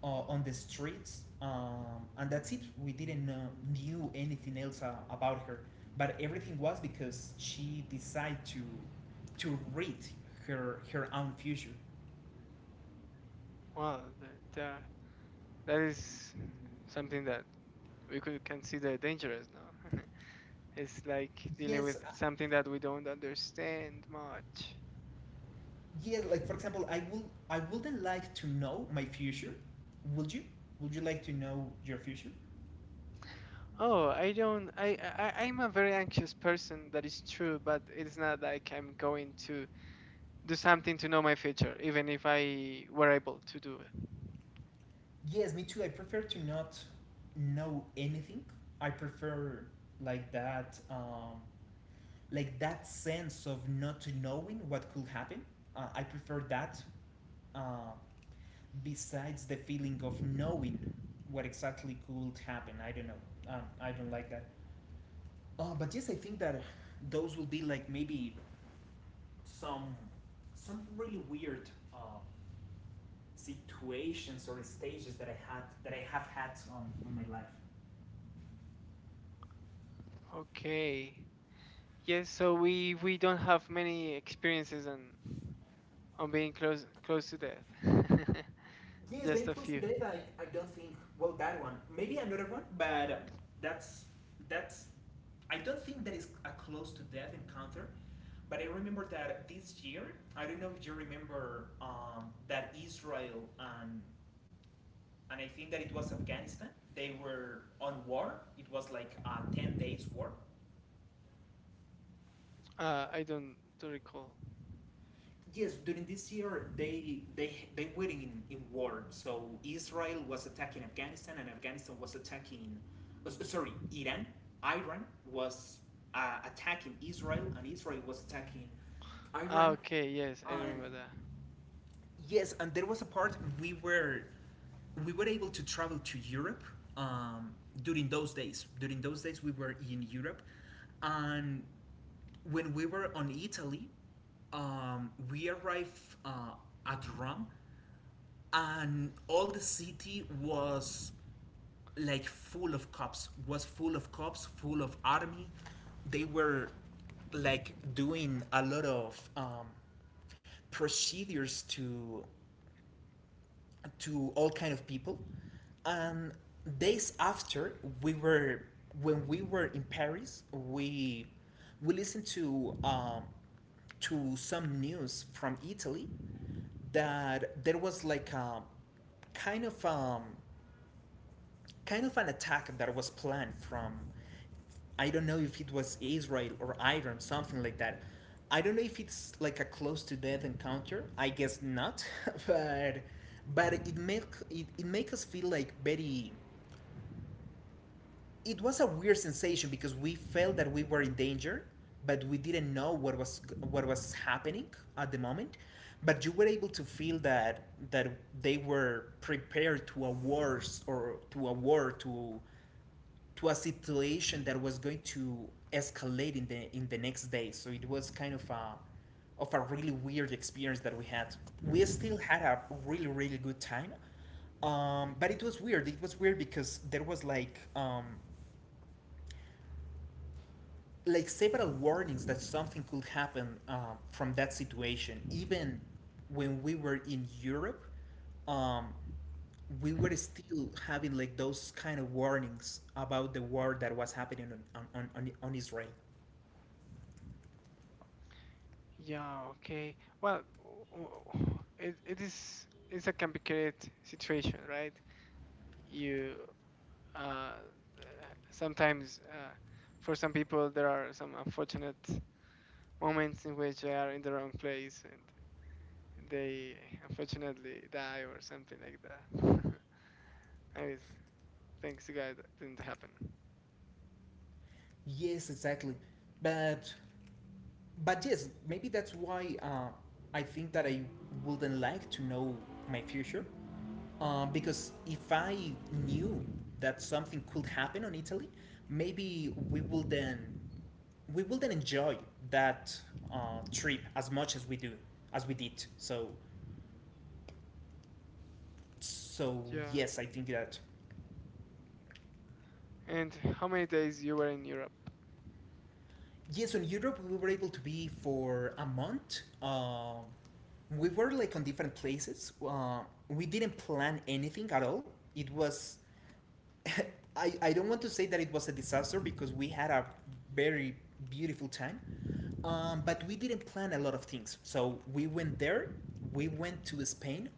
S1: on the streets, and that's it. We didn't knew anything else about her, but everything was because she decided to read her own future.
S2: Well, the That is something that we could consider dangerous now. It's like dealing with
S1: Yes, uh,
S2: something that we don't understand much.
S1: yeah. Like for example, I wouldn't like to know my future. Would you? Would you like to know your future?
S2: Oh, I don't. Am a very anxious person. That is true, but it's not like I'm going to do something to know my future, even if I were able to do it.
S1: Yes, me too. I prefer to not know anything. I prefer like that, like that sense of not knowing what could happen. I prefer that uh, besides the feeling of knowing what exactly could happen. I don't know. I don't like that. But yes, I think that those will be like maybe some some really weird uh, situations or stages that I have had in my life.
S2: Okay. Yes. So we don't have many experiences on being close to death.
S1: Yes,
S2: Just
S1: being
S2: a
S1: close to
S2: few.
S1: death, I don't think well that one. Maybe another one, but that's that's I don't think that is a close to death encounter, but I remember that this year, I don't know if you remember that Israel and I think that it was Afghanistan. They were on war. It was like a 10 days war.
S2: I don't to recall.
S1: Yes, during this year they were in war. So Israel was attacking Afghanistan, and Afghanistan was attacking. Sorry, Iran. Iran was attacking Israel, and Israel was attacking
S2: Ah,
S1: Iran.
S2: okay, yes, I
S1: And
S2: remember that.
S1: yes, and there was a part we were able to travel to Europe um, during those days. During those days, we were in Europe, and when we were on Italy, we arrived at Rome, and all the city was like full of cops. Was full of cops, full of army. They were like doing a lot of procedures to all kind of people, and days after we were when we were in Paris, we listened to some news from Italy that there was like a kind of um, kind of an attack that was planned from, I don't know if it was Israel or Iran, something like that. I don't know if it's like a close to death encounter. I guess not, but it make it, it make us feel like very. It was a weird sensation because we felt that we were in danger, but we didn't know what was happening at the moment. But you were able to feel that that they were prepared to a wars or to a war to a situation that was going to escalate in the next day. So it was kind of a really weird experience that we had. We still had a really, really good time, but it was weird. It was weird because there was like several warnings that something could happen from that situation. Even when we were in Europe, um, we were still having like those kind of warnings about the war that was happening on on Israel.
S2: Yeah, okay. Well, w- it's a complicated situation, right? You uh, Sometimes, for some people there are some unfortunate moments in which they are in the wrong place and they unfortunately die or something like that. I mean, thanks to God that didn't happen.
S1: Yes, exactly. But but yes, maybe that's why I think that I wouldn't like to know my future, because if I knew that something could happen on Italy, maybe we will then enjoy that trip as much as we do as we did. So so
S2: Yeah.
S1: yes, I think that
S2: And how many days you were in Europe?
S1: yes, in Europe we were able to be for a month. We were like on different places. We didn't plan anything at all. It was I don't want to say that it was a disaster because we had a very beautiful time, but we didn't plan a lot of things. So we went there, we went to Spain,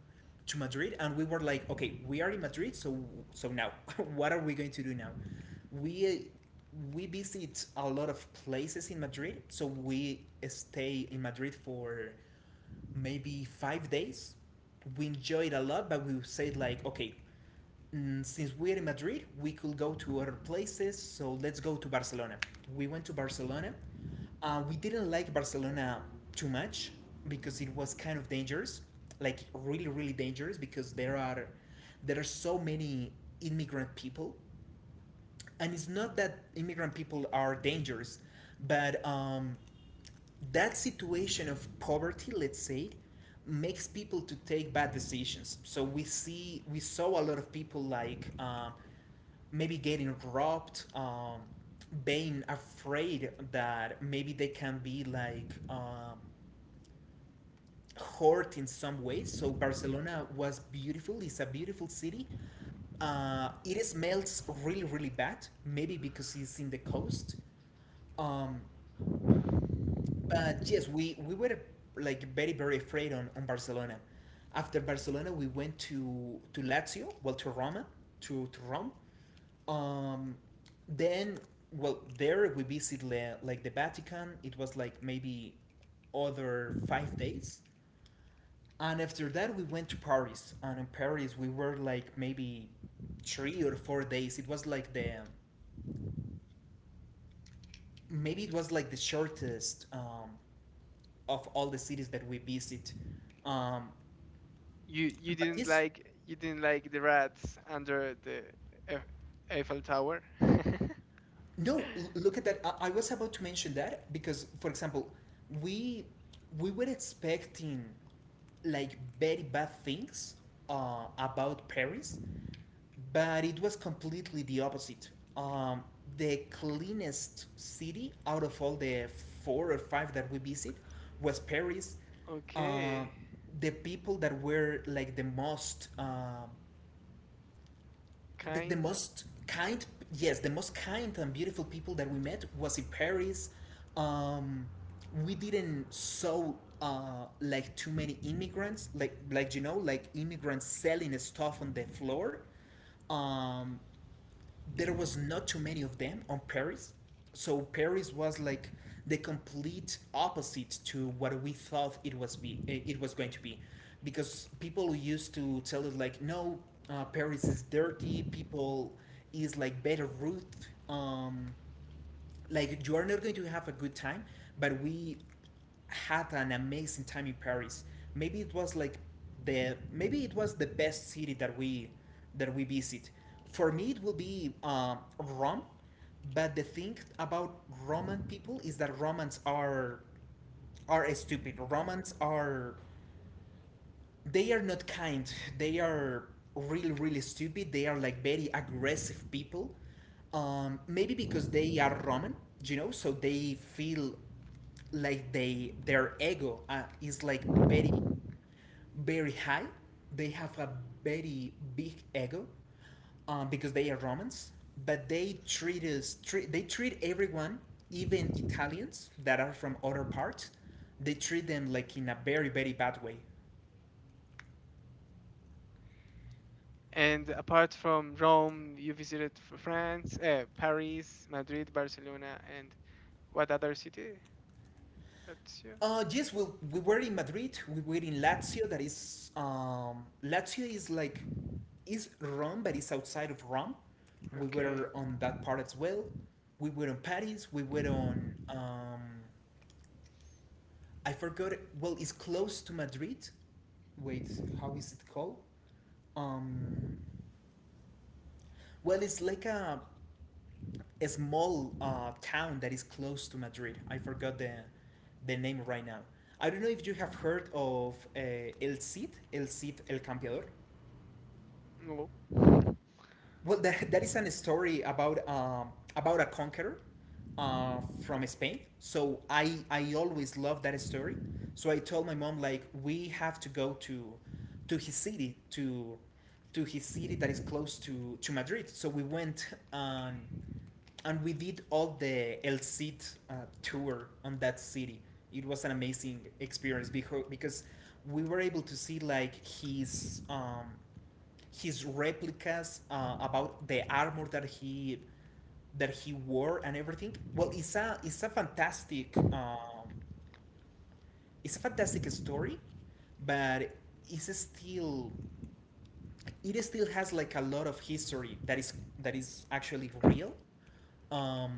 S1: to Madrid, and we were like, okay, we are in Madrid, so so now what are we going to do now? We uh, we visit a lot of places in Madrid, so we stay in Madrid for maybe 5 days. We enjoyed a lot, but we said like, okay, since we're in Madrid, we could go to other places. So let's go to Barcelona. We went to Barcelona. We didn't like Barcelona too much because it was kind of dangerous, like really, really dangerous because there are so many immigrant people, and it's not that immigrant people are dangerous, but that situation of poverty, let's say, makes people to take bad decisions. So we saw a lot of people like. Maybe getting robbed, being afraid that maybe they can be like hurt in some way. So Barcelona was beautiful. It's a beautiful city. It smells really, really bad. Maybe because it's in the coast. Um, but yes, we were like very, very afraid on Barcelona. After Barcelona, we went to Lazio, well to Roma, to Rome, Um, then well, there we visit le- like the Vatican. It was like maybe other 5 days, and after that we went to Paris. And in Paris we were like maybe 3 or 4 days. It was like the maybe it was like the shortest of all the cities that we visit. Um,
S2: you you
S1: but
S2: didn't
S1: this
S2: like you didn't like the rats under the Eif- Eiffel Tower.
S1: No, l- look at that. I was about to mention that because, for example, we we were expecting like very bad things about Paris, but it was completely the opposite. Um, the cleanest city out of all the 4 or 5 that we visit was Paris. Uh,
S2: Okay,
S1: the people that were like the most the
S2: kind.
S1: most kind, yes, the most kind and beautiful people that we met was in Paris. um, we didn't saw like too many immigrants like you know like immigrants selling stuff on the floor, um, there was not too many of them on Paris. So Paris was like the complete opposite to what we thought it was going to be, because people used to tell us like, no, Paris is dirty. People is like better route. Um, like you are not going to have a good time, but we had an amazing time in Paris. maybe it was like Maybe it was the best city that we visit. For me it will be, Rome. But the thing about Roman people is that Romans are stupid. Romans are they are not kind. They are really, really stupid. They are like very aggressive people. Maybe because they are Roman, you know, so they feel like they their ego is like very, very high. They have a very big ego because they are Romans. But they treat us, treat, they treat everyone, even Italians that are from other parts, they treat them like in a very, very bad way.
S2: And apart from Rome, you visited France, Paris, Madrid, Barcelona, and what other city? That's you.
S1: Yes, well, we were in Madrid. We were in Lazio. That is, Lazio is like, is Rome, but it's outside of Rome. We
S2: Okay.
S1: were on that part as well. We were on Paris. We were on, I forgot. Well, it's close to Madrid. Wait, how is it called? Um, well, it's like a small town that is close to Madrid. I forgot the name right now. I don't know if you have heard of El Cid, El Cid El Campeador.
S2: No.
S1: Well, that is a story about a conqueror from Spain. So I always loved that story. So I told my mom like we have to go to his city to to his city that is close to Madrid. So we went and we did all the El Cid tour on that city. It was an amazing experience because we were able to see like his replicas about the armor that he wore and everything. Well, it's a fantastic story, but it's still it still has like a lot of history that is actually real. Um,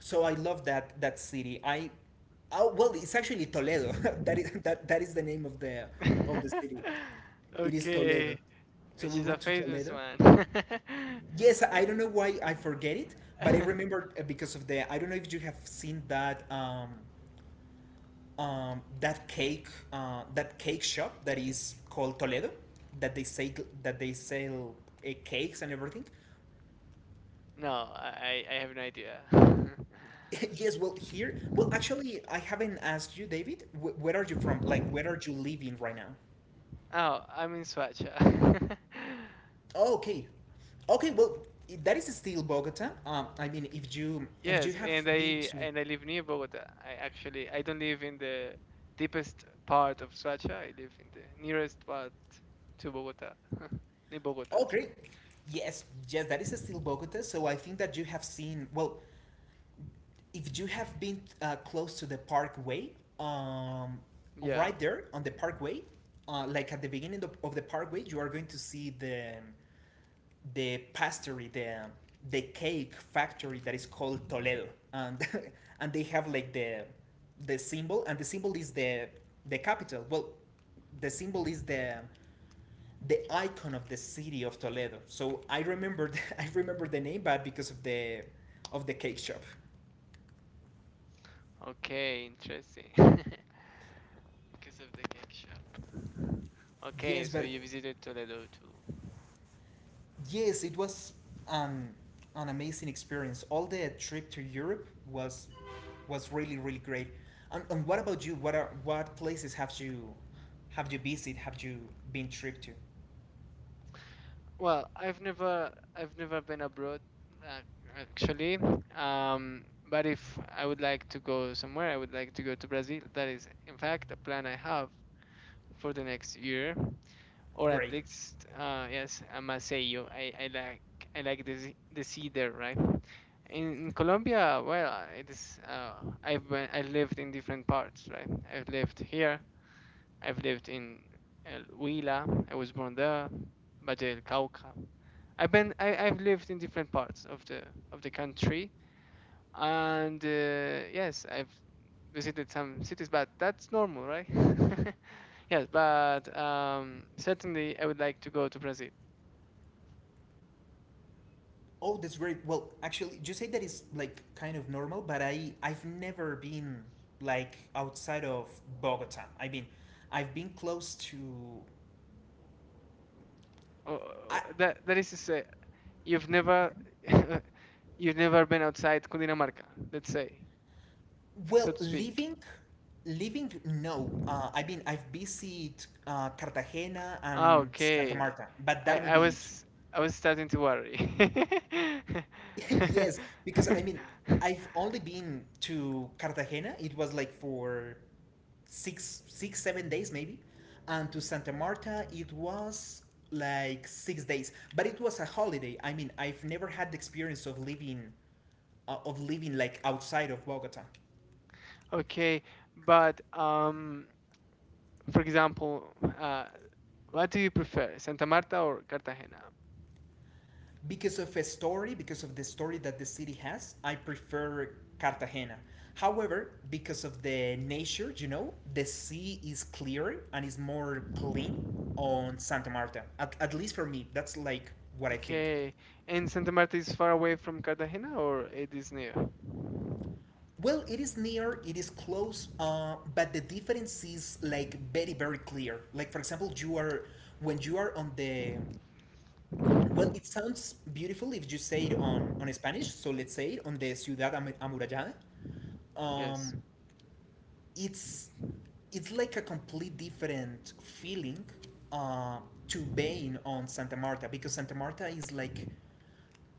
S1: so I love that that city. I, oh, well, it's actually Toledo. That is that is the name of the city. It is Toledo.
S2: Okay,
S1: So
S2: which
S1: we
S2: is a
S1: went to
S2: famous
S1: Toledo.
S2: one.
S1: Yes, I don't know why I forget it, but I remember because of the. I don't know if you have seen that um, that cake that cake shop that is called Toledo, that they say that they sell cakes and everything.
S2: No, I have no idea.
S1: Yes, well, here, well, actually, I haven't asked you, David. Where are you from? Like, where are you living right now?
S2: Oh, I'm in Swacha.
S1: Oh, okay, okay. Well, that is still Bogota. I mean, if you
S2: Yes,
S1: have
S2: and I
S1: been to,
S2: and I live near Bogota. I actually I don't live in the deepest part of Swacha. I live in the nearest part to Bogota. Near Bogota,
S1: oh,
S2: sorry.
S1: great. Yes, yes, that is still Bogota. So I think that you have seen. Well, if you have been close to the Parkway, um,
S2: Yeah.
S1: right there on the Parkway, like at the beginning of the Parkway, you are going to see the pastry, the cake factory that is called Toledo, and and they have like the symbol, and the symbol is the capital. Well, the symbol is the icon of the city of Toledo. So I remember I remember the name, but because of the cake shop.
S2: Okay, interesting. Because of the cake shop. Okay,
S1: Yes,
S2: so
S1: but
S2: you visited Toledo too.
S1: yes, it was an an amazing experience. All the trip to Europe was really really great. And what about you? What places have you visited? Have you been trip to?
S2: Well, I've never been abroad, uh, actually. Um, but if I would like to go somewhere, I would like to go to Brazil. That is, in fact, a plan I have for the next year, or at
S1: Great.
S2: least, yes, a Maceió. I like the sea there, right? In Colombia, well, it is. I lived in different parts, right? I've lived here. I've lived in El Huila. I was born there. Valle del Cauca. I've lived in different parts of the country, and yes, I've visited some cities, but that's normal, right? Yes, but certainly I would like to go to Brazil.
S1: Oh, that's great. Well, actually, you say that is like kind of normal, but I've never been like outside of Bogota. I mean, I've been close to
S2: Oh, oh,
S1: I
S2: that is to say, you've never you've never been outside Cundinamarca, let's say,
S1: well,
S2: so to speak.
S1: living, living, no. I mean, I've visited Cartagena
S2: Ah,
S1: and Santa
S2: okay,
S1: Marta, but
S2: I
S1: that will
S2: I
S1: be it.
S2: was I was starting to worry.
S1: Yes, because I mean, I've only been to Cartagena. It was like for 7 days maybe, and to Santa Marta it was like 6 days. But it was a holiday. I mean, I've never had the experience of living like outside of Bogota.
S2: Okay, but for example, uh, what do you prefer, Santa Marta or Cartagena?
S1: Because of a story, because of the story that the city has, I prefer Cartagena. However, because of the nature, you know, the sea is clearer and is more clean on Santa Marta. At least for me, that's like what I think.
S2: Okay, and Santa Marta is far away from Cartagena, or it is near?
S1: Well, it is near, it is close, but the difference is like very, very clear. Like, for example, you are, when you are on the, well, it sounds beautiful if you say it on Spanish. So let's say it on the Ciudad Amurallada.
S2: Yes.
S1: Um, it's it's like a complete different feeling uh, to being on Santa Marta because Santa Marta is like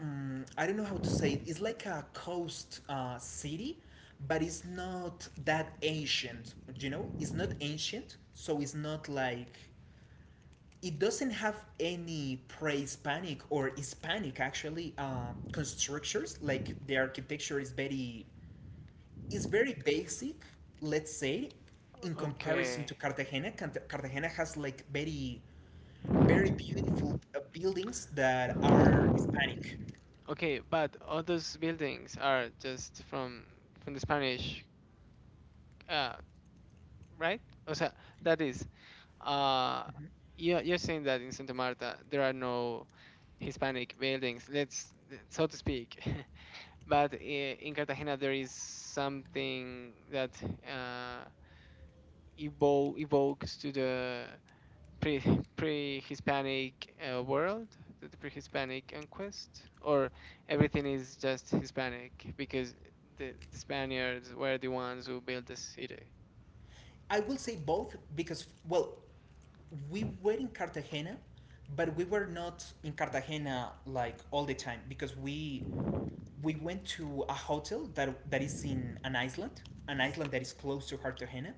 S1: mm, I don't know how to say it. It's like a coast city, but it's not that ancient. You know, it's not ancient, so it's not like it doesn't have any pre-Hispanic or Hispanic actually constructures. Like the architecture is very basic, let's say, in comparison to
S2: Okay.
S1: Cartagena. Cartagena has like very, very beautiful buildings that are Hispanic.
S2: Okay, but all those buildings are just from the Spanish, uh, right? O sea, that is, uh,
S1: Mhm.
S2: you're saying that in Santa Marta there are no Hispanic buildings, let's so to speak, but in Cartagena there is something that, uh, evokes to the pre pre Hispanic, world, to the pre Hispanic conquest, or everything is just Hispanic, because the Spaniards were the ones who built the city.
S1: I will say both because, well, we were in Cartagena, but we were not in Cartagena like all the time because we went to a hotel that is in an island that is close to Cartagena.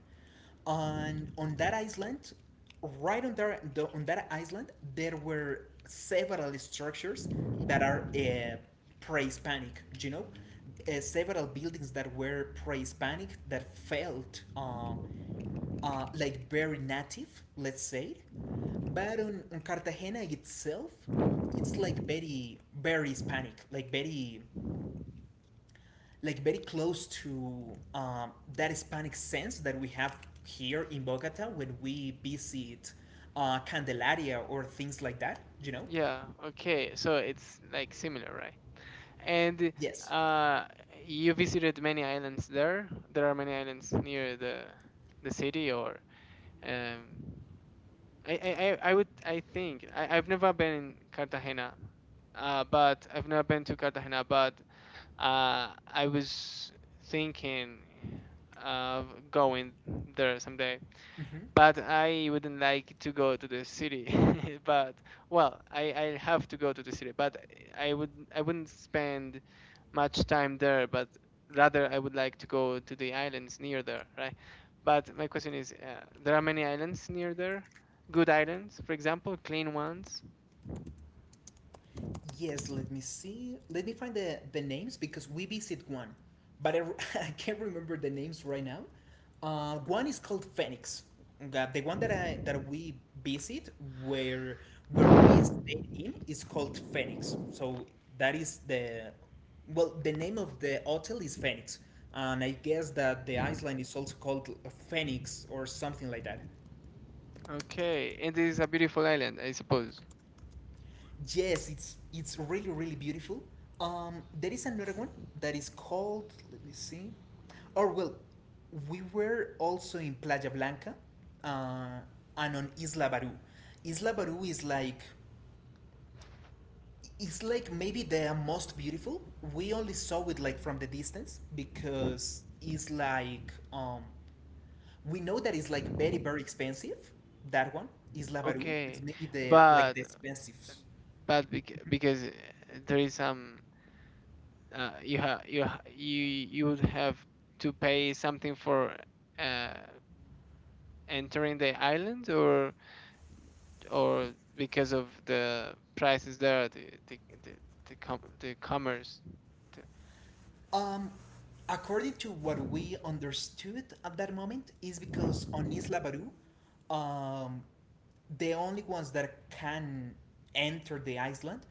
S1: On that island, right on there the, on that island, there were several structures that are pre-Hispanic. You know, several buildings that were pre-Hispanic that felt like very native, let's say. But on Cartagena itself, it's like very very Hispanic, like very close to that Hispanic sense that we have here in Bogota when we visit Candelaria or things like that. You know?
S2: Yeah, okay, so it's like similar, right? And
S1: Yes.
S2: uh, you visited many islands there. There are many islands near the city, or, um, I would I think I've never been in Cartagena, but I've never been to Cartagena. But I was thinking of going there someday,
S1: Hmm.
S2: but I wouldn't like to go to the city. But well, I have to go to the city, but I wouldn't spend much time there. But rather, I would like to go to the islands near there, right? But my question is, there are many islands near there. Good islands, for example, clean ones.
S1: Yes, let me see. Let me find the names because we visit one, but I, I can't remember the names right now. One is called Phoenix. The one that I that we visit where where we stayed in is called Phoenix. So that is the well the name of the hotel is Phoenix, and I guess that the island is also called Phoenix or something like that.
S2: Okay, it is a beautiful island, I suppose.
S1: Yes, it's really really beautiful. There is another one that is called. Let me see. Or well, we were also in Playa Blanca, uh, and on Isla Baru. Isla Baru is like it's like maybe the most beautiful. We only saw it like from the distance because it's like we know that it's like very very expensive. That one Isla Baru is
S2: Okay,
S1: maybe the like
S2: but
S1: the expensive.
S2: but bec- because there is some, you ha- you ha- you would have to pay something for, uh, entering the island, or because of the prices there, the, com- the commerce, the,
S1: Um, according to what we understood at that moment, is because on Isla Baru, um, the only ones that can enter the island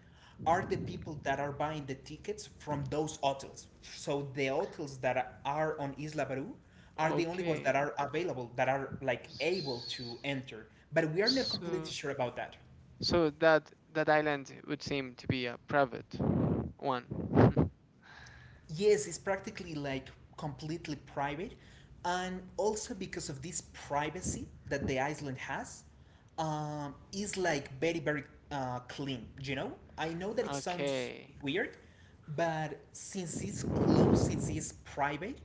S1: are the people that are buying the tickets from those hotels. So the hotels that are on Isla Baru are the only ones that
S2: okay.
S1: are available, that are like able
S2: S-
S1: to enter. But we are not completely
S2: so
S1: sure about that.
S2: so that island would seem to be a private one.
S1: Yes, it's practically like completely private, and also because of this privacy that the island has, is like very very clean. You know, I know that it sounds
S2: Okay,
S1: weird, but since it's closed, since it's private,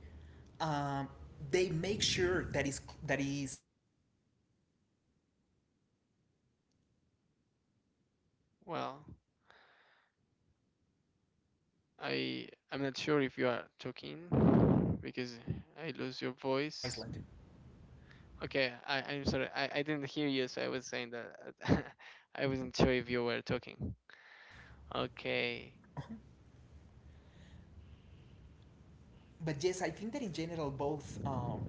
S1: um, they make sure that is like clean. They make sure that their property is clean, that it
S2: well,
S1: has very clean sand and
S2: i
S1: water.
S2: i'm not sure
S1: So
S2: if you are
S1: maybe that is a good
S2: talking
S1: thing of
S2: because
S1: that
S2: I lose your
S1: private
S2: voice.
S1: island.
S2: Okay, I'm sorry. I didn't hear you, so I was saying that, I wasn't sure if you were talking. Okay,
S1: But yes, I think that in general both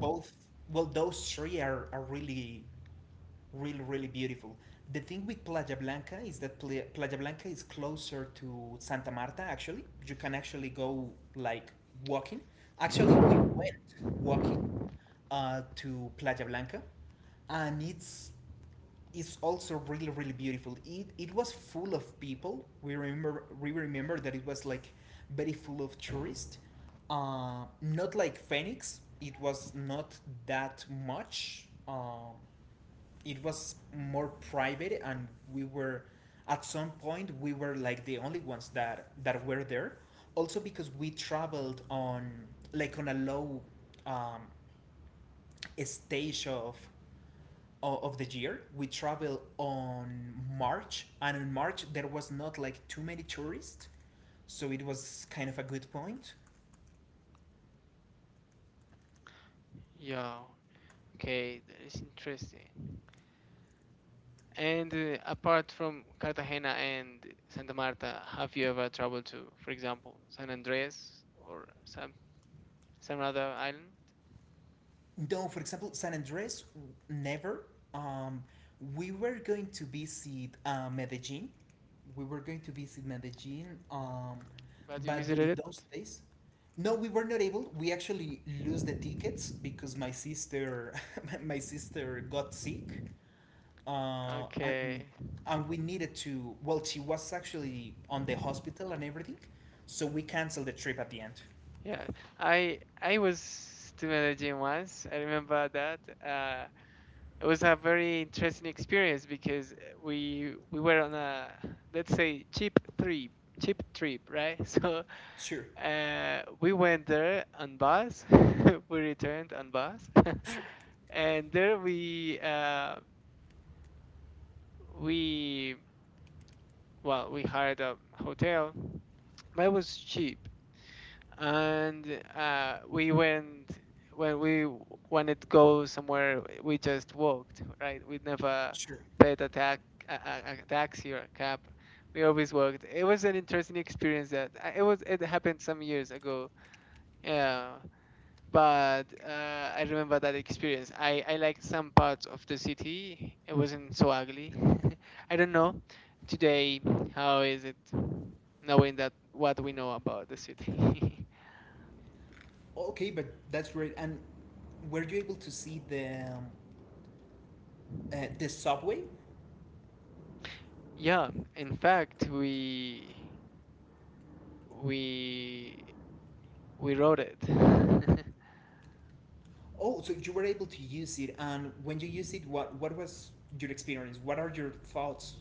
S1: both well those three are really really really beautiful. The thing with Playa Blanca is that Playa Blanca is closer to Santa Marta, actually you can actually go like walking, actually we went walking to Playa Blanca, and it's also really really beautiful. It was full of people. We remember we remember that it was like very full of tourists, not like Phoenix, it was not that much. Um, it was more private, and we were at some point we were like the only ones that that were there, also because we traveled on like on a low um, stage of the year. We traveled on March, and in March there was not like too many tourists, so it was kind of a good point.
S2: yeah. Okay, that is interesting. And apart from Cartagena and Santa Marta, have you ever traveled to, for example, San Andreas or some other island?
S1: No, for example, San Andres, never. Um, we were going to visit Medellin. We were going to visit Medellin,
S2: But you
S1: but
S2: visited
S1: during
S2: it?
S1: those days, no, we were not able. We actually lose the tickets because my sister, my sister got sick, uh,
S2: Okay.
S1: and and we needed to. Well, she was actually on the hospital and everything, so we canceled the trip at the end.
S2: Yeah. I was to Medellin once. I remember that. It was a very interesting experience, because we were on a, let's say, cheap trip, cheap trip, right? So,
S1: Sure,
S2: we went there on bus, we returned on bus,
S1: sure,
S2: and there we well we hired a hotel, but it was cheap, and we went when we wanted to go somewhere, we just walked, right? We never
S1: sure.
S2: paid a taxi or a cab. We always walked. It was an interesting experience, that, it happened some years ago. Yeah, but I remember that experience. I liked some parts of the city. It wasn't so ugly. I don't know today how is it, knowing that what we know about the city.
S1: Okay, but that's great. And were you able to see um, the subway?
S2: Yeah, in fact, we we wrote it.
S1: Oh, so you were able to use it. And when you used it, what was your experience? What are your thoughts?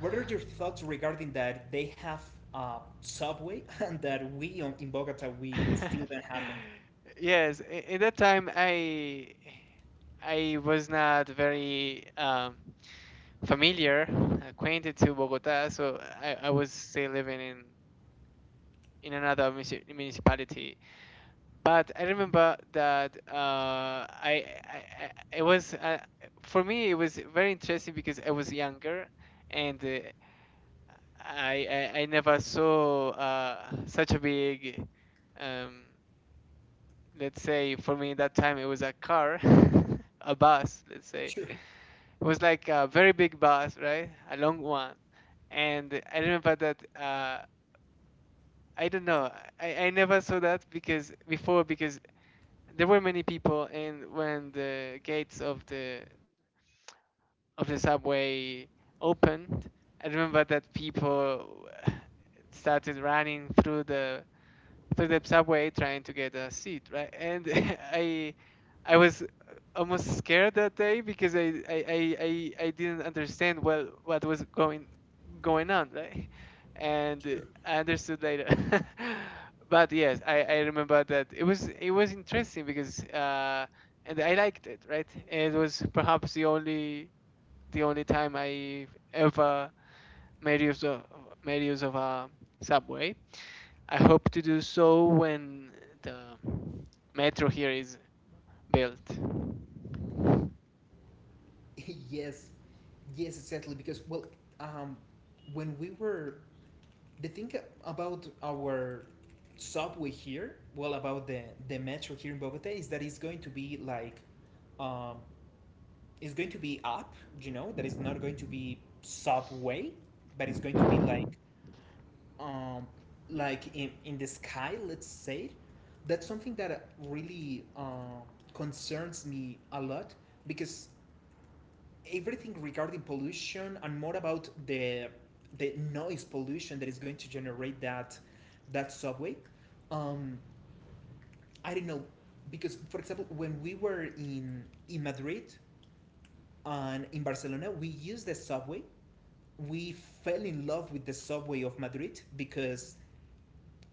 S1: What are your thoughts regarding that they have a subway and that we on, in Bogota we still don't have
S2: Yes, in that time I was not very, familiar, acquainted to Bogota, so I was still living in another municipality. But I
S1: one?
S2: remember that I it was for me it was very interesting because I was younger and I never saw such a um, let's say, for me that time it was a car, a bus, let's say.
S1: Sure.
S2: It was like a very big bus, right? A long one. And I remember that, I don't know, I never saw that because before, because there were many people, and when the gates of the subway opened, I remember that people started running through the subway trying to get a seat, right? And I I was almost scared that day because I didn't understand well what was going on, right? And I understood later. But yes, I remember that it was interesting because and I liked it, right? It was perhaps the only time I ever made use of made use of a subway. I hope to do so when the metro here is built.
S1: Yes. Yes, exactly. Because, well, um, when we were the thing about our subway here, well, about the metro here in Bogota, is that it's going to be like, um, it's going to be up. You know, that is not going to be subway, but it's going to be um, like in the sky. Let's say, that's something that really concerns me a lot because everything regarding pollution and more about the noise pollution that is going to generate that that subway. Um, I don't know because, for example, when we were in Madrid and in Barcelona, we used the subway. We fell in love with the subway of Madrid because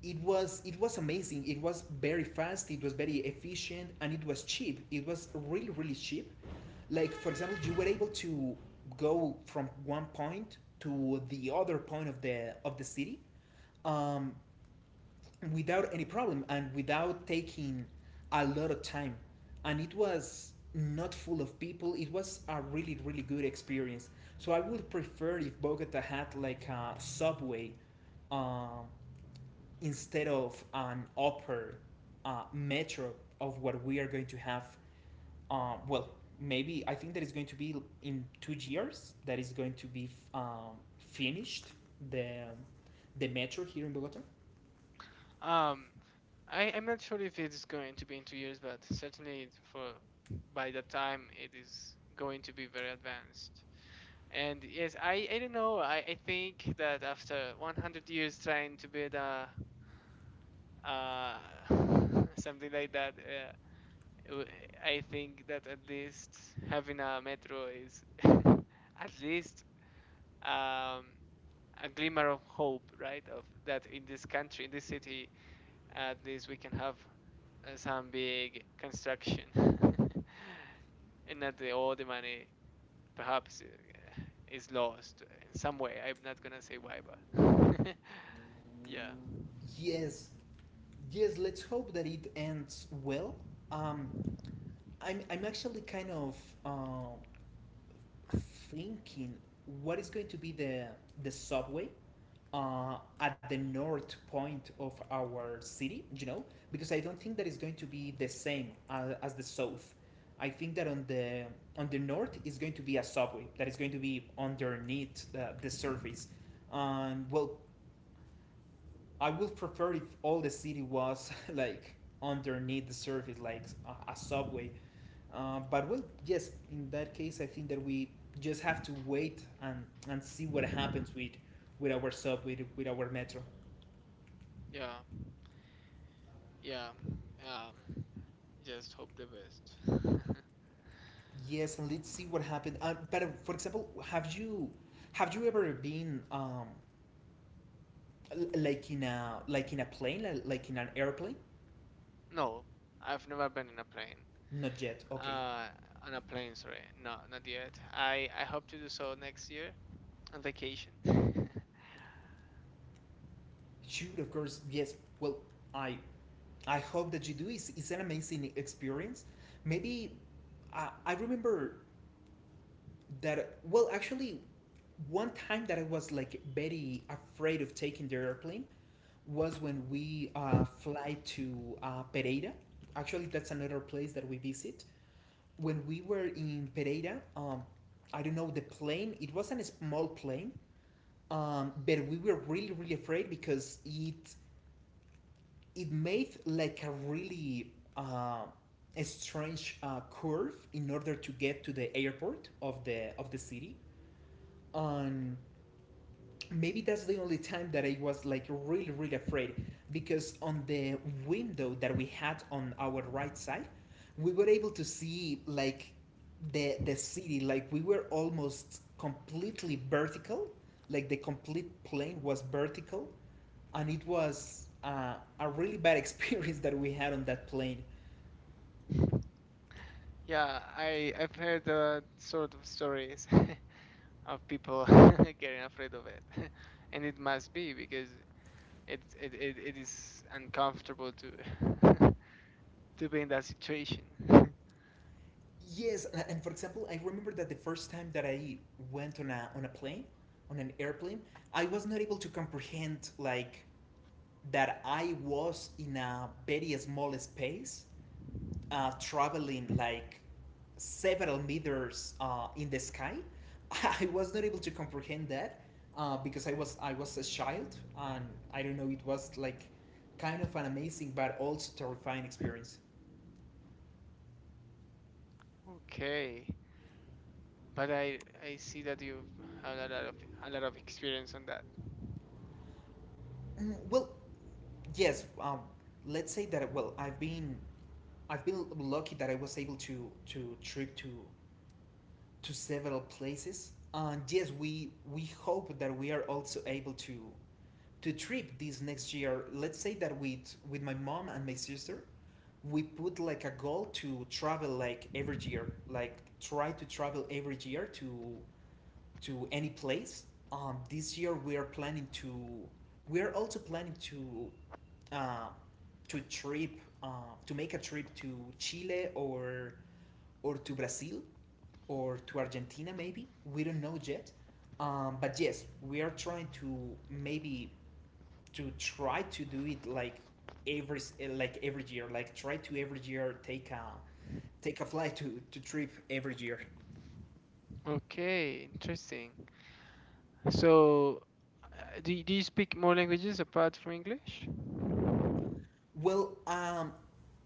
S1: it was amazing, it was very fast, it was very efficient, and it was cheap, it was really really cheap. Like, for example, you were able to go from one point to the other point of the city, um, without any problem and without taking a lot of time, and it was not full of people, it was a really really good experience. So I would prefer if Bogota had like a subway, um, instead of an upper metro of what we are going to have, well, maybe I think that is going to be in 2 years that is going to be finished the the metro here in Bogota.
S2: Um, I'm not sure if it's going to be in 2 years, but certainly for by the time it is going to be very advanced. And yes, I don't know. I think that after 100 years trying to build a uh, something like that, w- I think that at least having a metro is at least um, a glimmer of hope, right? Of that in this country, in this city, at least we can have some big construction, and not all the money perhaps is lost in some way. I'm not gonna say why, but yeah,
S1: Yes, yes. Let's hope that it ends well. Um, I'm actually kind of uh, thinking what is going to be the subway at the north point of our city, you know, because I don't think that is going to be the same as the south. I think that on the north is going to be a subway that is going to be underneath the surface. Well, I would prefer if all the city was like underneath the surface, like a subway. But well, yes, in that case, I think that we just have to wait and see what happens with our subway, with our metro.
S2: yeah, yeah. Um, just hope the best.
S1: Yes, and let's see what happened. But for example, have you ever been like in a plane like in an airplane?
S2: No, I've never been in a plane.
S1: Not yet. Okay.
S2: Uh, on a plane, sorry, no, not yet. I hope to do so next year on vacation.
S1: Shoot, of course. Yes. Well, I I hope that you do. It's an amazing experience. Maybe I remember that, well, actually, one time that I was like very afraid of taking the airplane was when we fly to Pereira. Actually, that's another place that we visit. When we were in Pereira, I don't know the plane. It wasn't a small plane, but we were really really afraid because it made like a really a strange curve in order to get to the airport of the city. And maybe that's the only time that I was like really really afraid because on the window that we had on our right side we were able to see like the city, like we were almost completely vertical, like the complete plane was vertical, and it was a really bad experience that we had on that plane.
S2: Yeah, I I've heard sort of stories of people getting afraid of it, and it must be because it is uncomfortable to to be in that situation.
S1: Yes, and for example, I remember that the first time that I went on a plane on an airplane, I was not able to comprehend like that I was in a very small space, traveling like several meters in the sky. I was not able to comprehend that because I was a child, and I don't know. It was like kind of an amazing but also terrifying experience.
S2: Okay, but I see that you've had a lot of experience on that.
S1: Mm, well, yes. Let's say that, well, I've been lucky that I was able to trip to several places. And yes, we hope that we are also able to trip this next year. Let's say that with my mom and my sister, we put like a goal to travel like every year, like try to travel every year to any place. This year we are planning to. We are also planning uh, to trip, uh, to make a trip to Chile, or to Brazil, or to Argentina maybe. We don't know yet. But yes, we are trying to maybe to try to do it like every like every year. Like try to every year take a take a flight to trip every year.
S2: Okay, interesting. So, do you speak more languages apart from English?
S1: Well,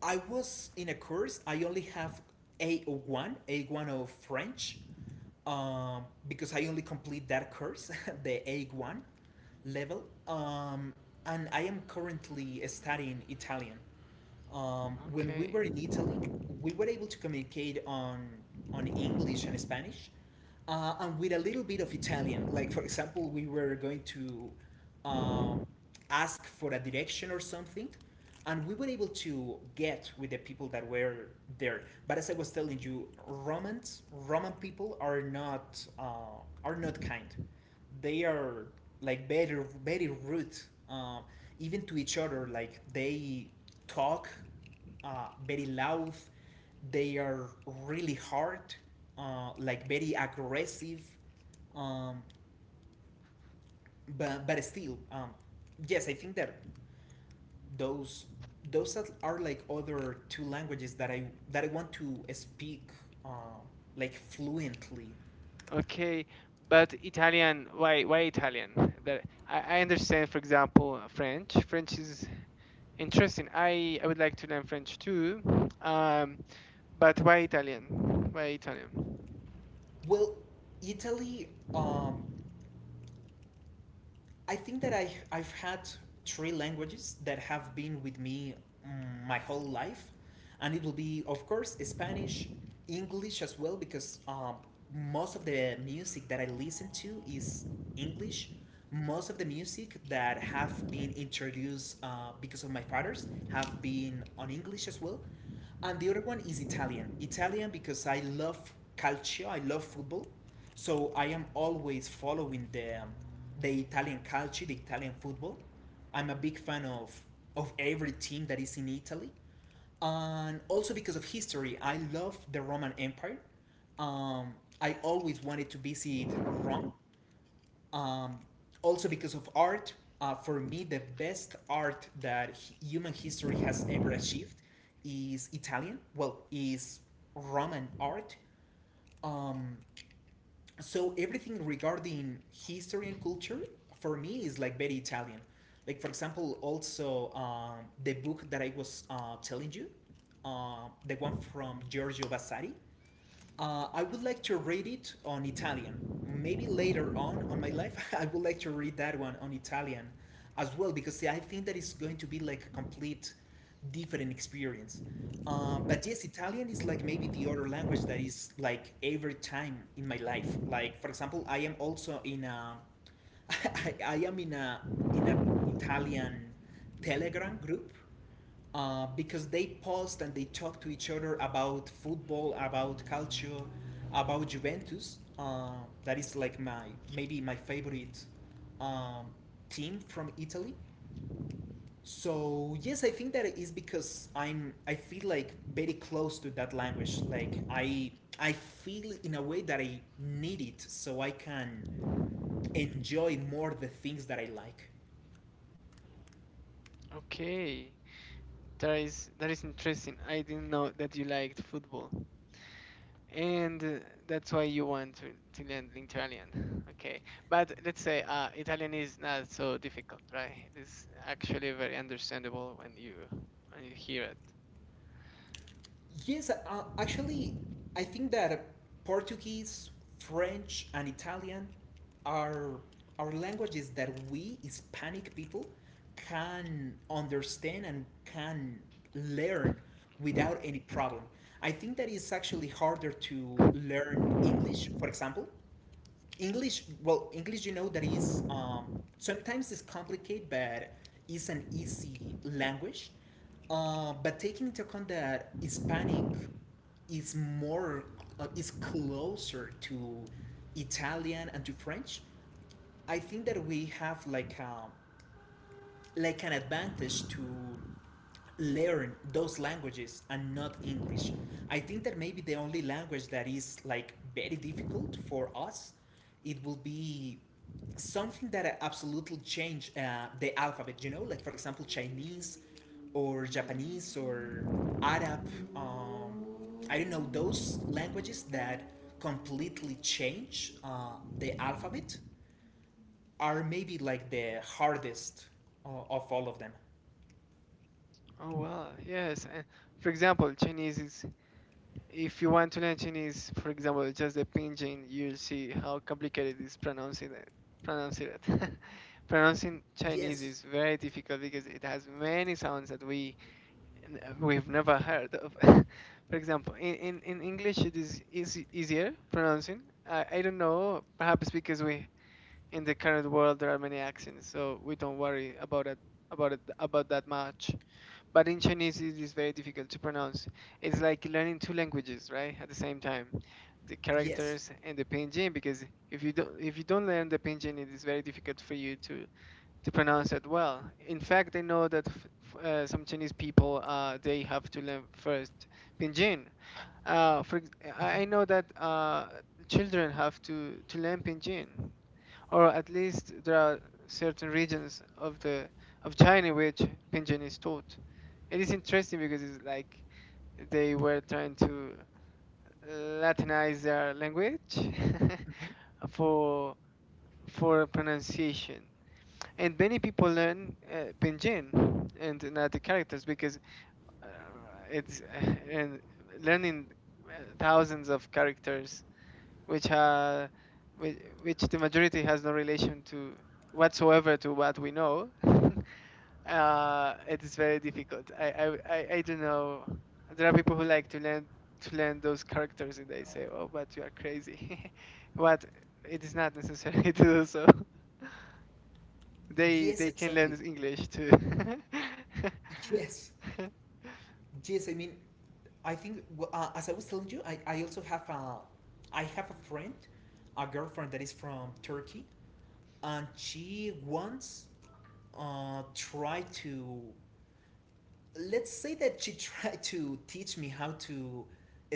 S1: I was in a course. I only have A1, A1 of French, because I only complete that course, the A1 level. And I am currently studying Italian. When we
S2: Okay.
S1: were in Italy, we were able to communicate on English and Spanish, and with a little bit of Italian. Like for example, we were going to um, ask for a direction or something, and we were able to get with the people that were there. But as I was telling you, Romans, Roman people are not kind, they are like very very rude, uh, even to each other, like they talk very loud, they are really hard, like very aggressive, um, but still, yes, I think that those those are like other two languages that I want to speak, um, like fluently.
S2: Okay, but Italian, why Italian? That I understand, for example, French. French is interesting. I would like to learn French too. Um, but why Italian? Why Italian?
S1: Well, Italy, um, I think that I've had three languages that have been with me, mm, my whole life, and it will be of course Spanish, English as well, because most of the music that I listen to is English. Most of the music that have been introduced because of my fathers have been on English as well. And the other one is Italian. Italian because I love calcio, I love football. So I am always following the Italian calcio, the Italian football. I'm a big fan of every team that is in Italy. And also because of history, I love the Roman Empire. Um, I always wanted to visit Rome, um, also because of art, for me, the best art that human history has ever achieved is Italian. Well, is Roman art. Um, so everything regarding history and culture, for me, is like very Italian. Like for example, also, the book that I was telling you, the one from Giorgio Vasari, I would like to read it on Italian. Maybe later on my life, I would like to read that one on Italian as well, because see, I think that it's going to be like a complete different experience. But yes, Italian is like maybe the other language that is like every time in my life. Like for example, I am also in a, I am in a Italian Telegram group, because they paused and they talked to each other about football, about culture, about Juventus. That is like my maybe my favorite, um, team from Italy. So yes, I think that it is because I feel like very close to that language. Like I feel in a way that I need it so I can enjoy more the things that I like.
S2: Okay, that is interesting. I didn't know that you liked football, and that's why you want to learn Italian. Okay, but let's say Italian is not so difficult, right? It is actually very understandable when you hear it.
S1: Yes, actually, I think that Portuguese, French, and Italian are are languages that we Hispanic people can understand and can learn without any problem. I think that it's actually harder to learn English, for example, English, well, English, you know, that is sometimes it's complicated, but it's an easy language. But taking into account that Hispanic is more is closer to Italian and to French, I think that we have like an advantage to learn those languages and not English. I think that maybe the only language that is like very difficult for us, it will be something that absolutely change the alphabet. You know, like for example, Chinese or Japanese or Arab. Um, I don't know, those languages that completely change the alphabet are maybe like the hardest of all of them.
S2: Oh wow, yes. And for example, Chinese is if you want to learn Chinese, for example, just the pinyin, you'll see how complicated it is pronouncing it. Pronouncing it. Pronouncing Chinese
S1: Yes,
S2: is very difficult because it has many sounds that we we've never heard of. For example, in English it is easy, easier pronouncing. I don't know, perhaps because we in the current world there are many accents, so we don't worry about it about that much but in Chinese it is very difficult to pronounce. It's like learning two languages, right? At the same time, the
S1: yes.
S2: characters and the pinyin. Because if you don't learn the pinyin, it is very difficult for you to pronounce it well. In fact, I know that some Chinese people they have to learn first pinyin. For ex- I know that children have to learn pinyin, or at least there are certain regions of the of China which pinyin is taught. It is interesting because it's like they were trying to Latinize their language
S1: Mhm.
S2: for for pronunciation, and many people learn Pinyin and not the characters because uh, it's and learning thousands of characters which are which the majority has no relation to whatsoever to what we know. It is very difficult. I don't know. There are people who like to learn those characters, and they say, "Oh, but you are crazy." But it is not necessary to do so.
S1: Yes,
S2: They can learn
S1: exactly.
S2: this English too.
S1: Yes, yes. I mean, I think, well, as I was telling you, I also have a I have a friend, a girlfriend that is from Turkey, and she once tried to, let's say that she tried to teach me how to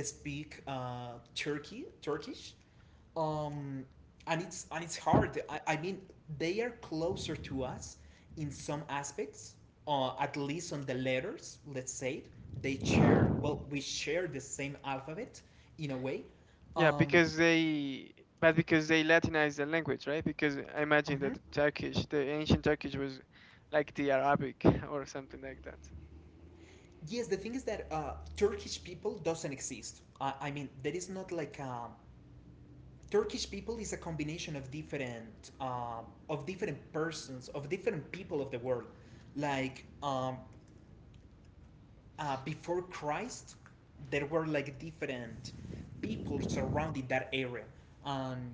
S1: speak Turkey, Turkish, um, and it's hard. I mean, they are closer to us in some aspects, at least on the letters. Let's say they share. Well, we share the same alphabet in a way.
S2: Yeah,
S1: Um,
S2: because they but because they Latinized the language, right? Because I imagine
S1: mhm.
S2: that Turkish, the ancient Turkish, was like the Arabic or something like that.
S1: Yes, the thing is that Turkish people doesn't exist. I mean, there is not like a, Turkish people is a combination of different persons, of different people of the world. Like before Christ, there were like different people surrounding that area. Um,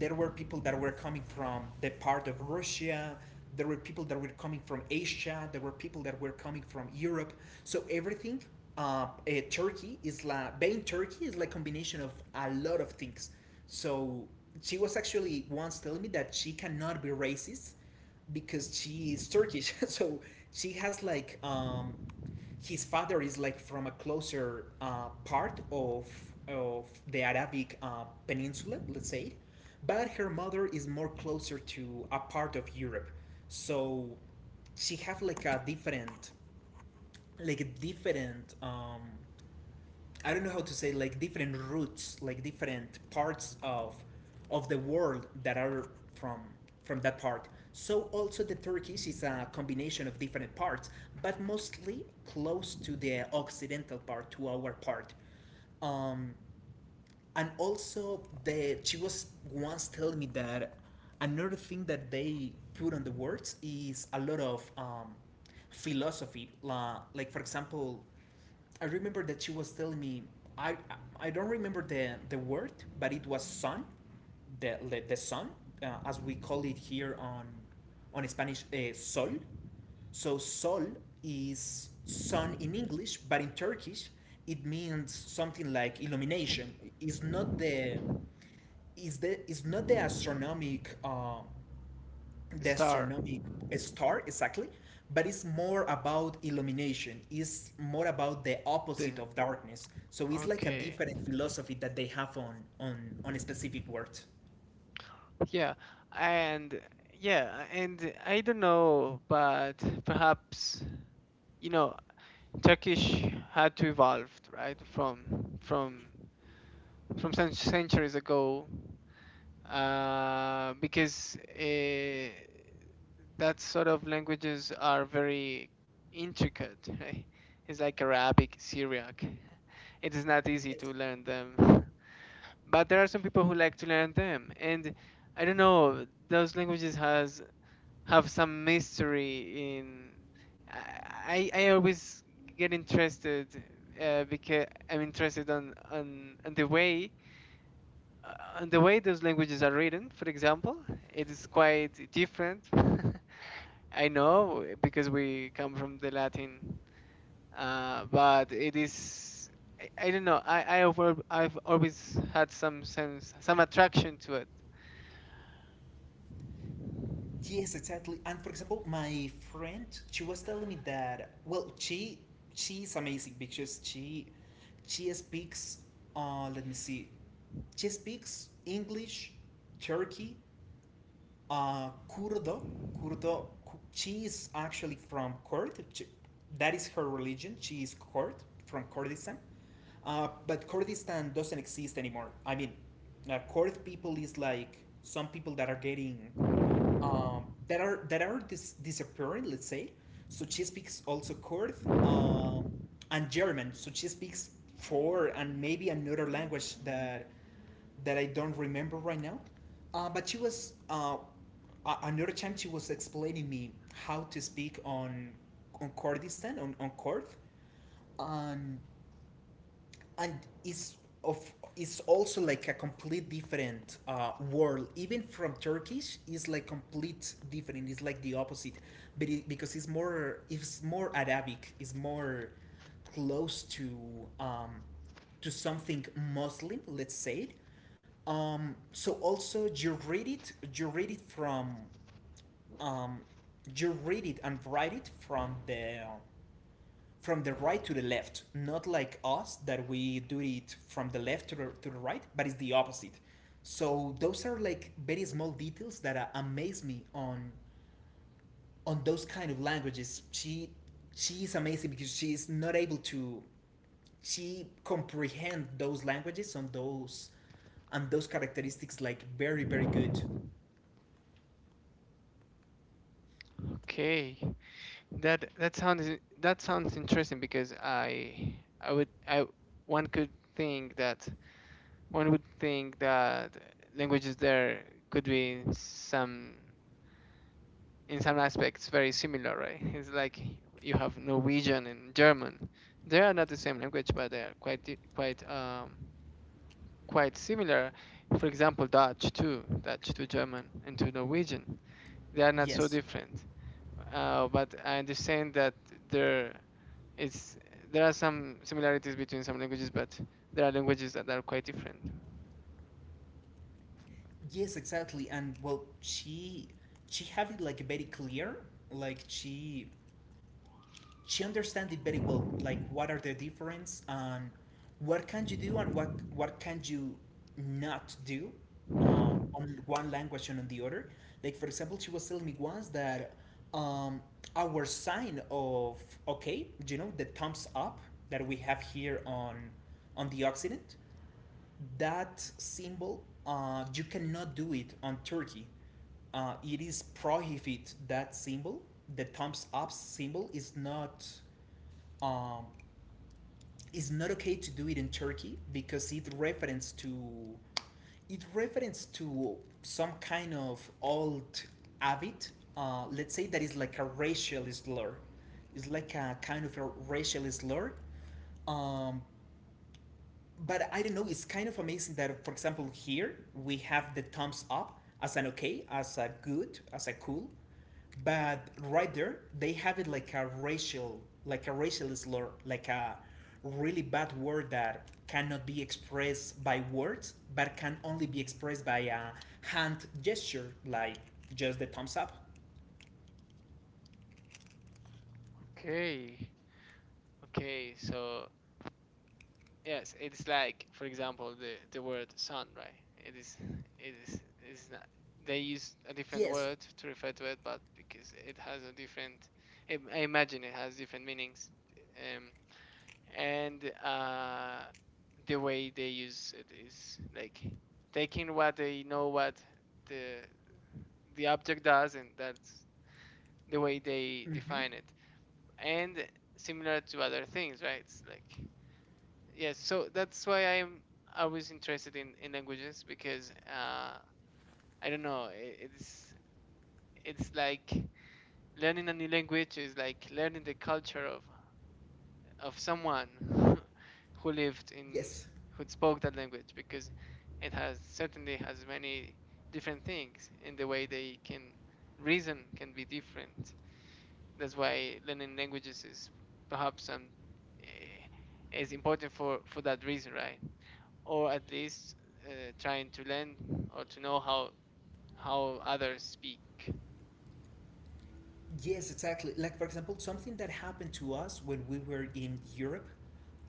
S1: there were people that were coming from the part of Russia. There were people that were coming from Asia. There were people that were coming from Europe. So everything, Turkey is like being, Turkey is like combination of a lot of things. So she was actually once telling me that she cannot be racist because she is Turkish. So she has like, his father is like from a closer part of the Arabic peninsula, let's say, but her mother is more closer to a part of Europe, so she have like a different, like a different, I don't know how to say, like different roots, like different parts of the world that are from from that part. So also the Turkish is a combination of different parts, but mostly close to the occidental part, to our part. Um, and also the, she was once telling me that another thing that they put on the words is a lot of philosophy. La like for example, I remember that she was telling me, i I don't remember the word, but it was sun, the sun, as we call it here on Spanish, sol, so sol is sun in English, but in Turkish it means something like illumination. Is not the is The is not the astronomic, the
S2: Star.
S1: astronomic, star, exactly, but it's more about illumination. It's more about the
S2: The
S1: opposite of darkness. So it's like a
S2: okay.
S1: different philosophy that they have on a specific word.
S2: Yeah, and yeah, and I don't know, but perhaps you know, Turkish had to evolve, right, from from centuries ago, because that sort of languages are very intricate, right? It's like Arabic, Syriac. It is not easy
S1: Yes.
S2: to learn them, but there are some people who like to learn them, and I don't know, those languages has have some mystery in I always get interested because I'm interested on the way those languages are written. For example, it is quite different. I know because we come from the Latin, but it is I don't know. I've always had some sense some attraction to it.
S1: Yes, exactly. And for example, my friend, she was telling me that, well, she is amazing because she speaks. Let me see. She speaks English, Turkey, Kurdo, Kurdo, she is actually from Kurd. That is her religion. She is Kurd from Kurdistan. But Kurdistan doesn't exist anymore. I mean, Kurd people is like some people that are getting that are disappearing. Let's say. So she speaks also Kurd, um, and German. So she speaks four and maybe another language that that I don't remember right now. But she was another time she was explaining me how to speak on Kurdistan on Kurd, and and it's of it's also like a complete different world even from turkish. It's like complete different, it's like the opposite, but because it's more, it's more arabic, it's more close to something muslim, let's say it. So also you read it, you read it from um, you read it and write it from the right to the left, not like us that we do it from the left to the right, but it's the opposite. So those are like very small details that amaze me on those kind of languages. She is amazing because she is not able to she comprehend those languages on those and those characteristics like very very good.
S2: Okay, That that sounds that sounds interesting because I one could think that one would think that languages there could be in some aspects very similar, right? It's like you have Norwegian and German. They are not the same language, but they are quite quite similar. For example, Dutch too, Dutch to German and to Norwegian. They are not so
S1: Yes.
S2: different. But I understand that there It's there are some similarities between some languages, but there are languages that are quite different.
S1: Yes, exactly. And well, she have it like very clear. Like she she understands it very well, like what are the difference and what can you do and what can you not do on one language and on the other. Like for example, she was telling me once that um, our sign of okay, you know, the thumbs up that we have here on the occident, that symbol, you cannot do it on turkey. It is prohibit that symbol. The thumbs up symbol is not um, it's not okay to do it in Turkey because it reference to it reference to some kind of old habit. Let's say that is like a racial slur. It's like a kind of a racial slur. Um, but I don't know. It's kind of amazing that, for example, here we have the thumbs up as an okay, as a good, as a cool, but right there they have it like a racial slur, like a really bad word that cannot be expressed by words, but can only be expressed by a hand gesture, like just the thumbs up.
S2: Okay, okay. So yes, it's like, for example, the word sun, right? It is, it is, it's not. They use a different
S1: Yes.
S2: word to refer to it, but because it has a different, I imagine it has different meanings, um, and the way they use it is like taking what they know what the the object does and that's the way they
S1: Hmm.
S2: define it and similar to other things right it's like yeah so that's why I'm always interested in languages because I don't know I it's it's like learning a new language is like learning the culture of someone who lived in
S1: Yes.
S2: who spoke that language because it has certainly has many different things and the way they can reason can be different. That's why learning languages is perhaps is important for that reason, right? Or at least trying to learn or to know how others speak.
S1: Yes, exactly. Like for example, something that happened to us when we were in Europe,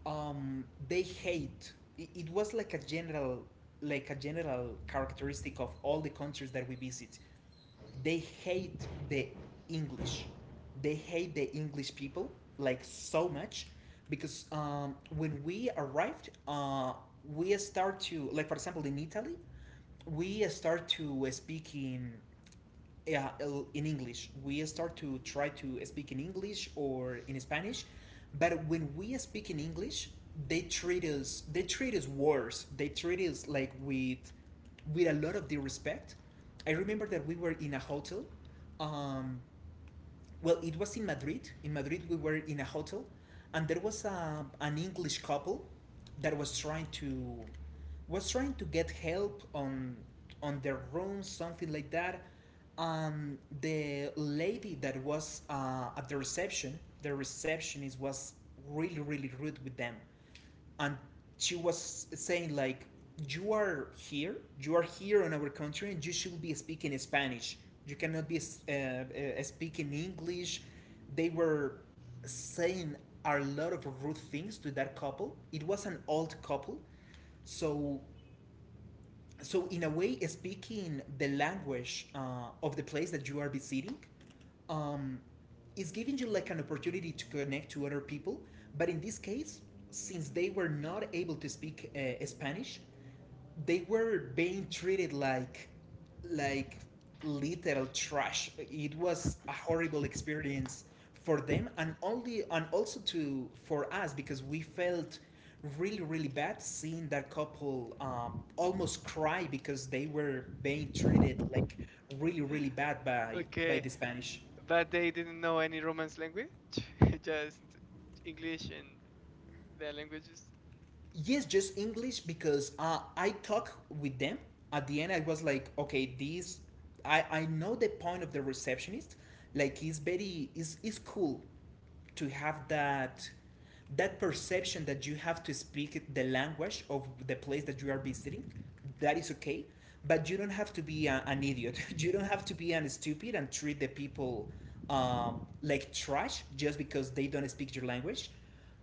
S1: it was like a general characteristic of all the countries that we visit. They hate the English. They hate the English people like so much, because when we arrived, we start to, like for example in Italy, we start to speak in, yeah, in English. We start to try to speak in English or in Spanish, but when we speak in English, they treat us worse. They treat us like with a lot of disrespect. I remember that we were in a hotel, um, well, it was in Madrid. In Madrid, we were in a hotel, and there was an English couple that was trying to get help on their room, something like that. And the lady that was at the reception, the receptionist was really, really rude with them, and she was saying like, you are here, you are here in our country and you should be speaking spanish. You cannot be speaking english. They were saying a lot of rude things to that couple. It was an old couple. So, so in a way, speaking the language of the place that you are visiting um, is giving you like an opportunity to connect to other people, but in this case, since they were not able to speak spanish, they were being treated like literal trash. It was a horrible experience for them, and only, and also to for us, because we felt really really bad seeing that couple almost cry because they were being treated like really really bad by
S2: Okay,
S1: the Spanish.
S2: but they didn't know any Romance language, just English and their languages.
S1: Yes, just english, because I talk with them, at the end I was like, okay, this I know the point of the receptionist, like he's very is cool to have that, that perception that you have to speak the language of the place that you are visiting, that is okay. But you don't have to be an idiot you don't have to be an stupid and treat the people uh, like trash just because they don't speak your language.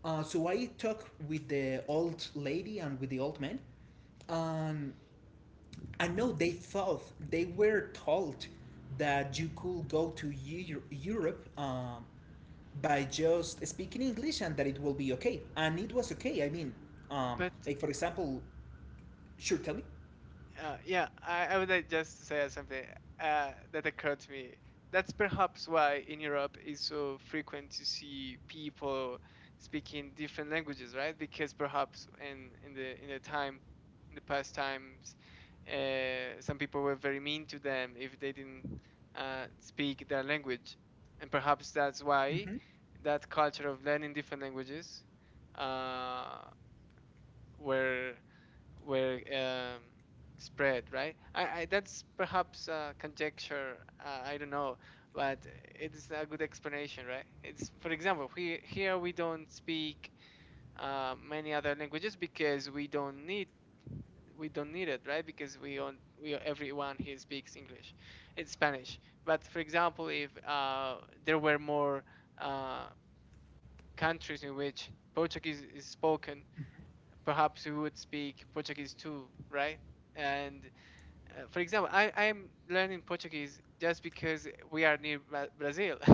S1: Uh, so I talked with the old lady and with the old man, and I know they thought, they were told that you could go to europe by just speaking English, and that it will be okay. And it was okay. I mean, um,
S2: But
S1: like for example, sure, tell me.
S2: Yeah, I would like just to say something that occurred to me. That's perhaps why in Europe it's so frequent to see people speaking different languages, right? Because perhaps in the time, in the past times, some people were very mean to them if they didn't speak their language, and perhaps that's why
S1: Hmm.
S2: that culture of learning different languages uh, were were spread, right? That's perhaps conjecture. I don't know, but it's a good explanation, right? It's for example, here we don't speak many other languages because we don't need it, right? Because we on we everyone here speaks English, it's Spanish. But for example, if there were more uh, countries in which Portuguese is spoken, perhaps we would speak Portuguese too, right? And for example, I'm learning Portuguese just because we are near Brazil,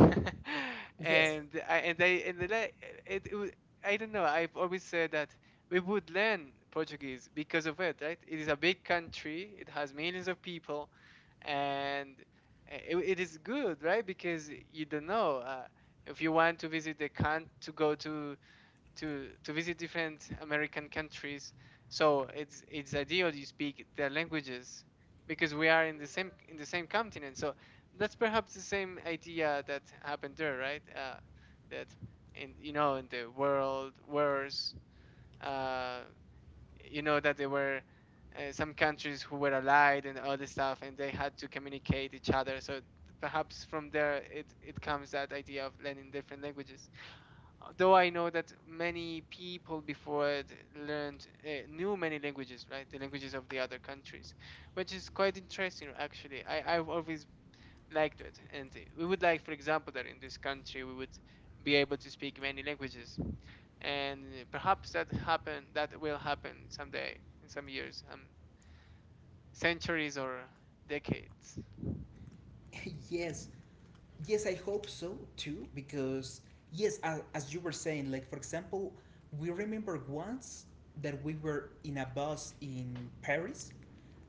S1: Yes,
S2: and I and I and the la- it, it wa- I don't know. I've always said that we would learn Portuguese because of it, right? It is a big country. It has millions of people, and it is good, right? Because you don't know if you want to visit the country to go to to visit different American countries. So it's ideal you speak their languages because we are in the same continent. So that's perhaps the same idea that happened there, right? That in you know in the world wars, uh, you know that there were some countries who were allied and all this stuff, and they had to communicate each other. So perhaps from there it comes that idea of learning different languages though I know that many people before it learned knew many languages, right? The languages of the other countries, which is quite interesting actually. I I've always liked it, and we would like, for example, that in this country we would be able to speak many languages, and perhaps that happen that will happen someday in some years, centuries or decades.
S1: yes, yes. I hope so too because yes, as you were saying, like for example, we remember once that we were in a bus in Paris,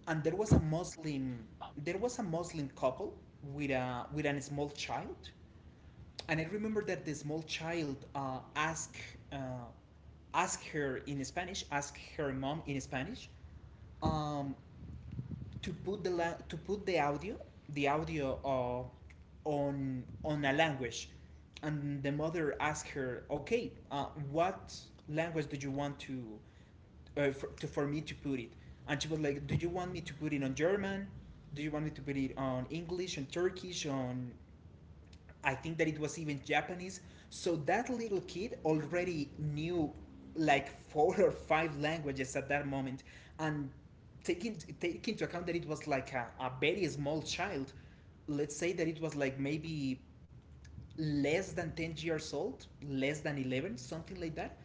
S1: and there was a Muslim, there was a Muslim couple with a small child, and I remember that the small child uh, asked her in Spanish, asked her mom in Spanish, um, to put the to put the audio on a language, and the mother asked her, okay, what language do you want to for me to put it? And she was like, do you want me to put it on German? Do you want me to put it on English, on Turkish, on, I think that it was even Japanese. So that little kid already knew like 4 or 5 languages at that moment. And taking into account that it was like a very small child, let's say that it was like maybe less than 10 years old, less than 11, something like that.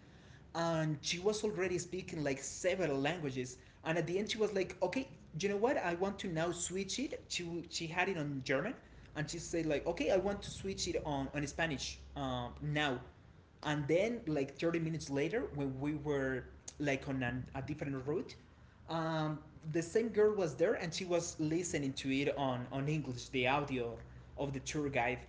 S1: And she was already speaking like several languages. And at the end, she was like, okay, you know what? I want to now switch it. She had it on German. And she said, like, okay, I want to switch it on Spanish now. And then, like 30 minutes later, when we were like on a different route, um, the same girl was there and she was listening to it on English, the audio of the tour guide.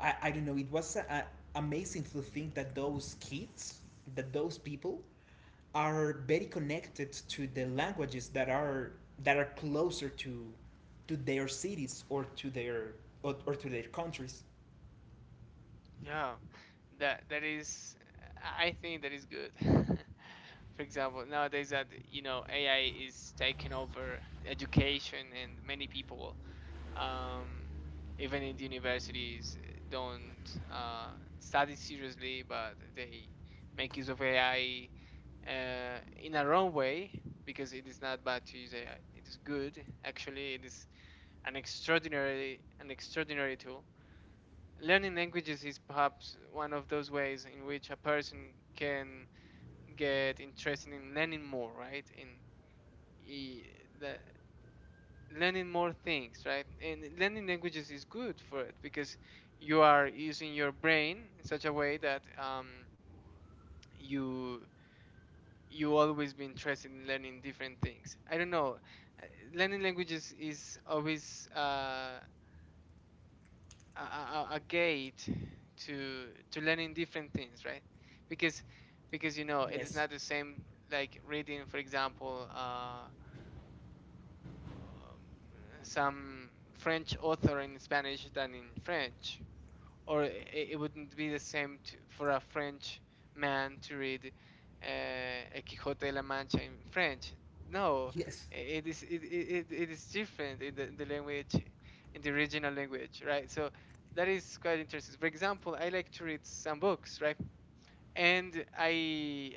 S1: I don't know. It was amazing to think that those kids, that those people, are very connected to the languages that are closer to their cities or to their countries.
S2: Yeah, that is, I think that is good. For example, nowadays that you know AI is taking over education, and many people, um, even in the universities, don't uh, study seriously, but they make use of AI uh, in a wrong way because it is not bad to use AI. It is good, actually. It is an extraordinary tool. Learning languages is perhaps one of those ways in which a person can get interested in learning more, right? E- the, Learning more things, right? And learning languages is good for it because you are using your brain in such a way that you always be interested in learning different things. I don't know. uh, Learning languages is always a gate to learning different things, right? Because you know it is
S1: Yes.
S2: not the same like reading, for example, um, some french author in spanish than in french. Or it wouldn't be the same to, for a French man to read El Quijote de la Mancha in French. No,
S1: Yes.
S2: it it is different in in the language, in the original language, right? So that is quite interesting. For example, I like to read some books, right? And I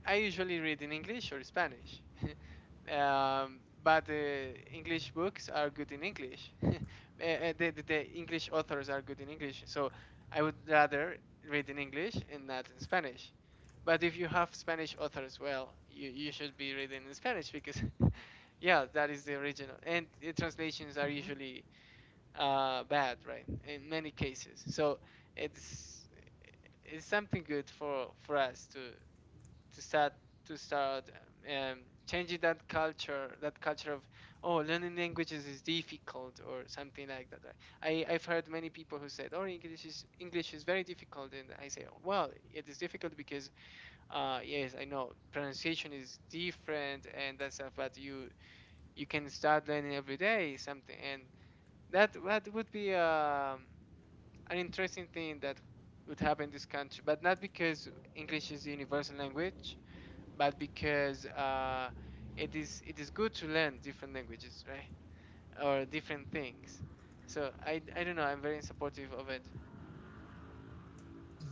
S2: I I usually read in English or Spanish. But English books are good in English. The English authors are good in English, so I would rather read in English and not in Spanish. But if you have Spanish authors, well, you should be reading in Spanish because, yeah, that is the original. And the translations are
S1: Mm-hmm.
S2: usually bad, right? In many cases. So it's it's something good for us to to start start um, changing that culture, that culture of, oh, learning languages is difficult or something like that, right? I've heard many people who said, oh, english is very difficult, and I say, well, it is difficult because yes, I know pronunciation is different and that stuff, but you can start learning every day something, and that would be an interesting thing that would happen in this country, but not because english is the universal language, but because it is good to learn different languages, right? Or different things. So I don't know. I'm very supportive of it.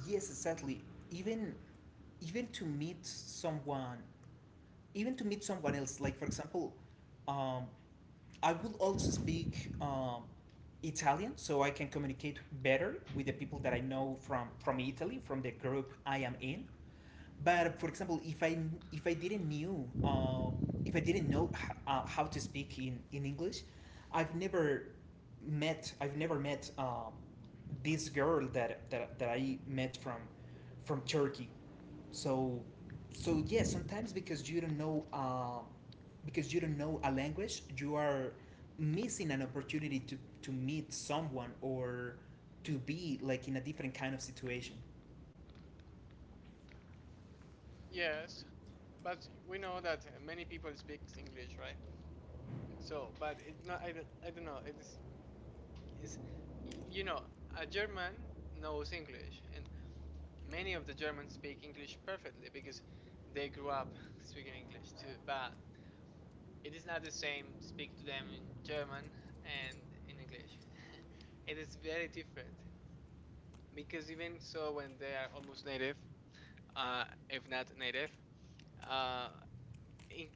S1: Yes, exactly. Even even to meet someone even to meet someone else, like for example, um, I will also speak italian, so I can communicate better with the people that I know from italy, from the group I am in. But for example, if i, if I didn't knew if I didn't know how to speak in english, i've never I've never met this girl that I met from turkey. So so yeah, sometimes because you don't know because you don't know a language, you are missing an opportunity to meet someone or to be like in a different kind of situation.
S2: Yes, but we know that many people speak English, right? So, but it not, I don't know. It is is you know, a German knows English, and many of the Germans speak English perfectly because they grew up speaking English too. But it is not the same to speak to them in German and in English. It is very different because even so, when they are almost native, uh, if not native, uh, in, e-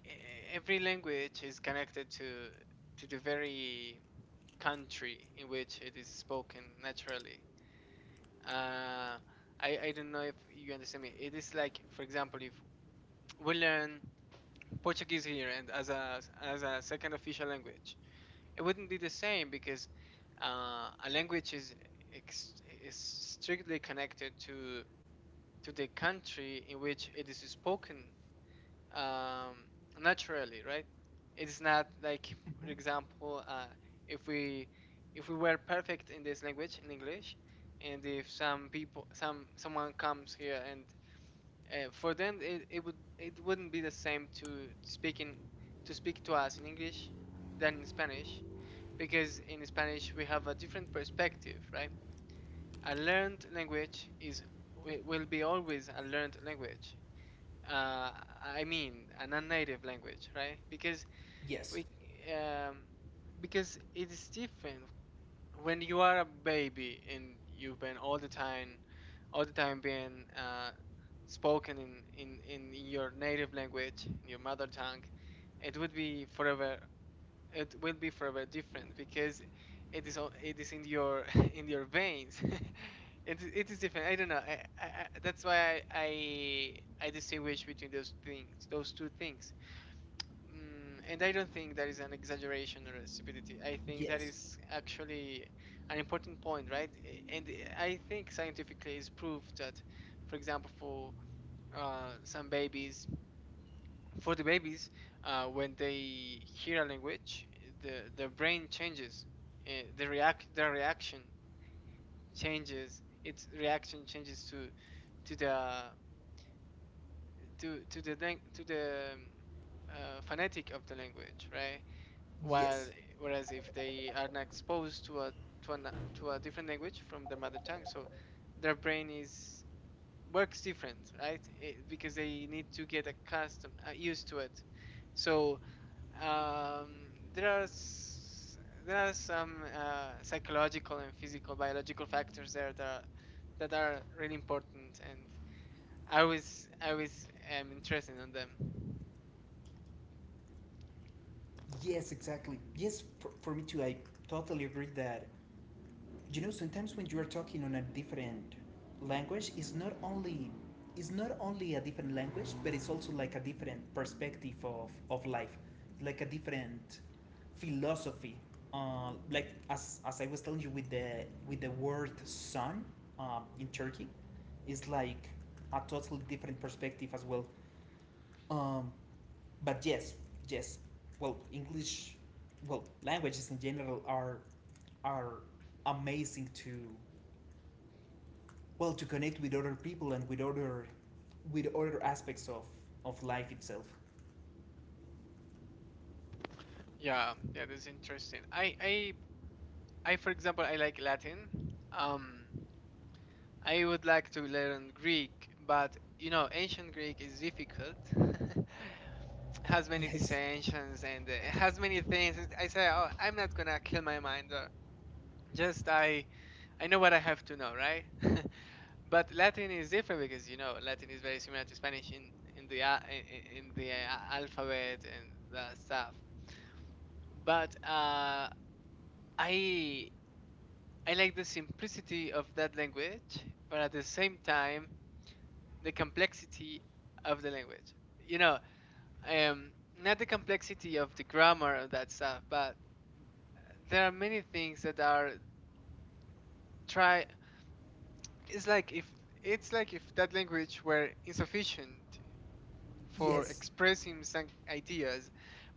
S2: every language is connected to the very country in which it is spoken naturally. Uh, I don't know if you understand me. It is like, for example, if we learn Portuguese here and as a second official language, it wouldn't be the same because a language is is strictly connected to the country in which it is spoken um, naturally, right? It's not like, for
S1: Hmm.
S2: example, if we if we were perfect in this language, in English, and if some people, someone comes here, and it would, it wouldn't be the same to speak in, to speak to us in English than in Spanish, because in Spanish we have a different perspective, right? A learned language is will be always a learned language, uh, I mean, a non-native language, right? Because
S1: Yes.
S2: we, um, because it is different when you are a baby and you've been all the time being spoken in your native language, in your mother tongue. It would be forever, it will be forever different because it is in your in your veins. It is different. I don't know. That's why I distinguish between those things, those two things. Mm, and I don't think that is an exaggeration or a stupidity. I think that
S1: Yes.
S2: is actually an important point, right? And I think scientifically it's proved that, for example, uh, some babies for the babies, when they hear a language, the brain changes, uh, the reaction changes. Its reaction changes to to the to the phonetic of the language, right? While
S1: Yes,
S2: whereas if they are not exposed to a to a different language from their mother tongue, so their brain is works different, right? Eh, because they need to get accustomed, used to it. So Um, there are s- there are some psychological and physical biological factors there that are really important, and I was interested in them.
S1: yes, exactly. Yes, for me too. I totally agree that, you know, sometimes when you are talking on a different language, it's not only a different language, but it's also like a different perspective of life, like a different philosophy. Like as I was telling you with the word son in Turkey, it's like a totally different perspective as well. Um, but yes, yes, well english, well languages in general are amazing to, well, to connect with other people and with other aspects of life itself.
S2: Yeah, yeah, that's interesting. I for example, I like Latin. Um, I would like to learn Greek, but you know, ancient Greek is difficult. Has many
S1: Yes,
S2: dissensions and has many things. I say, oh, I'm not gonna kill my mind. Or just I know what I have to know, right? But Latin is different because you know Latin is very similar to Spanish in in the alphabet and the stuff. But I I like the simplicity of that language, but at the same time the complexity of the language. You know, um, not the complexity of the grammar of that stuff, but there are many things that are try. It's like if it's like if that language were insufficient for
S1: yes,
S2: expressing some ideas,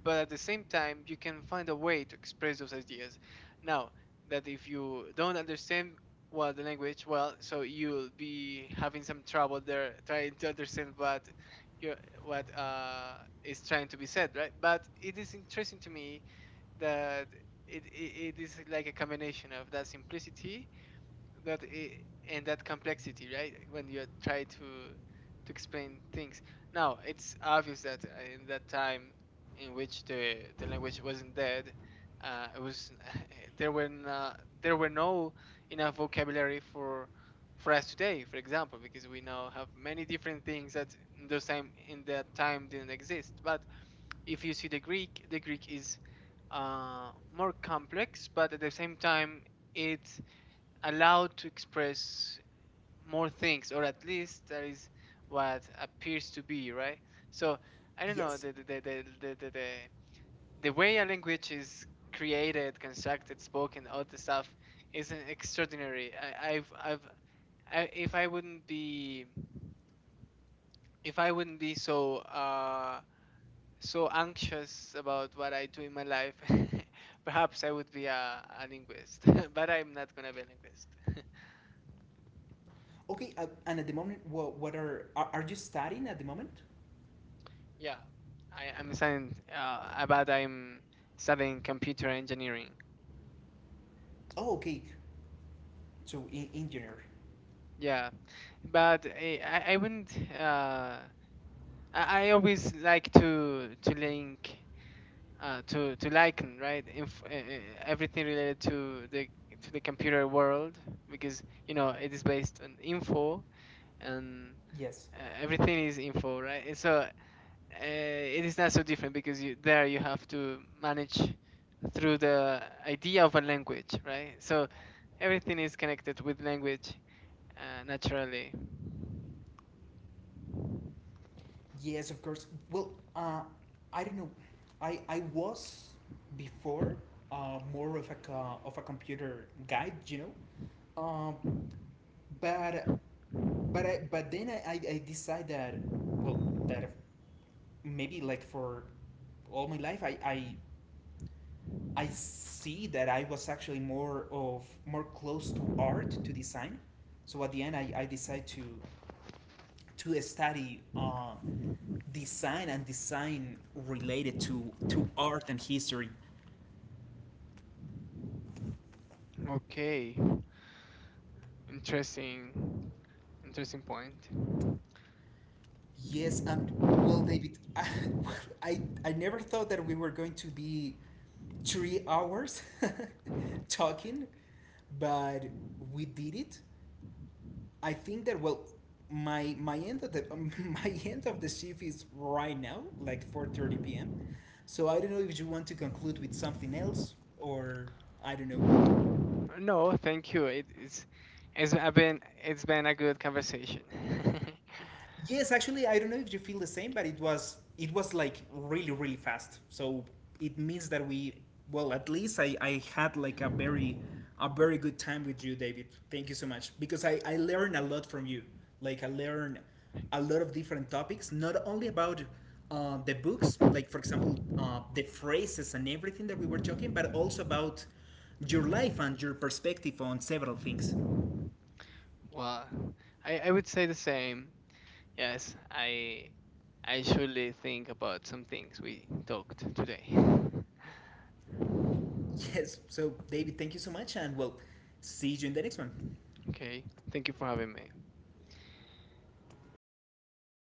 S2: but at the same time, you can find a way to express those ideas. Now, that if you don't understand well the language, well, so you'll be having some trouble there trying to understand what you what is trying to be said, right? But it is interesting to me that it is like a combination of that simplicity that i- and that complexity, right, when you try to explain things. Now it's obvious that in that time in which the language wasn't dead, it was there were not, there were no enough vocabulary for us today, for example, because we now have many different things that in those time in that time didn't exist, but if you see the greek is more complex, but at the same time it allowed to express more things, or at least that is what appears to be, right? So I don't know,
S1: yes.
S2: the the way a language is created, constructed, spoken, all the stuff is extraordinary. I've if I wouldn't be, if I wouldn't be so uh, so anxious about what I do in my life, perhaps I would be a linguist. But I'm not gonna be a linguist.
S1: Okay, and at the moment what, are you studying at the moment?
S2: Yeah, I'm studying about I'm studying computer engineering.
S1: Oh, okay. So in engineer.
S2: Yeah, but I wouldn't. I always like to link, to liken right Inf- everything related to the computer world because you know it is based on info, and
S1: Yes.
S2: everything is info, right. And so it is not so different because there you have to manage through the idea of a language, right? So everything is connected with language, naturally.
S1: Yes, of course. Well, I don't know. I was before more of a computer guy, you know. Um, but then I decide that well that maybe like for all my life I see that I was actually more of more close to art, to design. So at the end I decide to study design and design related to art and history.
S2: Okay, interesting, interesting point.
S1: Yes, and well, David, I never thought that we were going to be 3 hours talking, but we did it. I think that, well, my end of the my end of the shift is right now, like 4:30 p.m. So I don't know if you want to conclude with something else or I don't know.
S2: No, thank you. It's I've been it's been a good conversation.
S1: Yes, actually, I don't know if you feel the same, but it was like really really fast. So it means that we, well, at least I had like a very good time with you, David. Thank you so much, because I learned a lot from you. Like I learned a lot of different topics, not only about the books, like for example the phrases and everything that we were talking, but also about your life and your perspective on several things.
S2: Well, I would say the same. Yes, I surely think about some things we talked today.
S1: Yes. So, David, thank you so much, and well, see you in the next one.
S2: Okay, thank you for having me.